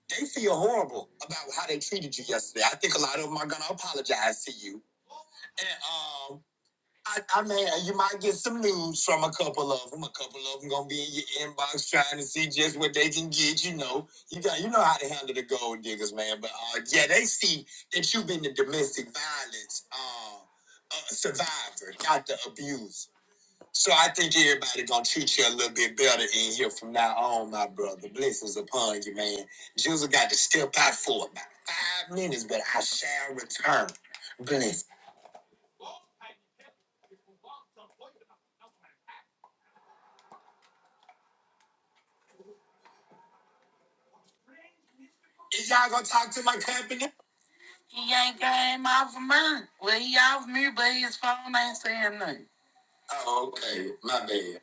Speaker 9: they feel horrible about how they treated you yesterday. I think a lot of them are going to apologize to you. And um, I, I mean, you might get some news from a couple of them. A couple of them gonna be in your inbox trying to see just what they can get. You know, you got you know how to handle the gold diggers, man. But uh, yeah, they see that you've been the domestic violence uh, uh, survivor, not the abuser. So I think everybody gonna treat you a little bit better in here from now on, my brother. Blessings upon you, man. Jules got to step out for about five minutes, but I shall return. Bless. Is y'all gonna talk to my company? Oh, okay. My bad.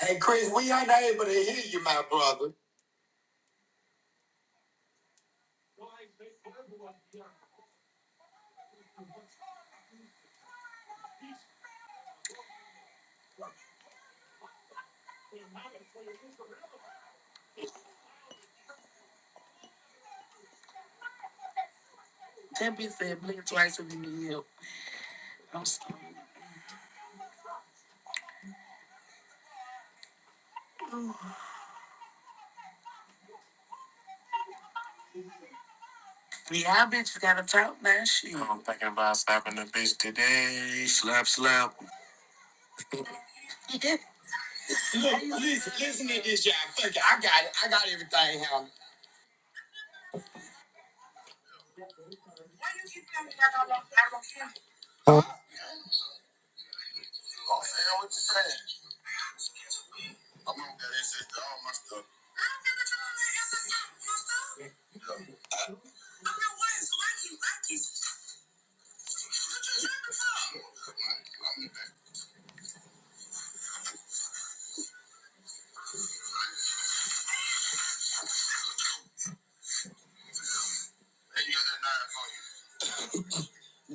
Speaker 9: Hey, Chris, we ain't able to hear you, my brother. Look, listen, listen to this, y'all. Fuck it. I got it. I got everything handled.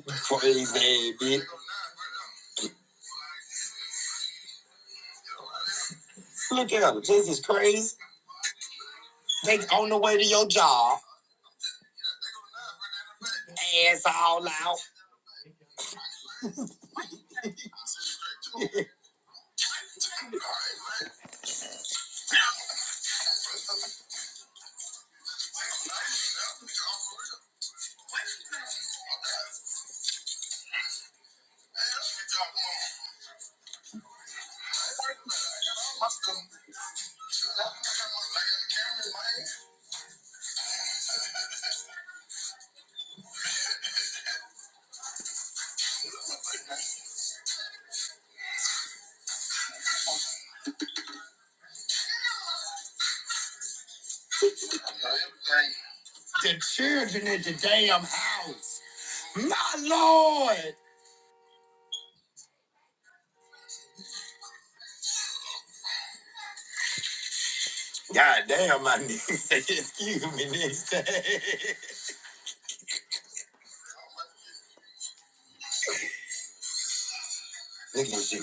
Speaker 9: Crazy, bitch. Look at them. This is crazy. They on the way to your job. Ass all out. The children in the damn house. My lord. God damn, my nigga excuse me nigga. Look at this shit.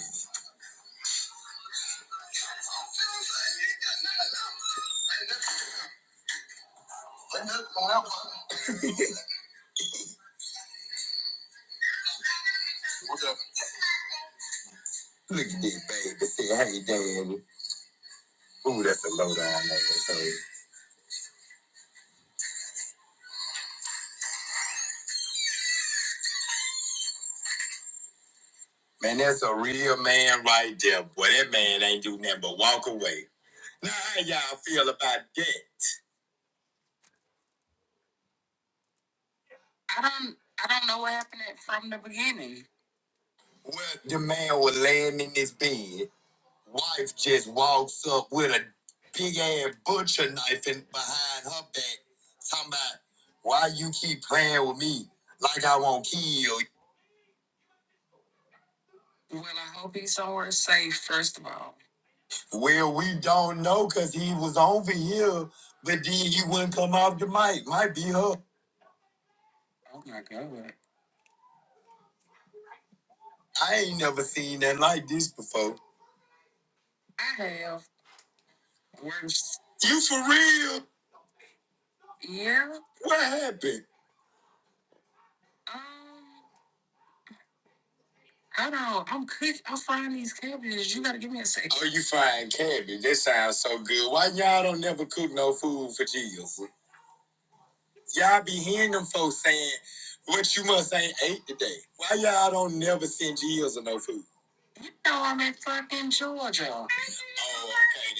Speaker 9: Look at this baby. Say, hey, daddy. Ooh, that's a low down ass. Man, that's a real man right there. Boy, that man ain't do nothing but walk away. Now, how y'all feel about that? Well, the man was laying in his bed. Wife just walks up with a big ass butcher knife in behind her back, talking about why you keep playing with me like I won't kill. Well, we don't know cause he was over here, but then he wouldn't come off the mic. Might be her. I ain't never seen that like this before. You for real? What happened? Oh, you frying cabbage. That sounds so good. Why y'all don't never cook no food for Jesus? Y'all be hearing them folks saying, what you must ain't ate today. Why y'all don't never send Jesus or no food? Oh, okay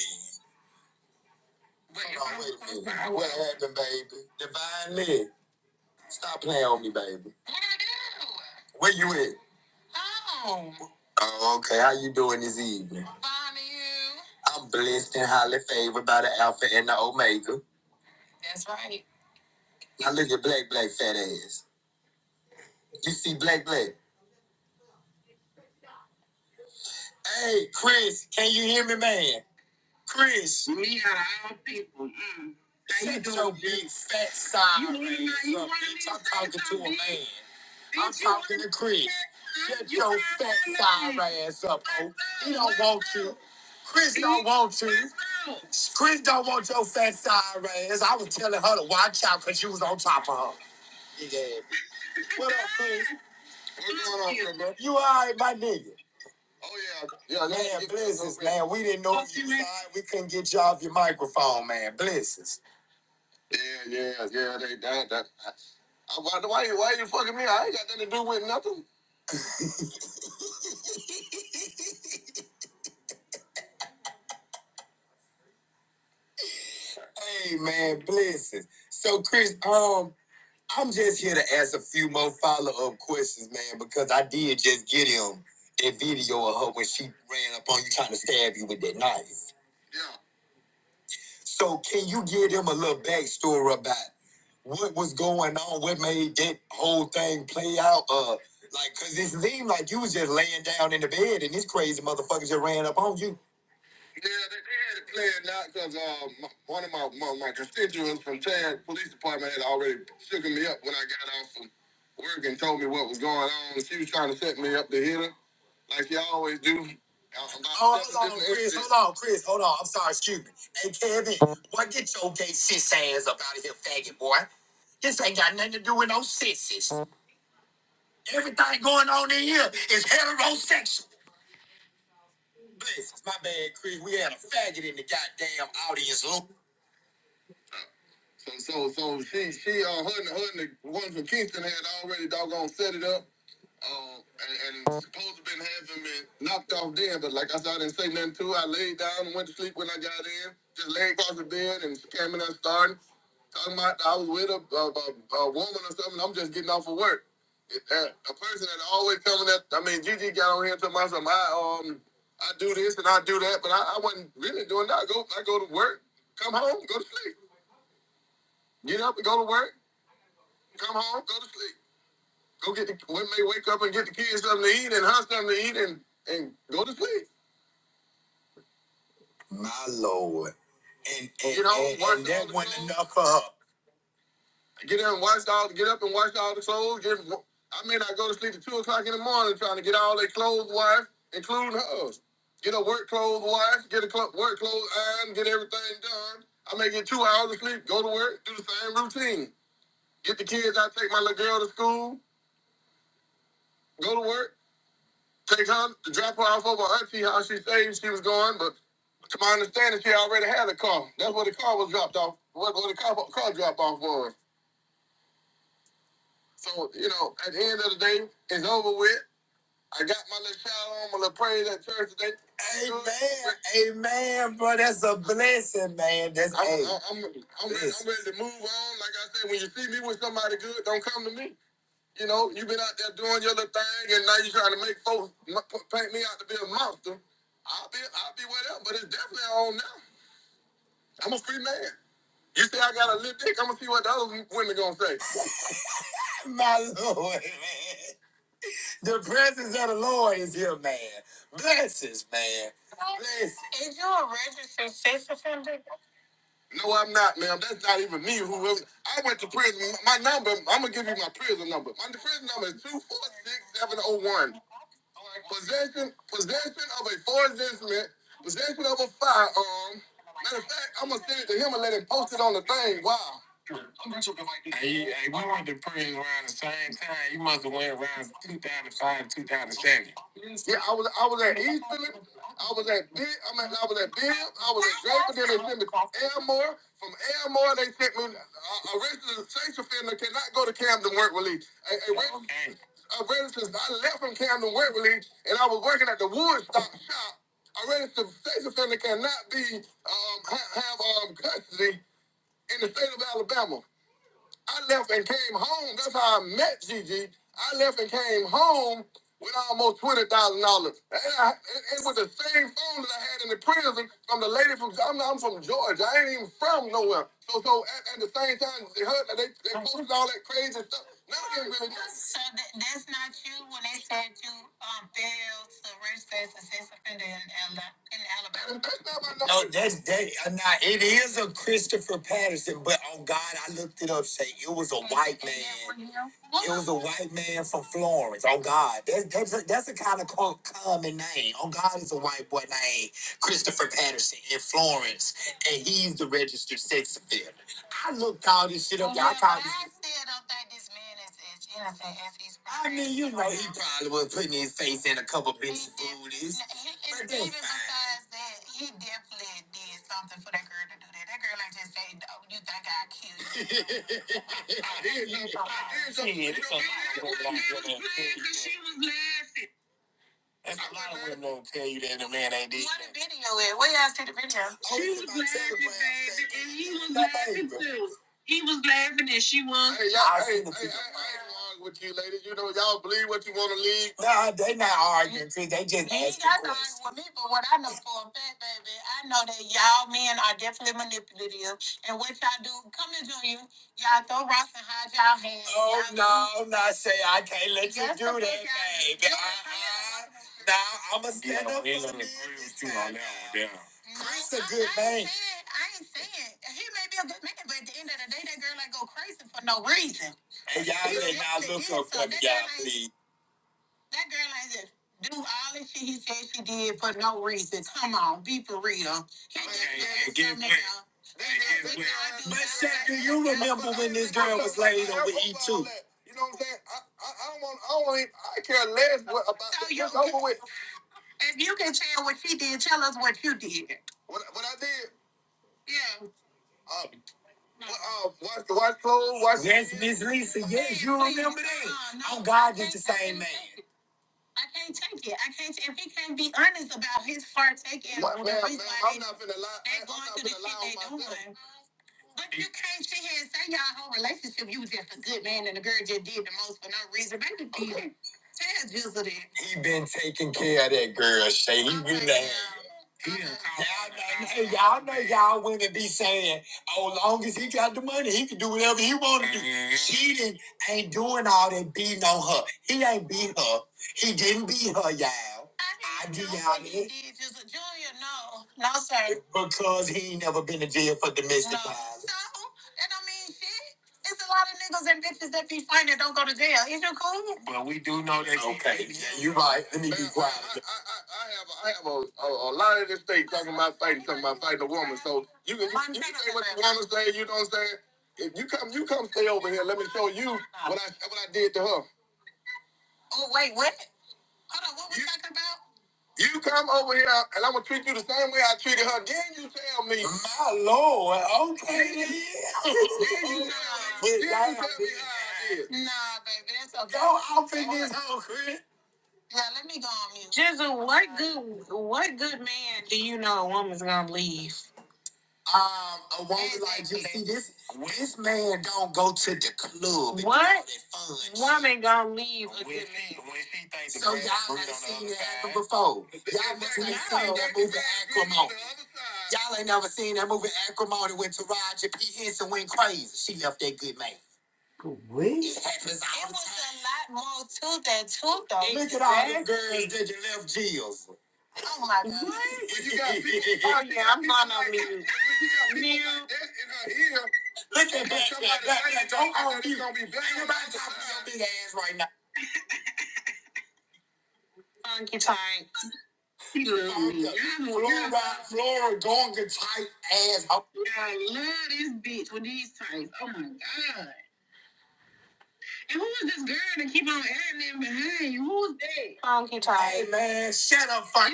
Speaker 9: then. What happened, baby? Divine Leg, stop playing on me, baby. Where you at? Oh, okay. How you doing this evening? I'm blessed and highly favored by the Alpha and the Omega. Now look at Black Black fat ass. You see Black Black? Hey, Chris, can you hear me, man? Chris, your big fat side. Hey, Chris, my ass up. Chris don't want to. Chris don't want your fat side ass. I was telling her to watch out because you was on top of her. Yeah. What up, Chris? You all right, my nigga? And we didn't know right. we couldn't get you off your microphone, man. Blessings. Hey, man, blessings. So, Chris, um, I'm just here to ask a few more follow up questions, man, because I did just get him that video of her when she ran up on you trying to stab you with that knife. So can you give him a little backstory about what was going on, what made that whole thing play out? Uh, like, cause it seemed like you was just laying down in the bed and this crazy motherfucker just ran up on you. No, Chris, hold on. I'm sorry, excuse me. Hey, Kevin, boy, get your gay sis ass up out of here, faggot boy. This ain't got nothing to do with no sissies. Everything going on in here is heterosexual. Blessings, my bad, Chris. We had a faggot in the goddamn audience, Lord. My lord. And and for her. Amen, bro. That's a blessing, man. That's my lord, man. The presence of the Lord is here, man. Blessings, man. Blessings. That's that. Now it is a Christopher Patterson, but on God, I looked it up. Say it was a a white man from Florence. Oh God, that, that's a, that's a kind of co- common name. Oh God, is a white boy named Christopher Patterson in Florence, and he's the registered sex offender. I looked all this shit Probably was putting his face in a couple of. booties. I'm gonna tell you that the man ain't. He was laughing, baby, and he was laughing too. No, they not arguing. They just. Oh, no, say I can't let. Now I'm a. Hey, y'all. Lisa, He been taking care of that girl, Shay. Y'all know, hey, y'all know y'all women be saying, oh, long as he got the money, he can do whatever he want to do. Mhm. She didn't, ain't doing all that beating on her. He ain't beat her. He didn't beat her, y'all, because he ain't never been to jail for domestic. Yeah, you right. Let me, my lord, okay then. Yeah, you ain't tell me how it I'm finna talk, Chris. Um, a This this man don't go to the club. What? Woman. Y'all, y'all ain't never seen that movie Acrimony when Taraji P. Henson went crazy. She left that good man. It at all the girls that you left Jill's. Oh my god. Oh yeah, I'm not on mute. Look at big ass right now. Mm. Flora, Florida Gonga type ass. Oh, man, shut up, fuck.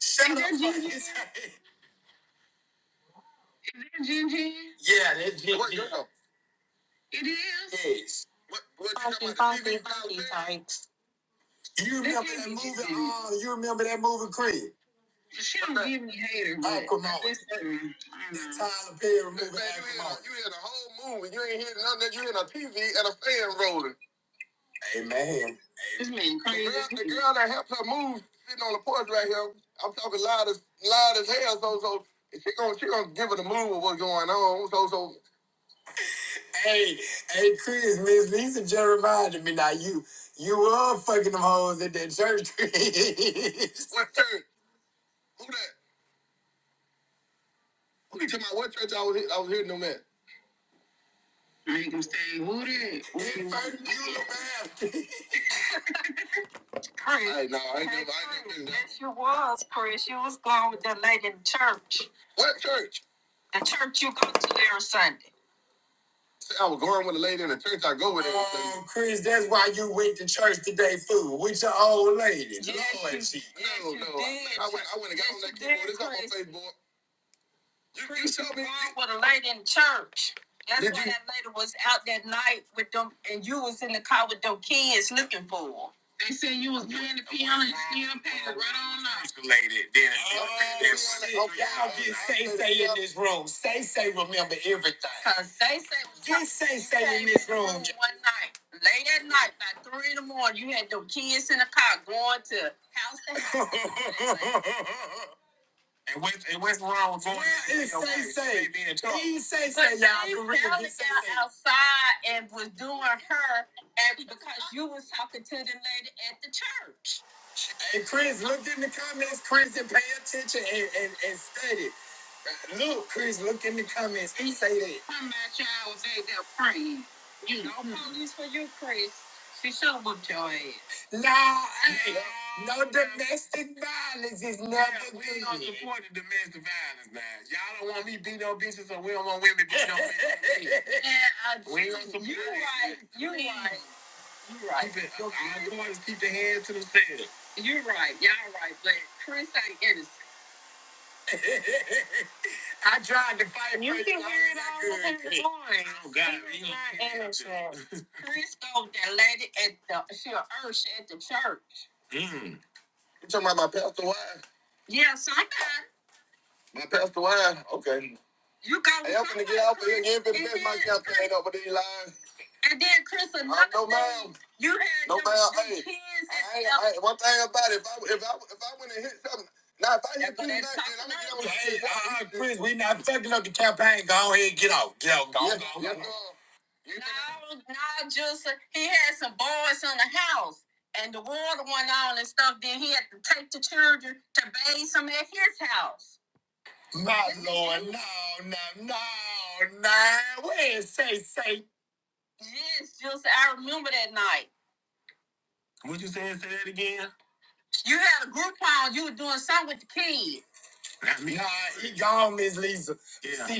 Speaker 9: Shut up. Yeah, that. Yes. You remember that movie? you remember that movie, Chris? Come on. Perry. Amen. Hey, hey, Chris, Miss Lisa just reminded me now you you were fucking them hoes at that church, Chris. What church? Chris, that's why you went to church today, fool, with your old lady. This room, say, say, remember everything. He says, hey, Chris, look in the comments, Chris, and pay attention and, and, and study. Look, Chris, look in the comments. He say that. No, hey, no domestic violence is. I tried to fight. My lord, no, no, no, no. Where's say say? Nah, he gone, Miss Lisa.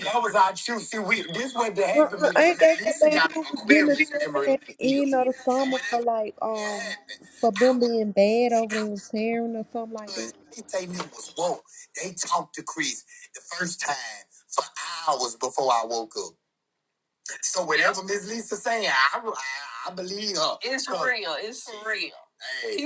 Speaker 9: That was our truth. See, we, this what that happened.
Speaker 10: Uh-uh,
Speaker 9: Miss Lisa
Speaker 10: ain't that the man
Speaker 9: got an
Speaker 10: who was getting a
Speaker 9: Aquarius
Speaker 10: turn
Speaker 9: memory like
Speaker 10: at the end
Speaker 9: this.
Speaker 10: of the
Speaker 9: So
Speaker 10: summer for
Speaker 9: whatever
Speaker 10: like
Speaker 9: had
Speaker 10: um
Speaker 9: happened,
Speaker 10: for them
Speaker 9: I was.
Speaker 10: being bad over there in tearing or something like that?
Speaker 9: They say me was woke. They talked to Chris the first time for hours before I woke up. So whatever Miss Lisa saying, I, I, I believe her. Hey,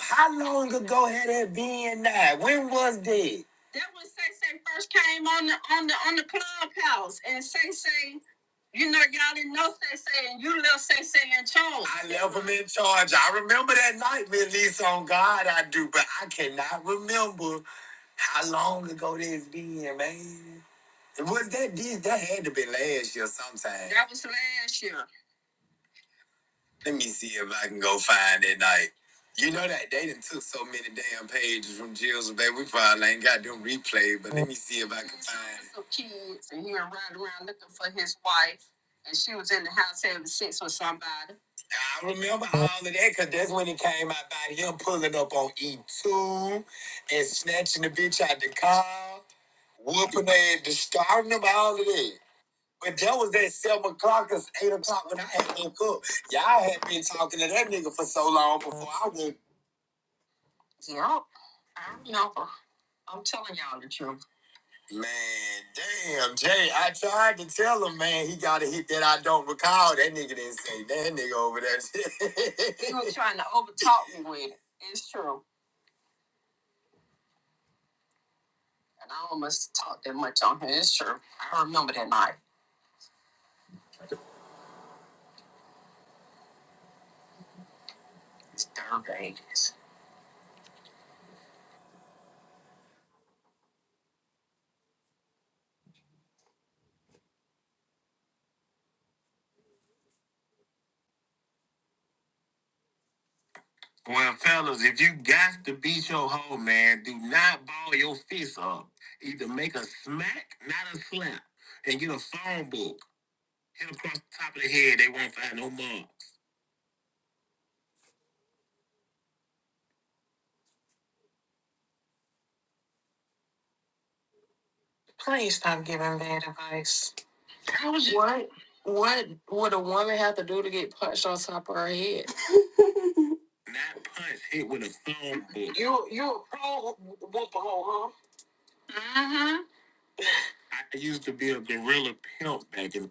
Speaker 9: how long ago had that been now? When was that? I left him in charge. I remember that night, Miss Lisa, on God I do, but I cannot remember how long ago that's been, man. Was that this? That had to be last year sometime. Let me see if I can go find it. Like, you know that they done took so many damn pages from Jill's baby. We probably ain't got them replayed, but let me see if I can find. I remember all of that because that's when it came out by him pulling up on E2 and snatching the bitch out the car, whooping her and discarding them, all of that. But that was at seven o'clock, it's eight o'clock when I had woke up. Y'all had been talking to that nigga for so long before I woke Man, damn, Jay. I tried to tell him, man, he got a hit that I don't recall. That nigga didn't say that nigga over there. well, fellas, if you got to beat your hoe, man, do not ball your fist up. Either make a smack, not a slap, and get a phone book. Hit across the top of the head, they won't find no marks. Not punch, hit with a phone book. I used to be a gorilla pimp back in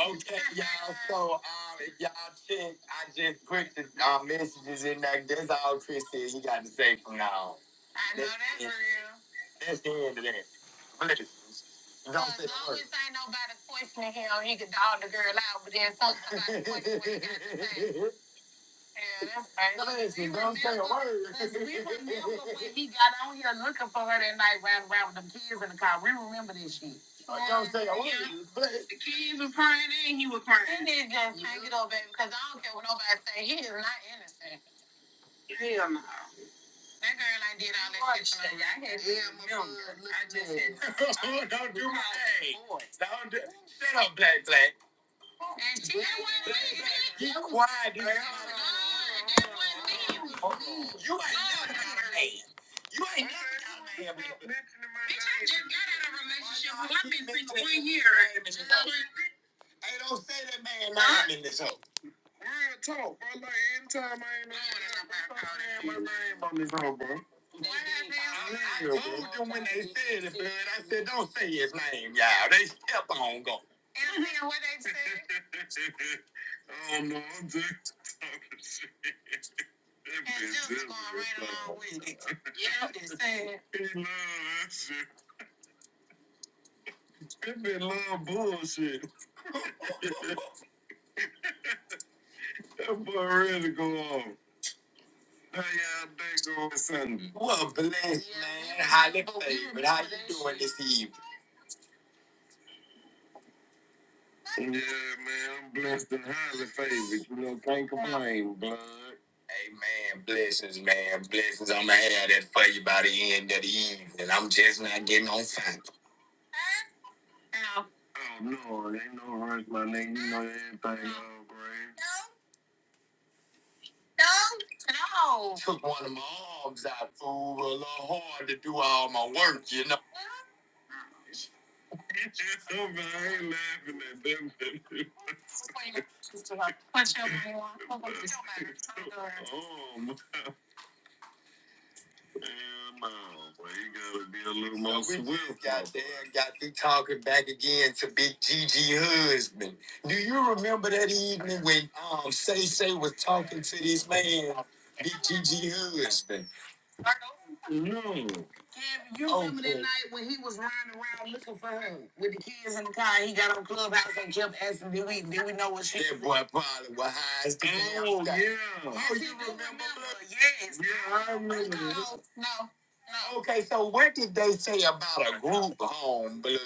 Speaker 9: Okay, y'all. So, um, if y'all check, I just put the um, messages in there. That's all Chris said he got to say from now on. That's the end of that. Bless. Cause we were never Oh, Don't bless. Don't do my name. Don't do. Shut up, Black Black. Quiet. You you ain't You ain't never got mad. with me. Hey, don't say that man name in this hoe. I- I- I- I said, don't say his name, y'all. They kept on going. What bless this evening. Amen. Blessings, man. Blessings. I'm gonna have that for you by the end of the evening. I'm just not getting on fire. Took one of my arms out, fool. A little hard to do all my work, you know. Then got me talking back again to Big Gigi husband. Do you remember that evening when um Say Say was talking to this man? Big Gigi husband. Boy, probably was high as Oh, you remember, Blue? Yeah. Okay, so what did they say about a group home, Blue?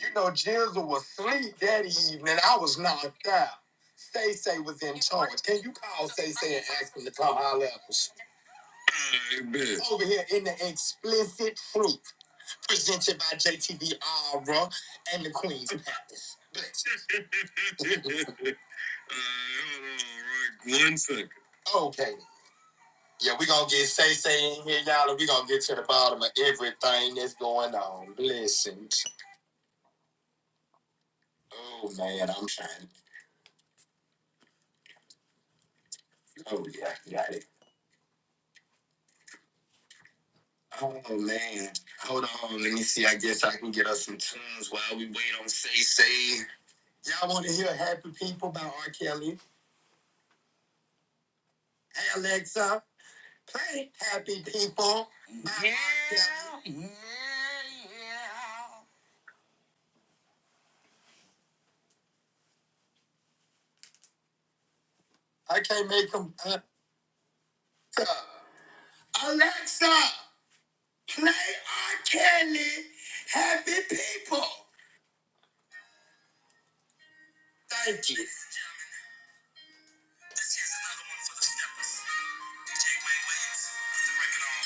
Speaker 9: You know, Jizzle was asleep that evening. I was knocked out. Say Say was in charge. Can you call Say Say and ask him to come holler at us? Over here in the explicit fruit presented by JTV Aura and the Queen's Palace. Bless. Okay. Yeah, we gonna get Say Say in here, y'all, and we gonna get to the bottom of everything that's going on. Blessings. Oh man, I'm trying. Oh yeah, got it. Oh man, hold on. Let me see. I guess I can get us some tunes while we wait on Say Say. Y'all want to hear Happy People by R. Kelly? Hey Alexa, play Happy People by yeah. R. Kelly. I can't make them. Uh, Alexa, play R. Kelly. Happy People. Thank you. This here's another one for the steppers. DJ Wayne Williams, with the record on.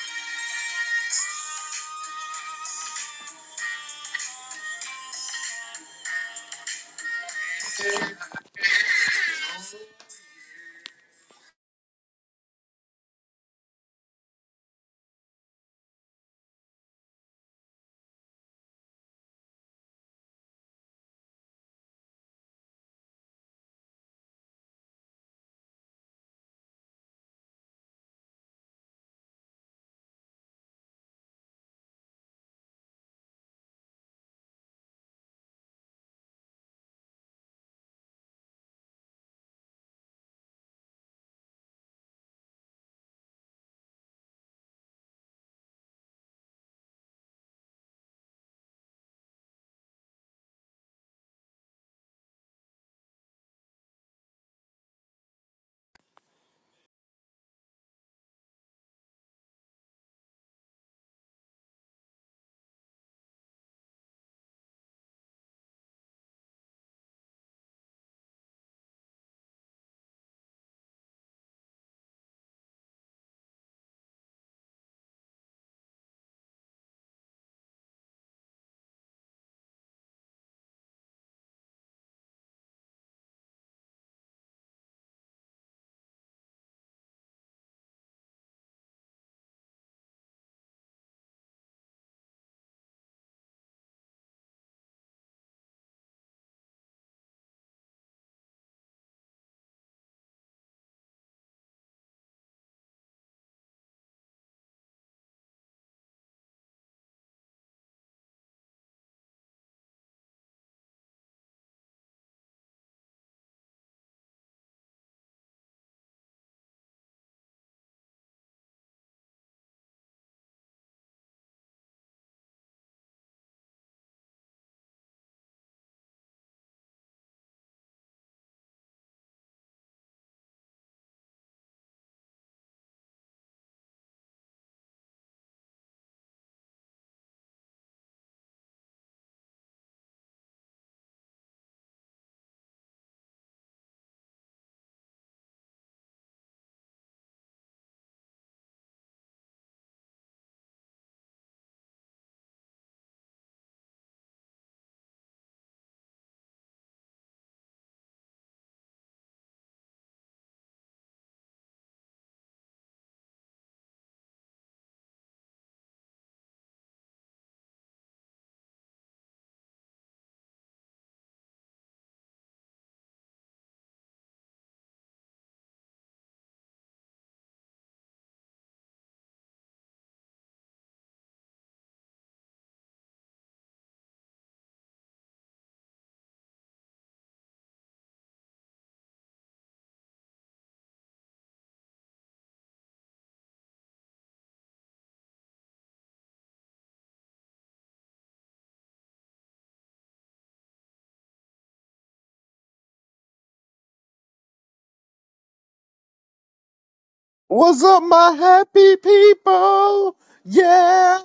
Speaker 20: What's up, my happy people? Yeah,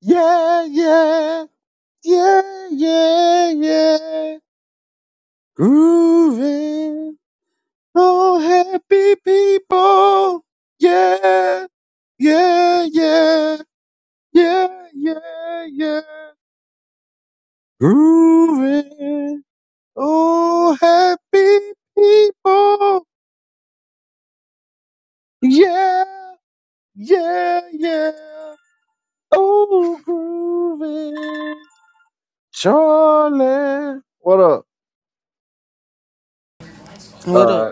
Speaker 20: yeah, yeah, yeah, yeah, yeah. Grooving, oh happy people. Yeah, yeah, yeah, yeah, yeah, yeah. Grooving, oh happy people. Yeah, yeah, yeah. Oh, grooving. Charlie. What up?
Speaker 14: What up,
Speaker 20: Uh,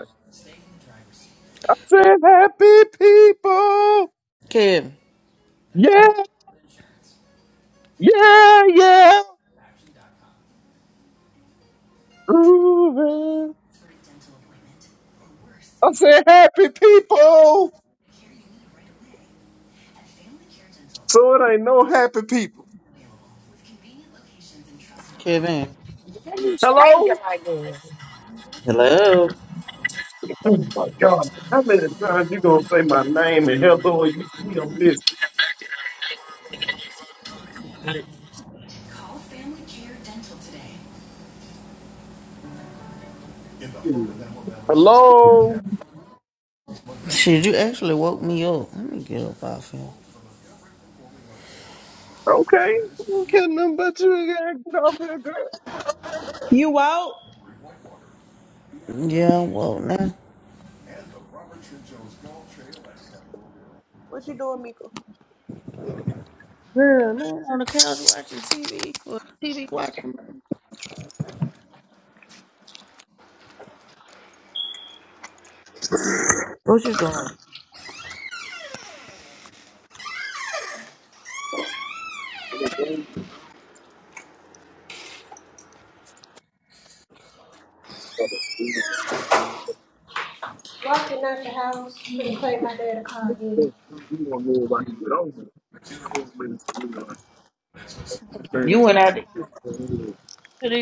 Speaker 20: I said happy people.
Speaker 14: Kevin?
Speaker 20: Yeah, yeah, yeah. Grooving. I said happy people. So it ain't no happy people.
Speaker 14: Kevin.
Speaker 6: Why you changing
Speaker 20: Hello?
Speaker 6: like this?
Speaker 14: Hello.
Speaker 20: oh my God, how many times you gonna say my name and hello? and You see, I'm listening. Hello?
Speaker 14: Shit, you actually woke me up. Let me get up off here.
Speaker 20: Okay. I don't care nothing about you. You gotta get off here, girl.
Speaker 10: You won't?
Speaker 14: Yeah, I'm woke now.
Speaker 10: What you doing, Mika?
Speaker 14: Girl, laying on the couch watching TV. Well, TV watching. What you doing?
Speaker 10: Walking out the house. Finna play my dad a call.
Speaker 20: You want more about you, but I don't. I don't really- you know,
Speaker 10: to go
Speaker 14: You
Speaker 10: pick
Speaker 20: I
Speaker 10: up
Speaker 14: went
Speaker 10: my
Speaker 14: out to eat
Speaker 20: can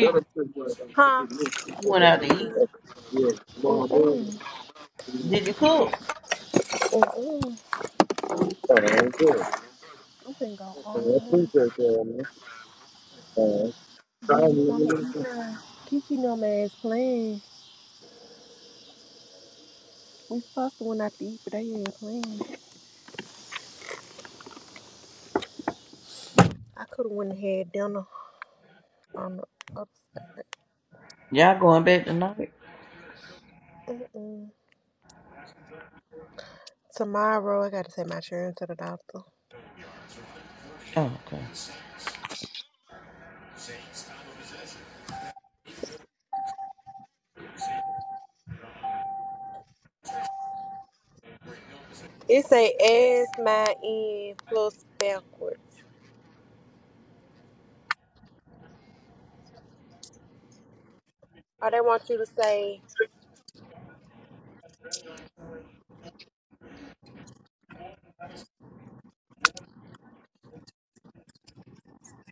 Speaker 20: Let us think like that.
Speaker 10: huh.
Speaker 20: We need to
Speaker 14: You
Speaker 20: put
Speaker 14: went
Speaker 20: that
Speaker 14: out to eat.
Speaker 20: into like, yeah, tomorrow morning, you
Speaker 14: Did you cook?
Speaker 10: Uh-uh.
Speaker 20: know, uh, yeah,
Speaker 10: I'm finna go
Speaker 20: uh, I
Speaker 10: um
Speaker 20: appreciate that, man. Uh,
Speaker 10: give
Speaker 20: I
Speaker 10: me something
Speaker 20: mean,
Speaker 10: to eat
Speaker 20: you
Speaker 10: now. Kiki no ass playing. We supposed to went out to eat, but they ain't playing. I could have went ahead down the, on the other
Speaker 14: Y'all going back tonight?
Speaker 10: side. Mm-mm. Tomorrow, I got to take my children to the doctor.
Speaker 14: Oh, okay.
Speaker 10: It say as my end plus backwards. Or they want you to say,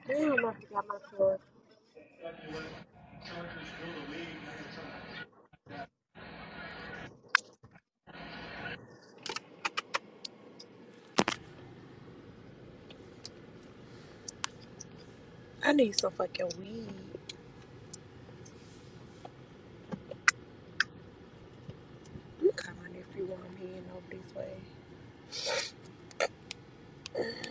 Speaker 10: damn, I forgot my plug. I need some fucking weed. I'm calling my nephew while I'm heading over this way.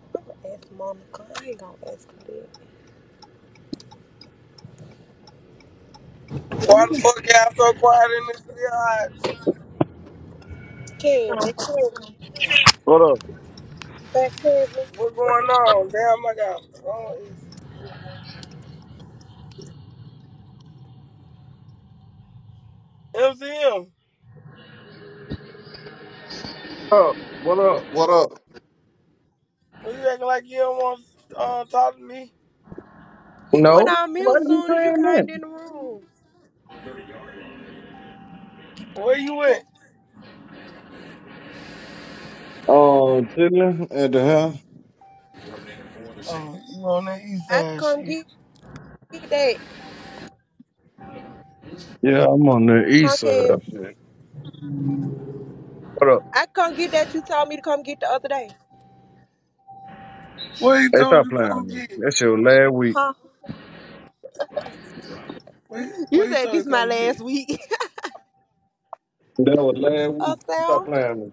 Speaker 10: I'm gonna ask Monica. I ain't gonna ask her that.
Speaker 21: Why the fuck y'all so quiet in this biatch?
Speaker 10: Kev,
Speaker 20: know, What up?
Speaker 10: that Kev,
Speaker 21: What's going on? Damn, I got wrong MCM,
Speaker 20: Oh, what up? What up?
Speaker 21: what you acting like you don't want to uh, talk to me?
Speaker 10: he went
Speaker 20: No?
Speaker 10: on
Speaker 20: Why
Speaker 10: mute
Speaker 20: are you
Speaker 10: soon as you
Speaker 20: saying that?
Speaker 10: kind in the room.
Speaker 21: Where you at?
Speaker 20: Oh, chilling at the house.
Speaker 21: Oh, you on that east
Speaker 10: I
Speaker 21: side
Speaker 10: come
Speaker 21: shit.
Speaker 10: get that,
Speaker 20: Yeah, I'm on the
Speaker 10: huh,
Speaker 20: east side.
Speaker 10: Kev?
Speaker 20: What up?
Speaker 10: I come get that you told me to come get the other day.
Speaker 21: What he
Speaker 20: Hey,
Speaker 21: told
Speaker 20: stop
Speaker 21: you
Speaker 20: playing with
Speaker 21: come
Speaker 20: me.
Speaker 21: get?
Speaker 20: That's your last week.
Speaker 10: Huh?
Speaker 21: What he, what
Speaker 10: You
Speaker 21: he
Speaker 10: said
Speaker 21: told you
Speaker 10: this my
Speaker 21: come get?
Speaker 10: last week.
Speaker 20: That was last
Speaker 10: uh,
Speaker 20: week. Stop
Speaker 10: Sam,
Speaker 20: playing with me.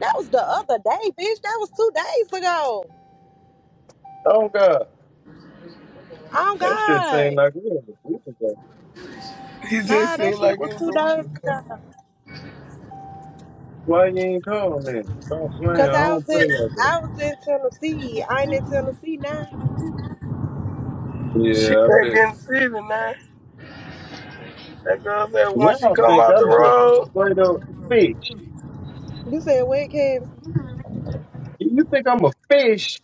Speaker 10: that was the other day, bitch. That was two days ago.
Speaker 20: Oh, God.
Speaker 10: Oh
Speaker 20: That shit seemed
Speaker 10: God.
Speaker 20: like we was a week ago.
Speaker 21: He just
Speaker 10: Nah, that
Speaker 21: seemed
Speaker 10: shit
Speaker 21: like
Speaker 10: was
Speaker 21: it was
Speaker 10: two
Speaker 21: a week
Speaker 10: days
Speaker 21: ago.
Speaker 10: ago.
Speaker 20: Why you ain't call me? Stop playing.
Speaker 10: Cause
Speaker 20: I
Speaker 10: I was
Speaker 20: don't play
Speaker 10: in
Speaker 20: like that.
Speaker 10: I was in Tennessee. I ain't in Tennessee now.
Speaker 21: She
Speaker 20: Yeah, I
Speaker 21: back
Speaker 20: bet.
Speaker 21: in the city now. That girl said once she
Speaker 20: Y'all
Speaker 21: come
Speaker 20: think
Speaker 21: out the
Speaker 20: I'm just a
Speaker 21: road,
Speaker 20: straight up fish.
Speaker 10: You said what kids?
Speaker 20: You think I'm a fish,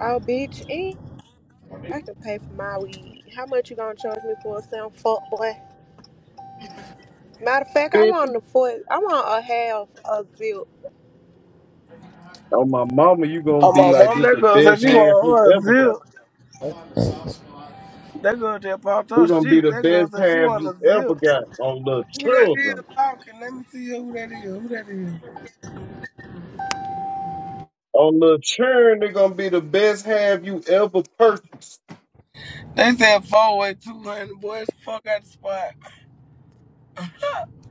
Speaker 10: Oh bitch, ain't I can pay for my weed. How much you gonna charge me for a Sam fuck boy? Matter of fact, I
Speaker 20: bitch?
Speaker 10: want the foot I want a half a zip.
Speaker 20: Oh, my mama, you gonna
Speaker 21: oh
Speaker 20: be
Speaker 21: my
Speaker 20: like,
Speaker 21: mom,
Speaker 20: this
Speaker 21: that
Speaker 20: the
Speaker 21: girl said
Speaker 20: best
Speaker 21: she
Speaker 20: half
Speaker 21: want
Speaker 20: you
Speaker 21: her a
Speaker 20: ever got.
Speaker 21: zip. That girl just popped
Speaker 20: You
Speaker 21: her
Speaker 20: gonna be
Speaker 21: shit.
Speaker 20: the
Speaker 21: That girl
Speaker 20: best
Speaker 21: said she
Speaker 20: half
Speaker 21: want a
Speaker 20: you ever
Speaker 21: zip.
Speaker 20: got on the
Speaker 21: Who that is
Speaker 20: children.
Speaker 21: talking? Let me see who that is. Who that is?
Speaker 20: On the children, they gonna be the best half you ever purchased.
Speaker 21: They said four way two hundred. Boys, fuck out the spot.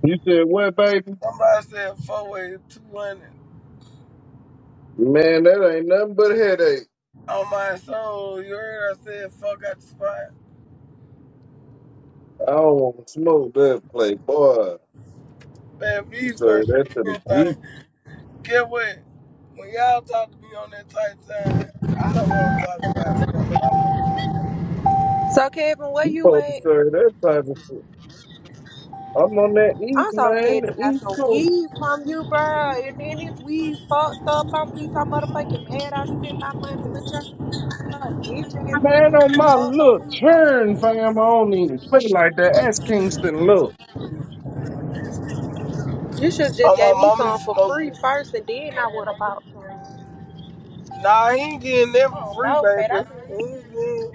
Speaker 20: You said what, baby?
Speaker 21: Somebody said four way two hundred.
Speaker 20: Man, that ain't nothing but a headache.
Speaker 21: On my soul, you heard I said fuck out the spot.
Speaker 20: I don't want to smoke that play, boy.
Speaker 21: Man,
Speaker 20: You
Speaker 21: these
Speaker 20: serve
Speaker 21: folks say
Speaker 20: that to the G.
Speaker 21: anything. Get what? When y'all talk to me on that tight time, I don't want to talk about it. Cause I'm a,
Speaker 10: So Kevin, where
Speaker 20: You
Speaker 10: you
Speaker 20: supposed to
Speaker 10: at?
Speaker 20: serve that type of shit. I'm on that east,
Speaker 10: I'm so
Speaker 20: man,
Speaker 10: scared to
Speaker 20: the
Speaker 10: buy
Speaker 20: east
Speaker 10: some
Speaker 20: coast.
Speaker 10: weed from you, bro. And then this weed fucked up. I'm gonna be so motherfucking mad. I spent my money with y'all, bitch ass. You
Speaker 20: Man,
Speaker 10: sell me
Speaker 20: on
Speaker 10: some
Speaker 20: my
Speaker 10: fucked up
Speaker 20: little
Speaker 10: weed. Oh,
Speaker 20: turn, fam, I don't even play like that. Ask Kingston look.
Speaker 10: You should just
Speaker 21: oh,
Speaker 10: gave
Speaker 21: my
Speaker 10: me
Speaker 21: mama, he
Speaker 10: some for free
Speaker 21: smoking.
Speaker 10: first, and then I would have bought some.
Speaker 21: Nah, he ain't getting that
Speaker 10: I
Speaker 21: for
Speaker 10: don't
Speaker 21: free,
Speaker 10: know, fat.
Speaker 21: baby.
Speaker 10: I've
Speaker 21: He
Speaker 10: been,
Speaker 21: ain't getting,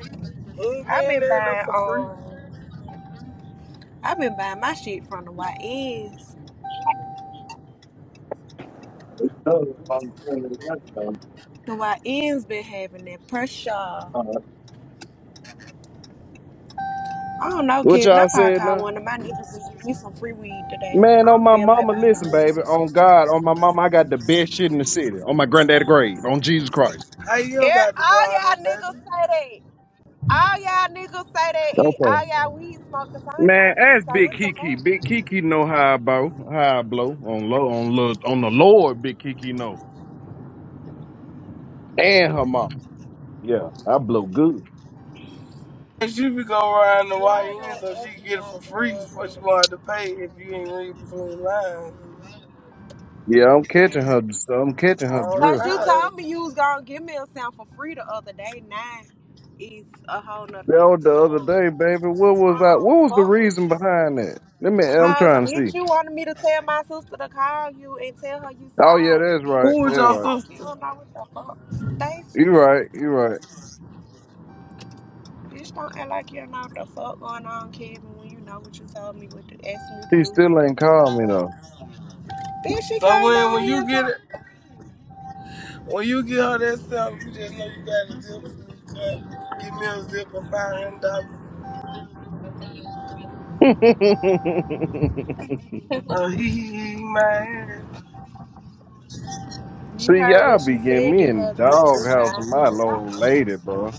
Speaker 21: he ain't
Speaker 10: I've
Speaker 21: getting
Speaker 10: been
Speaker 21: that no
Speaker 10: buying
Speaker 21: for free.
Speaker 10: um, I've been buying my shit from the YNs. The YNs been having that pressure. I don't know,
Speaker 20: What
Speaker 10: Kevin. I
Speaker 20: y'all
Speaker 10: probably
Speaker 20: said
Speaker 10: call
Speaker 20: now?
Speaker 10: one of my niggas and give me some free weed today.
Speaker 20: Man,
Speaker 10: I
Speaker 20: on
Speaker 10: don't
Speaker 20: my
Speaker 10: feel like
Speaker 20: mama,
Speaker 10: buying
Speaker 20: listen,
Speaker 10: no weed.
Speaker 20: baby. On God, on my mama, I got the best shit in the city. On my granddaddy grave, on Jesus Christ.
Speaker 21: How you
Speaker 10: Air,
Speaker 21: don't got to do all that,
Speaker 10: all y'all niggas
Speaker 21: baby?
Speaker 10: say that. All y'all niggas say that. And
Speaker 20: Okay.
Speaker 10: all y'all weed smoke the same to
Speaker 20: Man,
Speaker 10: me.
Speaker 20: ask
Speaker 10: So
Speaker 20: Big
Speaker 10: what the
Speaker 20: Kiki.
Speaker 10: fuck?
Speaker 20: Big Kiki know how I blow, how I blow on low, on low, on the Lord. Big Kiki know, and her mom. Yeah, I blow good.
Speaker 21: She be go around the
Speaker 10: Why I
Speaker 21: YN so
Speaker 10: gotta
Speaker 21: she
Speaker 10: ask
Speaker 21: can
Speaker 10: me
Speaker 21: get it for
Speaker 10: about the
Speaker 21: free
Speaker 10: drugs?
Speaker 21: before she wanted to pay if you ain't read between the lines.
Speaker 20: Yeah, I'm catching her. So I'm catching her
Speaker 21: Oh
Speaker 10: Cause
Speaker 20: drill.
Speaker 10: you
Speaker 21: God.
Speaker 10: told me you was gonna give me a sound for free the other day. Now is a whole nother
Speaker 20: That was
Speaker 10: different
Speaker 20: the other
Speaker 10: story.
Speaker 20: day, baby. What
Speaker 10: That's why
Speaker 20: was I?
Speaker 10: I don't
Speaker 20: What was the
Speaker 10: fuck with
Speaker 20: reason
Speaker 10: you.
Speaker 20: behind that? Let me. I'm
Speaker 10: Cause
Speaker 20: trying to see.
Speaker 10: bitch, you wanted me to tell my sister to call you and tell her you
Speaker 20: Oh yeah,
Speaker 10: sorry,
Speaker 20: that's right.
Speaker 10: bitch.
Speaker 21: Who is
Speaker 20: That's
Speaker 10: Don't
Speaker 21: your
Speaker 10: act
Speaker 20: right.
Speaker 10: like you
Speaker 21: sister?
Speaker 10: don't know what the fuck, Stacy.
Speaker 20: You right. You right.
Speaker 10: Bitch, don't act like you are not the fuck going on, Kevin, when you know what you told me what you asked me to
Speaker 20: He
Speaker 10: do.
Speaker 20: still ain't called me though.
Speaker 10: Bitch, she
Speaker 21: So
Speaker 10: came
Speaker 21: when
Speaker 10: down
Speaker 21: when
Speaker 10: here
Speaker 21: you
Speaker 10: and
Speaker 21: get
Speaker 10: talked.
Speaker 21: it when you get her that stuff, you just know you got a zip for me to cut. Give me a zip for five hundred dollars. Oh he he he my ass.
Speaker 10: You
Speaker 20: see,
Speaker 10: heard
Speaker 20: y'all
Speaker 10: what she
Speaker 20: be getting
Speaker 10: said,
Speaker 20: me
Speaker 10: give
Speaker 20: in the
Speaker 10: her
Speaker 20: doghouse
Speaker 10: five
Speaker 20: with my
Speaker 10: hundred
Speaker 20: old
Speaker 10: dollars.
Speaker 20: lady, bro.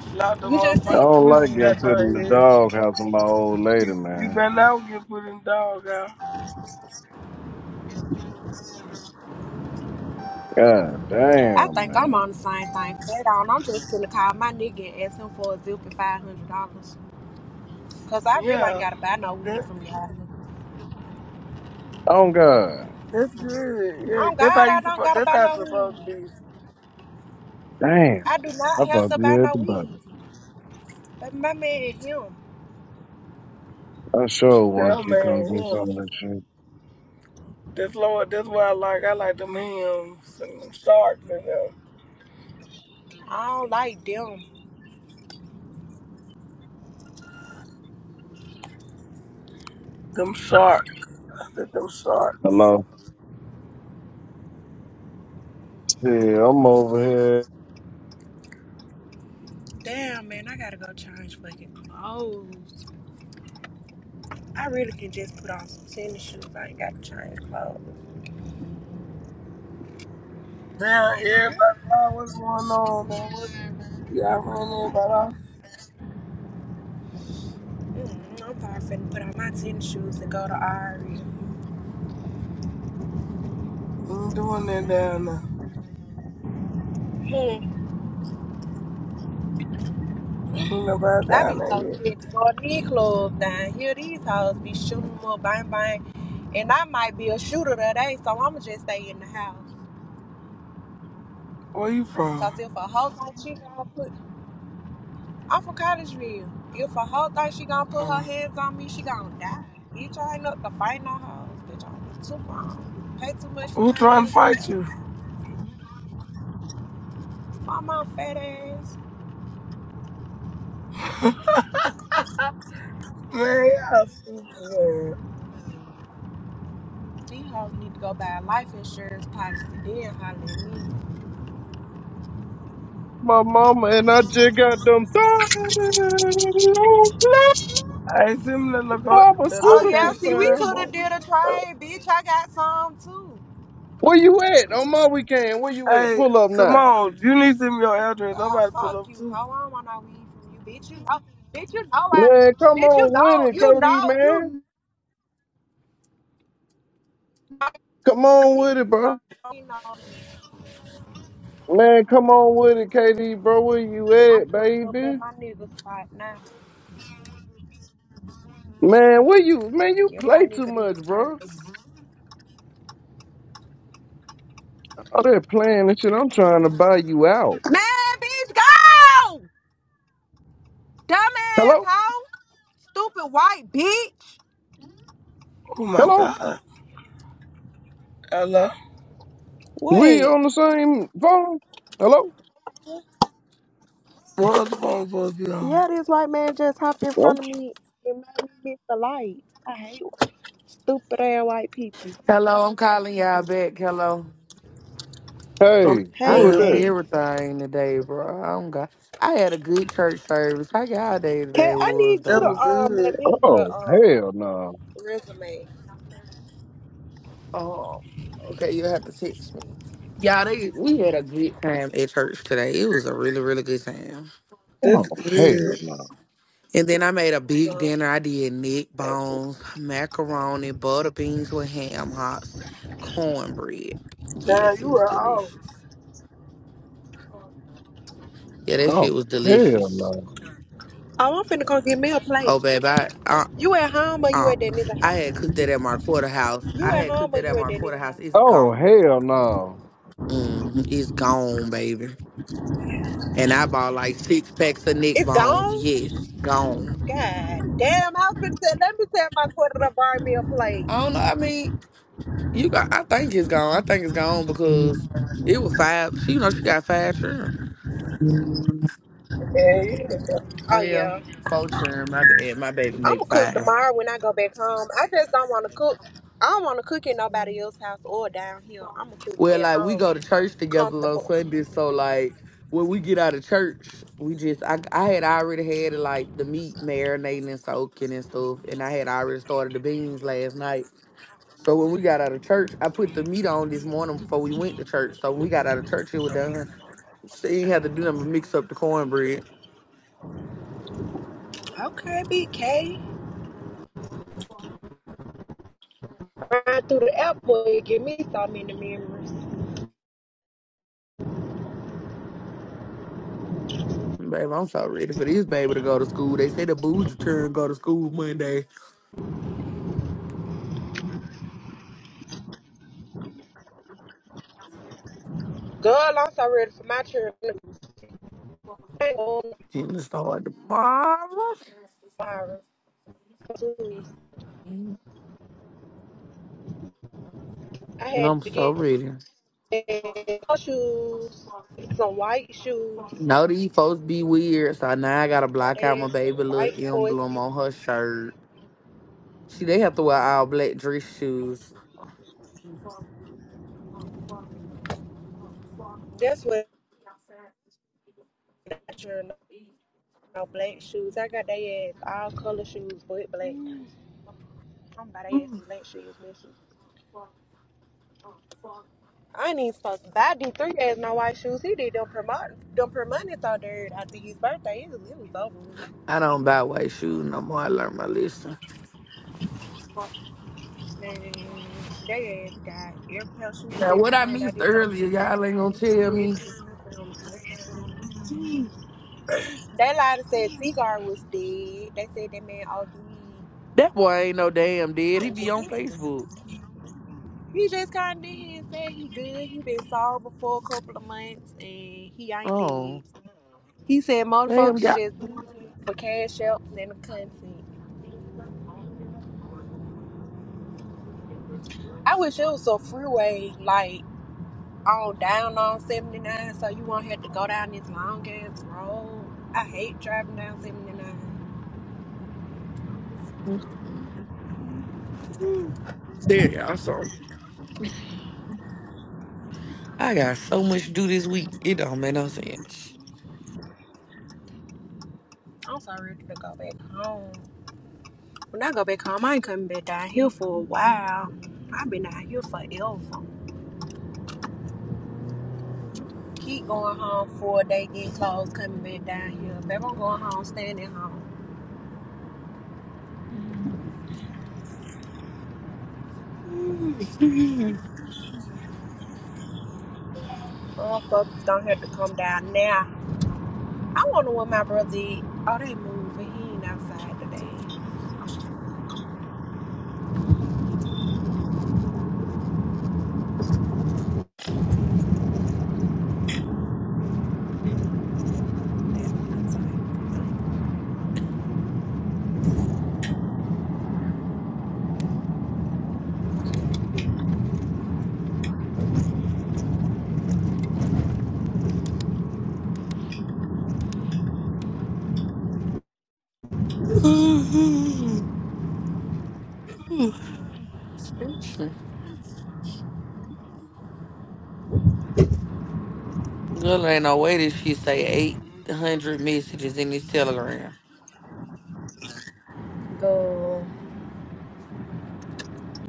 Speaker 21: Slap the
Speaker 10: You just
Speaker 20: I
Speaker 10: said,
Speaker 21: motherfucking
Speaker 20: don't like
Speaker 21: twisties
Speaker 20: getting
Speaker 21: out
Speaker 10: man,
Speaker 20: put in
Speaker 21: your
Speaker 20: the
Speaker 21: head.
Speaker 20: doghouse with my old lady,
Speaker 21: You you
Speaker 20: man.
Speaker 21: better not get put in the dog out.
Speaker 20: God
Speaker 10: I
Speaker 20: damn,
Speaker 10: think I'm
Speaker 20: man.
Speaker 10: on the same thing. Flat on, I'm just gonna call my nigga and ask him for a zip and five hundred dollars. Cause I really ain't
Speaker 21: Yeah.
Speaker 10: gotta buy no
Speaker 21: That
Speaker 10: weed from y'all.
Speaker 20: Oh God,
Speaker 21: that's good. Yeah,
Speaker 10: Oh
Speaker 21: that's how
Speaker 10: God,
Speaker 21: you
Speaker 10: I don't
Speaker 21: supposed
Speaker 10: gotta
Speaker 21: that's
Speaker 10: buy
Speaker 21: how it's
Speaker 10: no
Speaker 21: supposed to
Speaker 10: weed.
Speaker 21: be.
Speaker 20: damn.
Speaker 10: I do
Speaker 20: I
Speaker 10: not have
Speaker 20: thought
Speaker 10: to
Speaker 20: you
Speaker 10: buy
Speaker 20: had
Speaker 10: no
Speaker 20: the body.
Speaker 10: weed. But my man, him,
Speaker 20: I sure
Speaker 21: Yeah,
Speaker 20: want you come
Speaker 21: man.
Speaker 20: get
Speaker 21: yeah.
Speaker 20: some of that shit.
Speaker 21: That's Lord. That's why I like. I like them hymns and them sharks and them
Speaker 10: I don't like them.
Speaker 21: them sharks I said them sharks.
Speaker 20: Hello. Yeah, I'm over here.
Speaker 10: Damn, man, I gotta go change fucking clothes. I really can just put on some tennis shoes. I ain't gotta change clothes.
Speaker 21: Damn,
Speaker 10: And I really
Speaker 21: everybody, like, what's going on, man? What y'all
Speaker 10: go
Speaker 21: running
Speaker 10: like it.
Speaker 21: everybody off?
Speaker 10: Mm, I'm probably finna put on my tennis shoes and go to Ari.
Speaker 21: Ain't doing that down there.
Speaker 10: Hmm,
Speaker 21: Ain't nobody
Speaker 10: I
Speaker 21: down
Speaker 10: be
Speaker 21: there
Speaker 10: so
Speaker 21: yet.
Speaker 10: sick to go to these clubs down here. These hoes be shooting them up, bang bang. And I might be a shooter today, so I'ma just stay in the house.
Speaker 21: Where you from?
Speaker 10: Cause if a hoe gon' cheat, I'll put I'm from Cottesville. If a hoe thinks she gonna put her
Speaker 21: Uh,
Speaker 10: hands on me, she gonna die. Bitch, I ain't up to fight no hoes. Bitch, I be too long. Pay too much for
Speaker 21: who
Speaker 10: my
Speaker 21: trying to
Speaker 10: nails and
Speaker 21: fight
Speaker 10: hair.
Speaker 21: you?
Speaker 10: My mom fat ass.
Speaker 21: Man, y'all stupid, man.
Speaker 10: These hoes need to go buy a life insurance policy, then holler at me.
Speaker 20: My mama and I just got them
Speaker 21: I ain't send me the, loco- the
Speaker 10: Oh yeah,
Speaker 20: pharmaceutical
Speaker 21: location,
Speaker 10: see, we
Speaker 21: man.
Speaker 20: fam.
Speaker 10: coulda did a trade, bitch. I got some too.
Speaker 20: Where you at on my weekend? Where you at?
Speaker 21: Hey,
Speaker 20: Pull up
Speaker 21: come
Speaker 20: now.
Speaker 21: on. You need to send me your address. I'm
Speaker 10: Oh
Speaker 21: about to pull
Speaker 10: fuck
Speaker 21: up,
Speaker 10: you,
Speaker 21: too.
Speaker 10: hoe. I don't want no weed from you, bitch. You know, bitch. You know I,
Speaker 20: Man, come
Speaker 10: bitch. You
Speaker 20: on with
Speaker 10: know,
Speaker 20: it,
Speaker 10: you know,
Speaker 20: KD, man.
Speaker 10: you know
Speaker 20: Come on
Speaker 10: it.
Speaker 20: with it,
Speaker 10: So
Speaker 20: bro.
Speaker 10: you know.
Speaker 20: Man, come on with it, KD, bro. Where you
Speaker 10: I'm
Speaker 20: at,
Speaker 10: pulling up
Speaker 20: baby?
Speaker 10: at my nigga spot now.
Speaker 20: Man, where you? Man, you
Speaker 10: Give my
Speaker 20: play too
Speaker 10: nigga these
Speaker 20: much, bro.
Speaker 10: perks.
Speaker 20: All that playing and shit. I'm trying to buy you out.
Speaker 10: Man, bitch, go! Dumbass
Speaker 20: Hello?
Speaker 10: hoe. Stupid white bitch.
Speaker 21: Oh, my
Speaker 20: Hello?
Speaker 21: God. Hello?
Speaker 20: We on
Speaker 10: Wait.
Speaker 20: the same phone? Hello?
Speaker 21: What other phone supposed to be on?
Speaker 10: Yeah, this white man just hopped in
Speaker 20: Well,
Speaker 10: front of me and made me miss the light. I hate stupid ass white people.
Speaker 22: Hello, I'm calling y'all back. Hello.
Speaker 21: Don't
Speaker 20: Hey,
Speaker 21: you
Speaker 22: I
Speaker 21: say
Speaker 10: Hey,
Speaker 20: who is
Speaker 22: missed
Speaker 21: hello.
Speaker 20: that?
Speaker 10: Kay.
Speaker 22: everything today, bro. I'm got I had a good church service. How y'all day
Speaker 10: Kay,
Speaker 22: today
Speaker 10: I
Speaker 22: was
Speaker 10: need you
Speaker 21: That
Speaker 10: to
Speaker 22: though?
Speaker 21: was
Speaker 10: um make
Speaker 21: good.
Speaker 10: me another
Speaker 20: Oh,
Speaker 10: um
Speaker 20: hell no.
Speaker 10: resume
Speaker 22: Oh, okay, you have to text me. Yeah, they we had a good time at church today. It was a really, really good time.
Speaker 21: That's
Speaker 20: Oh, hell
Speaker 10: to
Speaker 21: good.
Speaker 20: no.
Speaker 22: And then I made a big
Speaker 10: um,
Speaker 22: dinner. I did neck
Speaker 10: Facebook.
Speaker 22: bones, macaroni, butter beans with ham hocks, cornbread.
Speaker 21: Damn,
Speaker 22: Yes, it
Speaker 21: you
Speaker 22: was
Speaker 21: were off.
Speaker 22: delicious. Yeah, that shit
Speaker 20: Oh,
Speaker 22: was
Speaker 20: hell
Speaker 22: delicious.
Speaker 20: no.
Speaker 10: Oh, I'm finna go get me a plate.
Speaker 22: Oh, babe, I, I
Speaker 10: You at home or you
Speaker 22: Uh,
Speaker 10: at that nigga
Speaker 22: I
Speaker 10: house?
Speaker 22: had cooked that at my quarter house.
Speaker 10: You
Speaker 22: I
Speaker 10: at
Speaker 22: had
Speaker 10: home
Speaker 22: cooked
Speaker 10: or
Speaker 22: that at
Speaker 10: you at
Speaker 22: my
Speaker 10: that
Speaker 22: quarter
Speaker 10: nigga
Speaker 22: house.
Speaker 10: house?
Speaker 22: It's
Speaker 20: Oh,
Speaker 22: gone.
Speaker 20: hell
Speaker 22: hmm It's gone, baby. And I bought like six packs of neck
Speaker 10: It's
Speaker 22: bones.
Speaker 10: gone?
Speaker 22: Yes, gone.
Speaker 10: God damn, I was finna say, let me tell my quarter to buy me a plate.
Speaker 22: I don't know. I mean, you got. I think it's gone. I think it's gone because it was five. She, you know, she got five children.
Speaker 20: no.
Speaker 21: Yeah,
Speaker 10: Oh,
Speaker 22: Well,
Speaker 10: yeah.
Speaker 22: four children. My bad. My baby
Speaker 10: I'm
Speaker 22: make
Speaker 10: gonna cook
Speaker 22: five.
Speaker 10: tomorrow when I go back home. I just don't wanna cook. I don't wanna cook in nobody else's house or down here. I'm gonna cook
Speaker 22: Well,
Speaker 10: at
Speaker 22: like we go
Speaker 10: home,
Speaker 22: to church together on
Speaker 10: comfortable.
Speaker 22: Sundays, so like when we get out of church, we just I I had already had like the meat marinating and soaking and stuff, and I had already started the beans last night. So when we got out of church, I put the meat on this morning before we went to church. So when we got out of church, it was done. She ain't had to do nothing but mix up the cornbread.
Speaker 10: Okay, big K. Ride through the airport, it give me so many memories.
Speaker 22: Baby, I'm so ready for this baby to go to school. They say the booze return go to school Monday
Speaker 10: Girl, I'm so ready for my trip. I ain't going
Speaker 22: and it start tomorrow.
Speaker 10: tomorrow. Shoes.
Speaker 22: And
Speaker 10: I had
Speaker 22: I'm
Speaker 10: to
Speaker 22: so
Speaker 10: get
Speaker 22: ready.
Speaker 10: some shoes, some white shoes.
Speaker 22: No, these folks be weird. So now I gotta
Speaker 10: Got
Speaker 22: block out
Speaker 10: they
Speaker 22: my
Speaker 10: ass
Speaker 22: baby
Speaker 10: some
Speaker 22: little
Speaker 10: white
Speaker 22: emblem
Speaker 10: horses.
Speaker 22: on her shirt. See, they have to wear all black dress shoes.
Speaker 10: That's what not sure no, no black shoes. I got they ass all color shoes but black. I'm about they ass some black shoes next week. I ain't even supposed to buy D three ass no white shoes. He did them promote them promoting so there after his birthday. It was, it was over with.
Speaker 22: I don't buy white shoes no more. I learned my lesson.
Speaker 10: Man, they ass got air pair of shoes
Speaker 22: Now,
Speaker 10: they
Speaker 22: what
Speaker 10: been
Speaker 22: I
Speaker 10: kind I
Speaker 22: missed
Speaker 10: did something
Speaker 22: earlier,
Speaker 10: with them
Speaker 22: y'all ain't gonna tell
Speaker 10: infrared
Speaker 22: me.
Speaker 10: shoes, them they lied and said Seagar was dead. They said that man
Speaker 22: That boy ain't no damn dead. He be on
Speaker 10: OD.
Speaker 22: Facebook.
Speaker 10: He just kinda did and said he good. He been sober for a couple of months and he ain't dead.
Speaker 22: Oh,
Speaker 10: He said
Speaker 22: damn,
Speaker 10: motherfuckers
Speaker 22: y'all.
Speaker 10: just do it for cash ups and the content. I wish it was a freeway like on down on 79 so you won't have to go down this long ass road. I hate driving down 79.
Speaker 22: Tell y'all something. I got so much to do this week. It don't make no sense.
Speaker 10: I'm so ready to go back home. When I go back home, I ain't coming back down here for a while. I've been out here forever. Keep going home for a day, getting clothes, coming back down here. Baby, I'm going home, staying at home.
Speaker 22: Girl,
Speaker 10: Motherfuckers don't have to come down now. I wonder what my brother did. Oh, they moving. He ain't outside today. That's outside.
Speaker 22: ain't no way that she say 800 messages in this telegram.
Speaker 10: Go.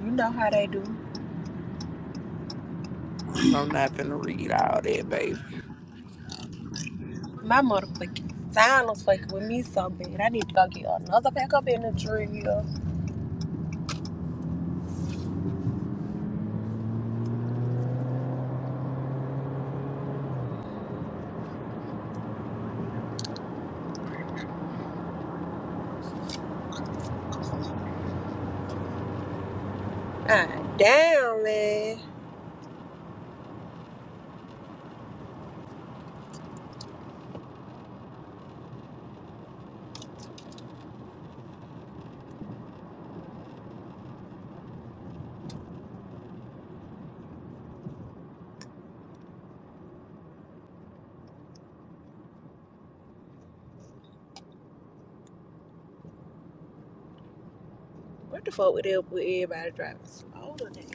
Speaker 10: You know how they do.
Speaker 22: I'm not finna read all that, baby.
Speaker 10: My motherfucking sign was fucking with me so bad. I need to go get another pack up in the tree. Ah, damn, man. What the fuck with up with everybody driving slow today?